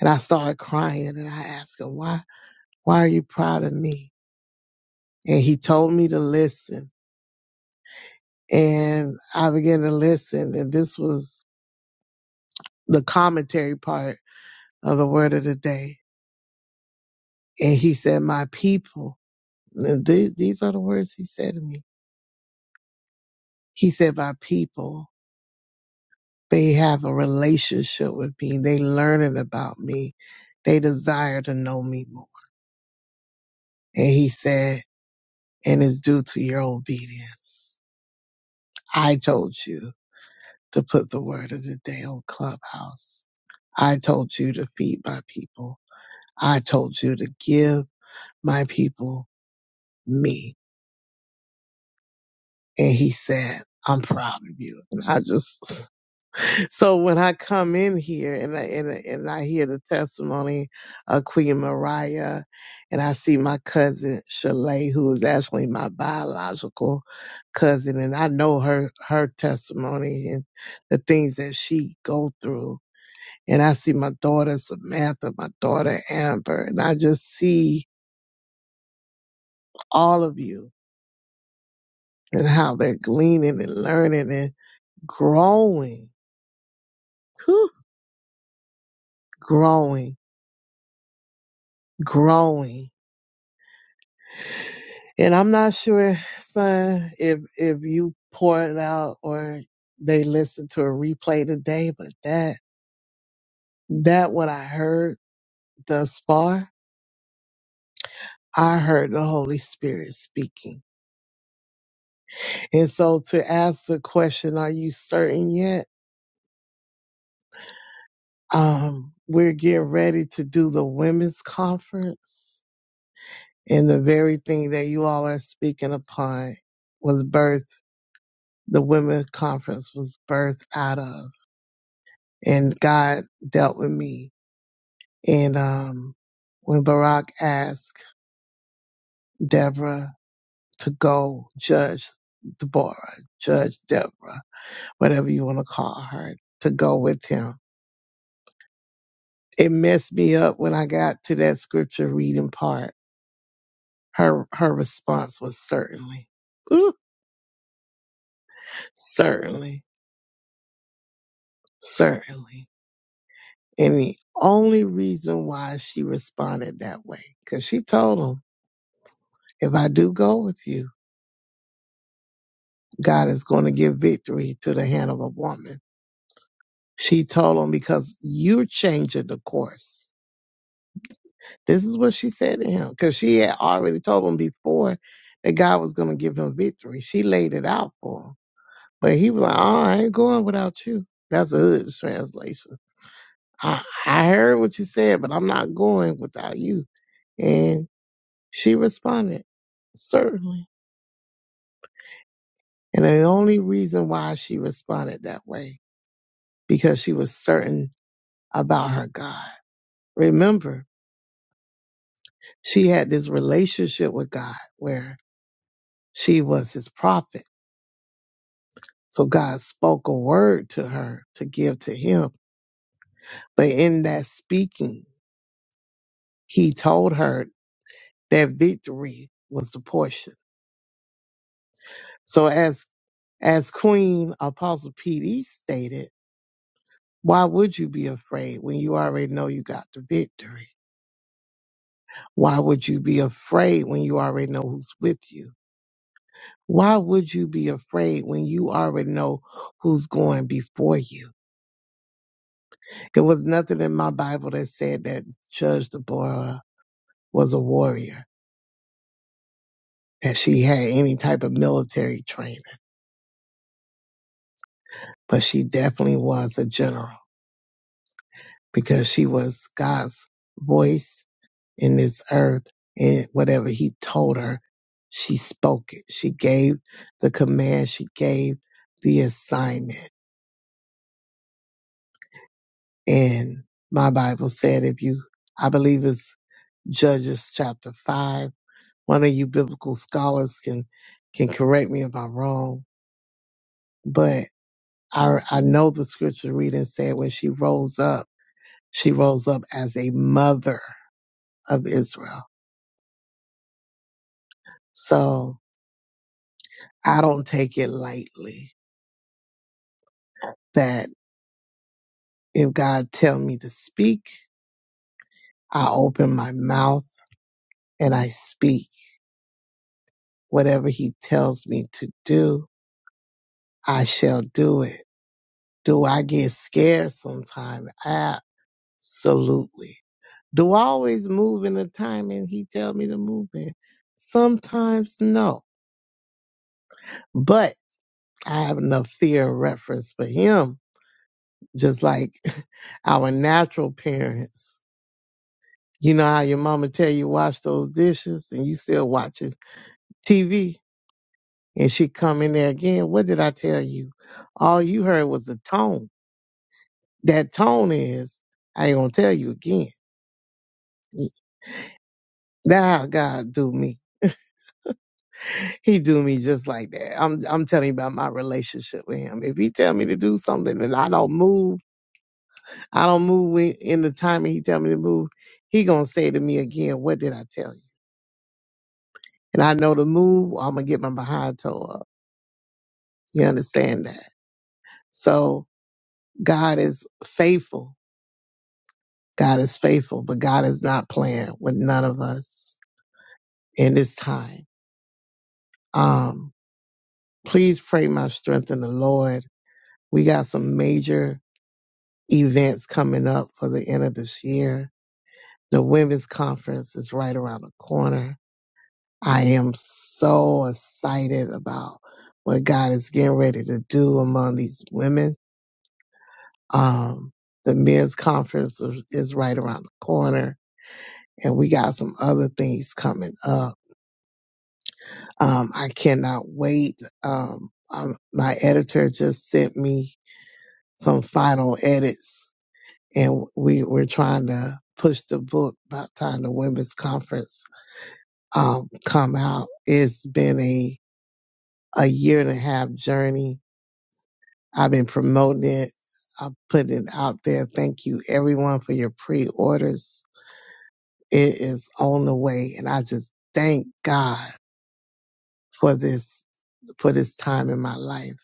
Speaker 10: And I started crying and I asked him, Why why are you proud of me? And he told me to listen. And I began to listen. And this was the commentary part of the word of the day. And he said, My people. And th- these are the words he said to me. He said, my people, they have a relationship with me. They learning about me. They desire to know me more. And he said, and it's due to your obedience. I told you to put the word of the day on Clubhouse. I told you to feed my people. I told you to give my people me. And he said, I'm proud of you. And I just, So when I come in here and I, and, I- and I hear the testimony of Queen Mariah and I see my cousin Shalay, who is actually my biological cousin, and I know her, her testimony and the things that she go through. And I see my daughter Samantha, my daughter Amber, and I just see all of you and how they're gleaning and learning and growing, Whew, growing, growing. And I'm not sure, son, if if you pour it out or they listen to a replay today, but that that what I heard thus far, I heard the Holy Spirit speaking. And so to ask the question, are you certain yet? Um, we're getting ready to do the women's conference. And the very thing that you all are speaking upon was birth, the women's conference was birthed out of. And God dealt with me And um, when Barak asked Deborah to go judge Deborah, judge Deborah, whatever you want to call her, to go with him, it messed me up when I got to that scripture reading part. Her her response was certainly, Ooh, certainly, certainly. And the only reason why she responded that way, because she told him, if I do go with you, God is going to give victory to the hand of a woman. She told him, because you're changing the course. This is what she said to him, because she had already told him before that God was going to give him victory. She laid it out for him. But he was like, oh, I ain't going without you. That's a hood translation. I, I heard what you said, but I'm not going without you. And she responded, certainly. And the only reason why she responded that way, because she was certain about her God. Remember, she had this relationship with God where she was his prophet. So God spoke a word to her to give to him. But in that speaking, he told her that victory was the portion. So as as Queen Apostle PD stated, why would you be afraid when you already know you got the victory? Why would you be afraid when you already know who's with you? Why would you be afraid when you already know who's going before you? There was nothing in my Bible that said that Judge Deborah was a warrior, that she had any type of military training, but she definitely was a general because she was God's voice in this earth. And whatever he told her, she spoke it. She gave the command. She gave the assignment. And my Bible said, if you, I believe it's Judges chapter five one of you biblical scholars can can correct me if I'm wrong, but I I know the scripture reading said when she rose up, she rose up as a mother of Israel. So I don't take it lightly that if God tell me to speak, I open my mouth and I speak. Whatever he tells me to do, I shall do it. Do I get scared sometime? Absolutely Do I always move in the time and he tell me to move in? Sometimes no. But I have enough fear and reference for him, just like <laughs> our natural parents. You know how your mama tell you wash those dishes and you still watching TV and she come in there again. What did I tell you? All you heard was the tone. That tone is, I ain't gonna tell you again. That how God do me. He do me just like that. I'm I'm telling you about my relationship with him. If he tell me to do something and I don't move, I don't move in in the time he tell me to move, he gonna say to me again, what did I tell you? And I know to move, or I'm gonna get my behind toe up. You understand that? So God is faithful. God is faithful, but God is not playing with none of us in this time. Um, please pray my strength in the Lord. We got some major events coming up for the end of this year. The women's conference is right around the corner. I am so excited about what God is getting ready to do among these women. Um, the men's conference is is right around the corner and we got some other things coming up. Um, I cannot wait. Um, um, my editor just sent me some final edits and we were trying to push the book by the time the women's conference um, come out. It's been a a year and a half journey. I've been promoting it. I am putting it out there. Thank you everyone for your pre-orders. It is on the way, and I just thank God for this for this time in my life.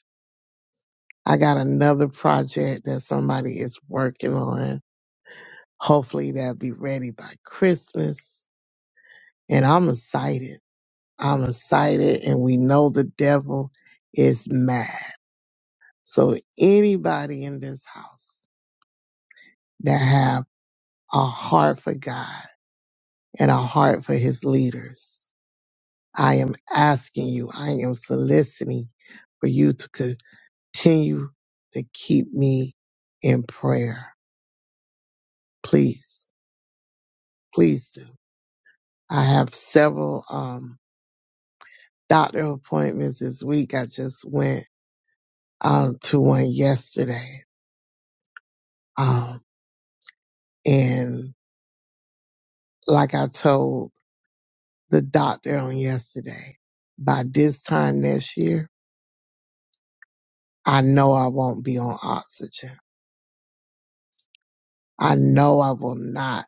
Speaker 10: I got another project that somebody is working on. Hopefully, that'll be ready by Christmas, and I'm excited. I'm excited, and we know the devil is mad. So anybody in this house that have a heart for God and a heart for his leaders, I am asking you, I am soliciting for you to continue to keep me in prayer. Please, please do. I have several um, doctor appointments this week. I just went um, to one yesterday. Um, and Like I told the doctor on yesterday, by this time next year, I know I won't be on oxygen. I know I will not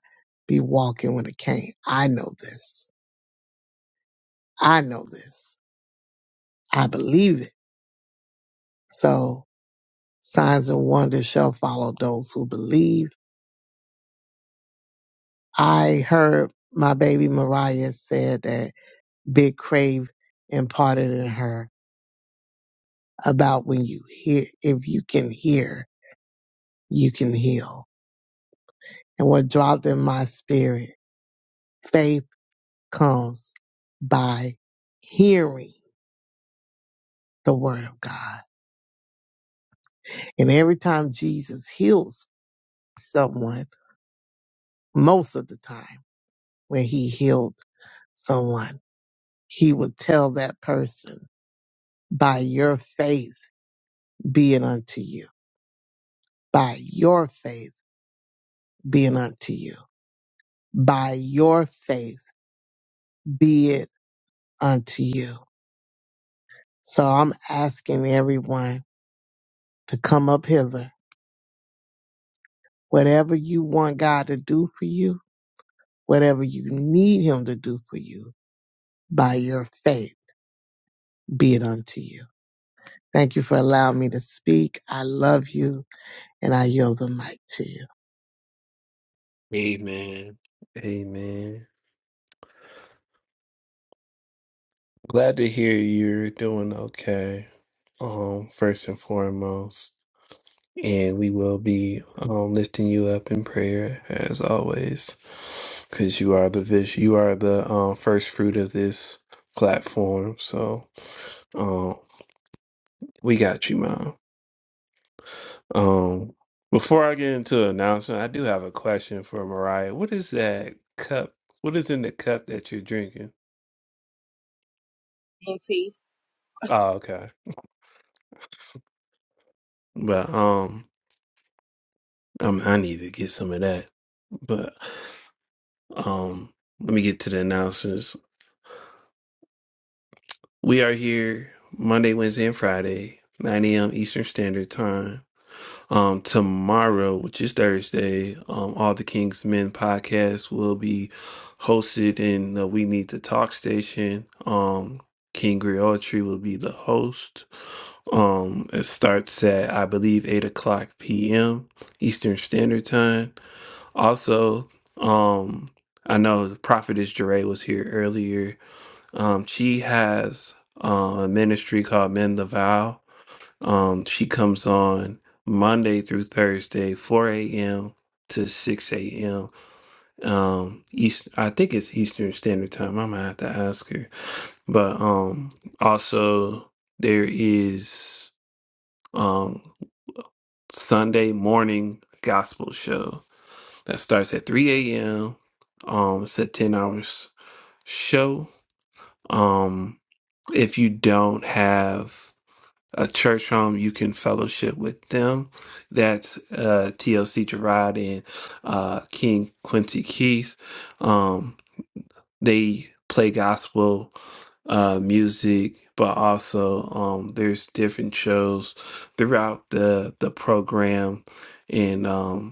Speaker 10: be walking with a cane. I know this. I know this. I believe it. So signs and wonders shall follow those who believe. I heard my baby Mariah said that Big Crave imparted in her about when you hear, if you can hear, you can heal and what dwelt in my spirit. Faith comes by hearing the word of God. And every time Jesus heals someone, most of the time when he healed someone, he would tell that person, by your faith being unto you, by your faith being unto you, by your faith be it unto you. So I'm asking everyone to come up hither Whatever you want God to do for you, whatever you need Him to do for you, by your faith, be it unto you. Thank you for allowing me to speak. I love you, and I yield the mic to you.
Speaker 1: Amen. Amen. Glad to hear you're doing okay. Um, first and foremost. And we will be um, lifting you up in prayer as always, because you are the vis- you are the um, first fruit of this platform. So um, we got you, mom. Um, before I get into an announcement, I do have a question for Mariah. What is that cup? What is in the cup that you're drinking?
Speaker 9: Auntie.
Speaker 1: Oh, okay. But um, i I need to get some of that. But um, let me get to the announcements. We are here Monday, Wednesday, and Friday, 9 a.m. Eastern Standard Time. Um, tomorrow, which is Thursday, um, All the King's Men podcast will be hosted in the We Need to Talk station. Um, King Griotry will be the host. Um, it starts at, I believe, 8 o'clock p.m. Eastern Standard Time. Also, um, I know the Prophetess Jeray was here earlier um, she has uh, a ministry called Mend the Vow. Um, she comes on Monday through Thursday, 4 a.m. to 6 a.m. Um, East, I think it's Eastern Standard Time. I'm gonna have to ask her. But um, also there is um Sunday morning gospel show that starts at 3 a.m. Um, it's a 10 hours show. Um, if you don't have a church home you can fellowship with them that's uh tlc gerard and uh king quincy keith um they play gospel uh music but also um there's different shows throughout the the program and um,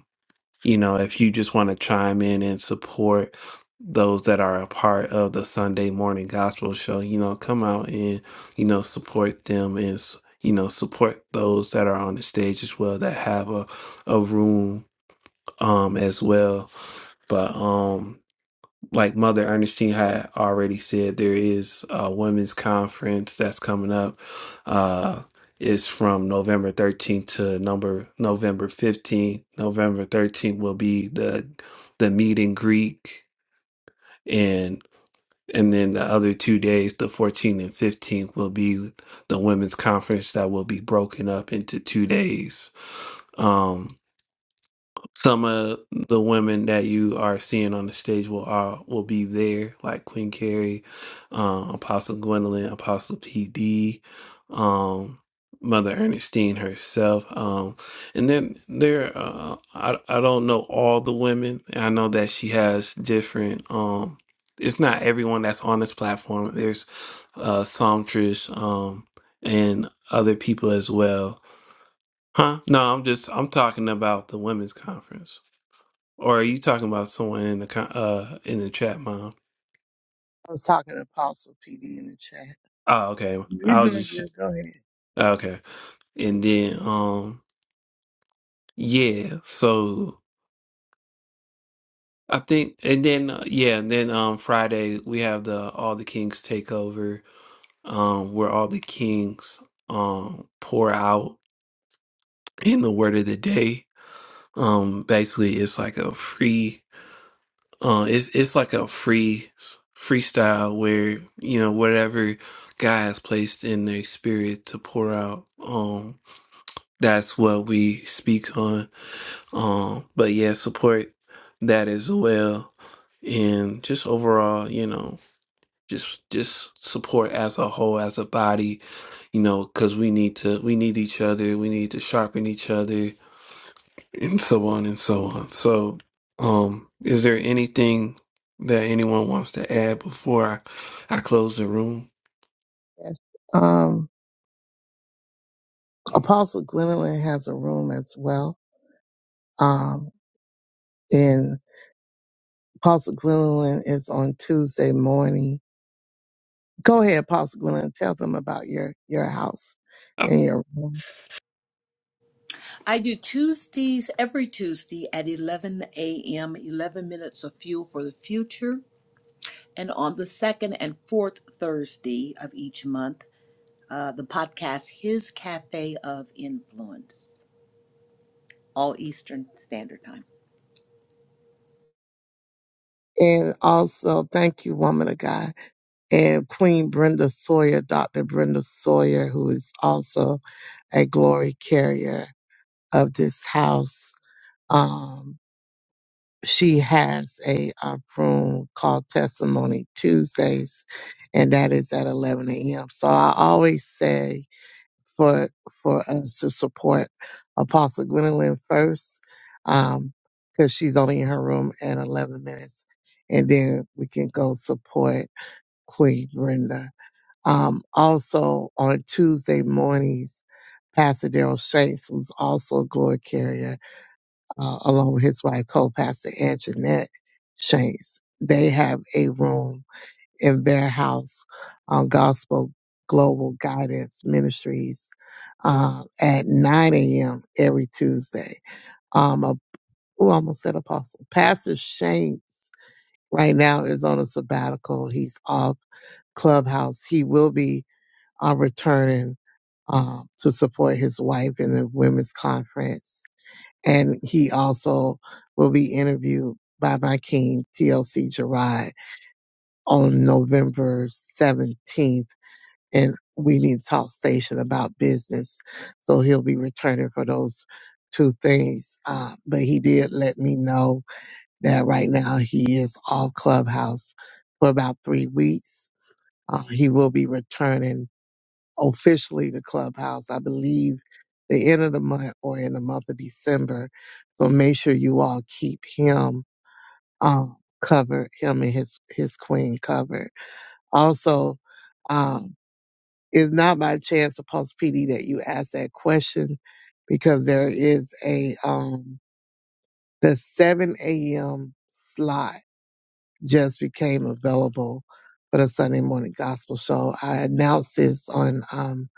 Speaker 1: you know, if you just want to chime in and support those that are a part of the Sunday morning gospel show, you know, come out and, you know, support them and, s- you know, support those that are on the stage as well that have a, a room um as well. But um like Mother Ernestine had already said, there is a women's conference that's coming up. Uh, it's from November 13th to number November 15th. November 13th will be the the meet and greet, and and then the other two days, the 14th and 15th, will be the women's conference that will be broken up into two days. Um, some of the women that you are seeing on the stage will are will be there, like Queen Carrie, um, Apostle Gwendolyn, Apostle PD, um, Mother Ernestine herself, um, and then there. Uh, I I don't know all the women. I know that she has different. Um, it's not everyone that's on this platform. There's uh, Psalmtrish, um, and other people as well. Huh? No, I'm just I'm talking about the women's conference. Or are you talking about someone in the con- uh in the chat, mom?
Speaker 10: I was talking to Apostle PD in the chat.
Speaker 1: Oh, okay.
Speaker 10: You're
Speaker 1: I'll
Speaker 10: doing
Speaker 1: just
Speaker 10: good. Go ahead.
Speaker 1: okay. And then um yeah, so I think and then uh, yeah, and then um Friday we have the All the Kings takeover um where all the kings um pour out in the word of the day. Um basically it's like a free Uh, it's it's like a free freestyle where you know whatever God has placed in their spirit to pour out. Um, that's what we speak on. Um, but yeah, support that as well, and just overall, you know, just just support as a whole, as a body, you know, because we need to we need each other. We need to sharpen each other and so on and so on. So, um, is there anything that anyone wants to add before I, I close the room?
Speaker 10: Yes. Um, Apostle Gwendolyn has a room as well. Um, and Apostle Gwendolyn is on Tuesday morning. Go ahead, Apostle Gwendolyn. Tell them about your your house
Speaker 1: I
Speaker 10: and your room.
Speaker 8: I do Tuesdays every Tuesday at 11 a.m., 11 minutes of fuel for the future. And on the second and fourth Thursday of each month, uh, the podcast His Cafe of Influence, all Eastern Standard Time.
Speaker 10: And also, thank you, woman of God, and Queen Brenda Sawyer, Dr. Brenda Sawyer, who is also a glory carrier of this house. Um, she has a, uh room called Testimony Tuesdays, and that is at 11 a.m. So I always say for for us to support Apostle Gwendolyn first, because she's only in her room at 11 minutes, and then we can go support. Queen Brenda. Um, also on Tuesday mornings, Pastor Daryl Shanks, who's also a glory carrier, uh, along with his wife, co-pastor Anjanette Shanks, they have a room in their house on Gospel Global Guidance Ministries uh, at 9 a.m. every Tuesday. Um, a, oh, I almost said apostle. Pastor Shanks right now is on a sabbatical. He's off Clubhouse. He will be are returning um, to support his wife in the women's conference. And he also will be interviewed by my king, TLC Gerard, on November 17th. in we need to talk station about business. So he'll be returning for those two things. Uh, but he did let me know that right now he is off Clubhouse for about three weeks. Uh, he will be returning officially to Clubhouse, I believe the end of the month or in the month of December. So make sure you all keep him um, covered, him and his his queen covered. Also, um, it's not by chance, supposed PD, that you asked that question because there is a um, the 7 a.m. slot just became available for the Sunday morning gospel show. I announced this on um,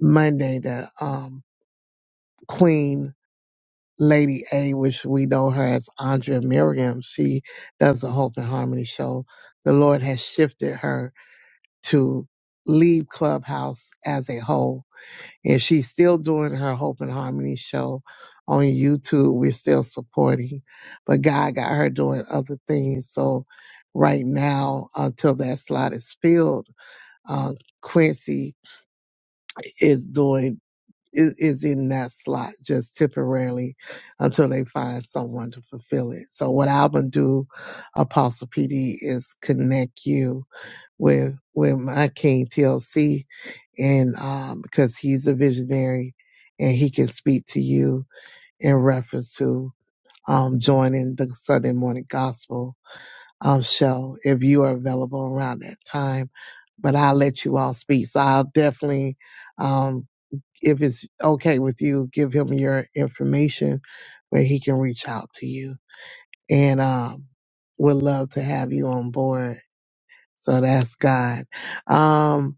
Speaker 10: Monday that um, Queen Lady A, which we know her as Andrea Miriam, she does the Hope and Harmony show. The Lord has shifted her to leave Clubhouse as a whole. And she's still doing her Hope and Harmony show on YouTube. We're still supporting, but God got her doing other things. So right now, until that slot is filled, uh, Quincy is doing is, is in that slot just temporarily until they find someone to fulfill it. So what I'm gonna do, Apostle PD, is connect you with with my King TLC, and um, because he's a visionary, and he can speak to you in reference to um joining the Sunday morning gospel um show if you are available around that time. But I'll let you all speak. So I'll definitely. um if it's okay with you, give him your information where he can reach out to you. And um, would love to have you on board. So that's God. Um,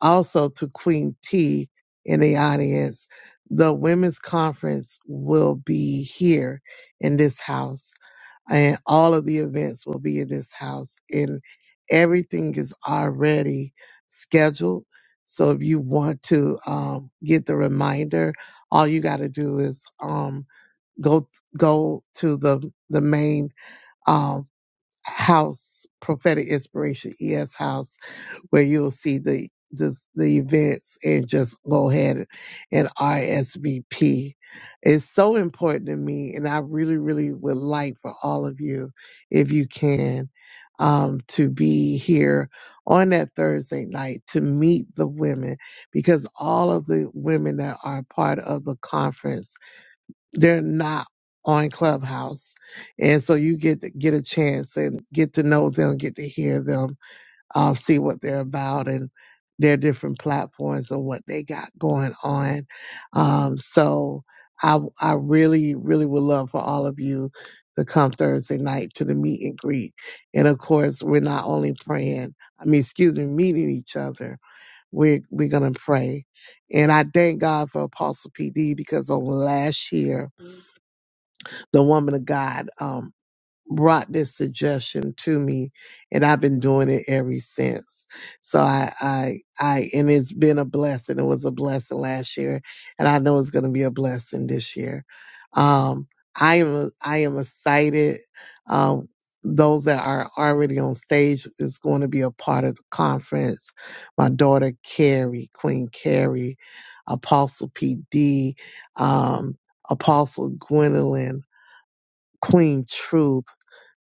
Speaker 10: also to Queen T in the audience. The women's conference will be here in this house, and all of the events will be in this house, and everything is already scheduled. So if you want to um, get the reminder, all you got to do is um, go go to the the main um, house prophetic inspiration es house where you'll see the the, the events and just go ahead and RSVP. It's so important to me, and I really, really would like for all of you, if you can, um, to be here on that Thursday night to meet the women, because all of the women that are part of the conference, they're not on Clubhouse, and so you get to get a chance and get to know them, get to hear them um, see what they're about and their different platforms and what they got going on. Um, so I, I really, really would love for all of you to come Thursday night to the meet and greet. And of course, we're not only praying, I mean, excuse me, meeting each other. We're, we're going to pray. And I thank God for Apostle PD because on last year, the woman of God, um, brought this suggestion to me and I've been doing it ever since. So I, I, I, and it's been a blessing. It was a blessing last year and I know it's going to be a blessing this year. Um, I am, I am excited. Um, those that are already on stage is going to be a part of the conference. My daughter Carrie, Queen Carrie, Apostle PD, um, Apostle Gwendolyn, Queen Truth.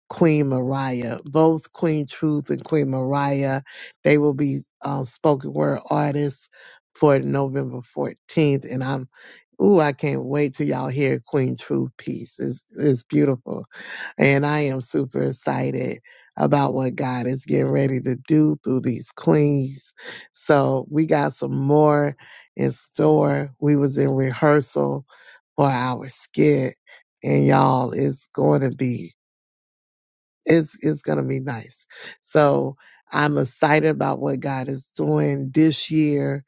Speaker 10: Queen Mariah. Both Queen Truth and Queen Mariah, they will be um, spoken word artists for November 14th. And I'm, ooh, I can't wait till y'all hear Queen Truth piece. It's, it's beautiful. And I am super excited about what God is getting ready to do through these queens. So we got some more in store. We was in rehearsal for our skit and y'all it's going to be it's it's gonna be nice. So I'm excited about what God is doing this year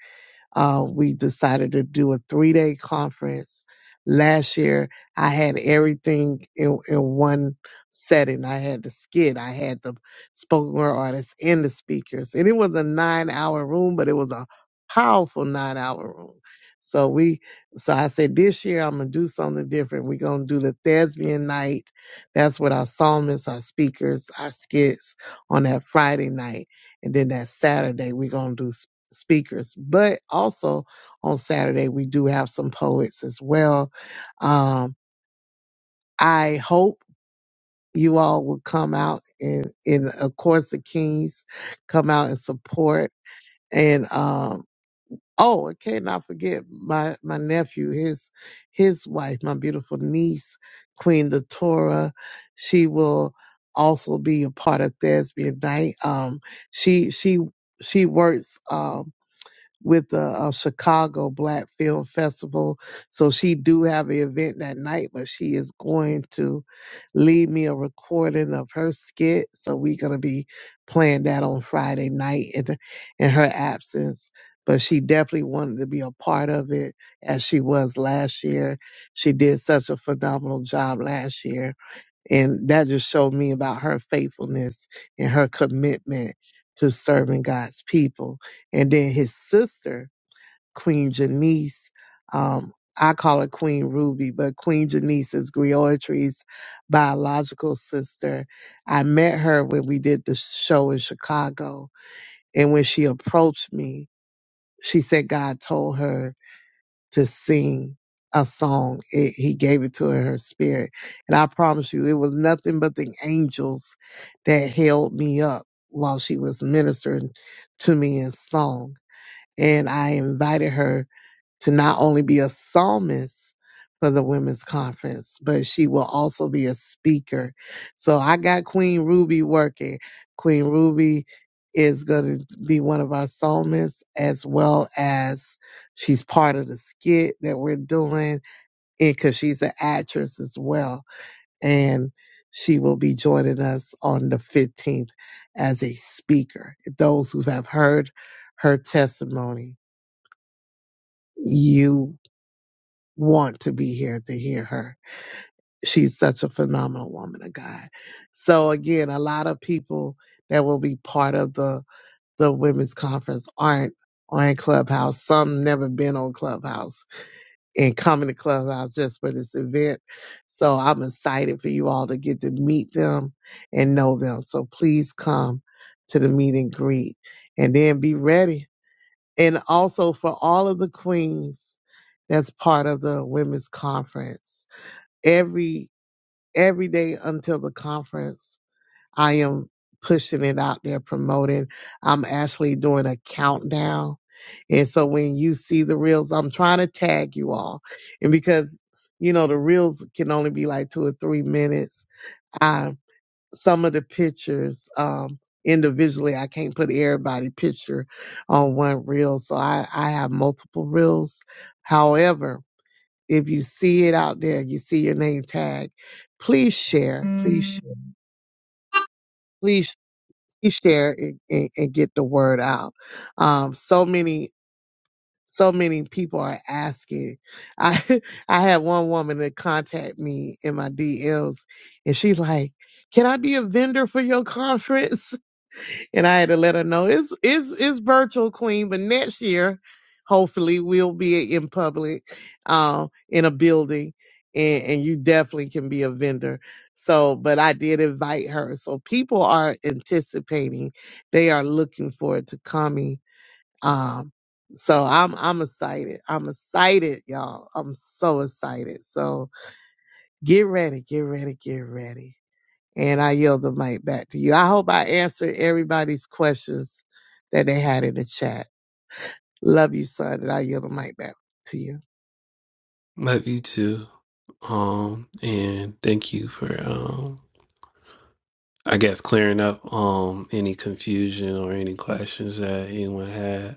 Speaker 10: uh, we decided to do a three day conference. Last year, I had everything in, in one setting. I had the skit, I had the spoken word artists and the speakers. And it was a nine hour room, but it was a powerful nine hour room. So we, so I said this year I'm gonna do something different. We're gonna do the thespian night. That's with our psalmists, our speakers, our skits on that Friday night, and then that Saturday we're gonna do speakers speakers. But also on Saturday, we do have some poets as well. Um, I hope you all will come out and, and of course, the Kings come out and support. And, um, oh, I cannot forget my, my nephew, his, his wife, my beautiful niece, Queen Datora. She will also be a part of Thespian Night. Um, she, she, she works, um, with the uh, Chicago Black Film Festival. So she do have an event that night, but she is going to leave me a recording of her skit. So we're gonna be playing that on Friday night in in her absence. But she definitely wanted to be a part of it as she was last year. She did such a phenomenal job last year. And that just showed me about her faithfulness and her commitment to serving God's people. And then his sister, Queen Janice, um, I call her Queen Ruby, but Queen Janice is Griotry's biological sister. I met her when we did the show in Chicago. And when she approached me, she said God told her to sing a song. It, he gave it to her, her spirit. And I promise you, it was nothing but the angels that held me up while she was ministering to me in song. And I invited her to not only be a psalmist for the women's conference, but she will also be a speaker. So I got Queen Ruby working. Queen Ruby is going to be one of our psalmists as well as she's part of the skit that we're doing because she's an actress as well. And she will be joining us on the 15th as a speaker. Those who have heard her testimony, you want to be here to hear her. She's such a phenomenal woman of God. So again, a lot of people that will be part of the the women's conference aren't on Clubhouse. Some never been on Clubhouse and coming to Clubhouse just for this event. So I'm excited for you all to get to meet them and know them. So please come to the meet and greet and then be ready. And also for all of the queens that's part of the women's conference every every day until the conference i am pushing it out there promoting i'm actually doing a countdown and so when you see the reels i'm trying to tag you all and because you know the reels can only be like two or three minutes i some of the pictures um individually i can't put everybody picture on one reel so i i have multiple reels however if you see it out there, you see your name tag, please share, please, share, please, please share and, and, and get the word out. Um, so many, so many people are asking. I, <laughs> I had one woman that contact me in my DMs and she's like, can I be a vendor for your conference? and I had to let her know it's it's it's virtual queen, but next year, hopefully, we'll be in public, um, in a building, and and you definitely can be a vendor. So, but I did invite her, so people are anticipating, they are looking forward to coming. Um, so I'm I'm excited. I'm excited, y'all. I'm so excited. So get ready, get ready, get ready. And I yield the mic back to you. I hope I answered everybody's questions that they had in the chat. Love you, son, and I yield the mic back to you.
Speaker 1: love you too. Um, and thank you for, um, I guess clearing up, um, any confusion or any questions that anyone had.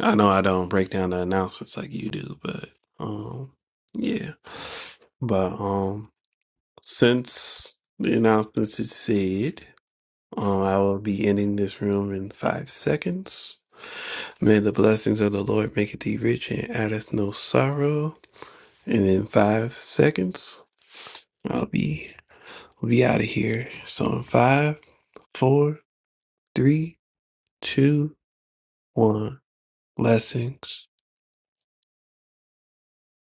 Speaker 1: I know I don't break down the announcements like you do, but, um, yeah, but, um, since the announcements is said, Um, I will be ending this room in five seconds. May the blessings of the Lord make thee rich and addeth no sorrow. And in five seconds, I'll be we'll be out of here. So in five, four, three, two, one. Blessings.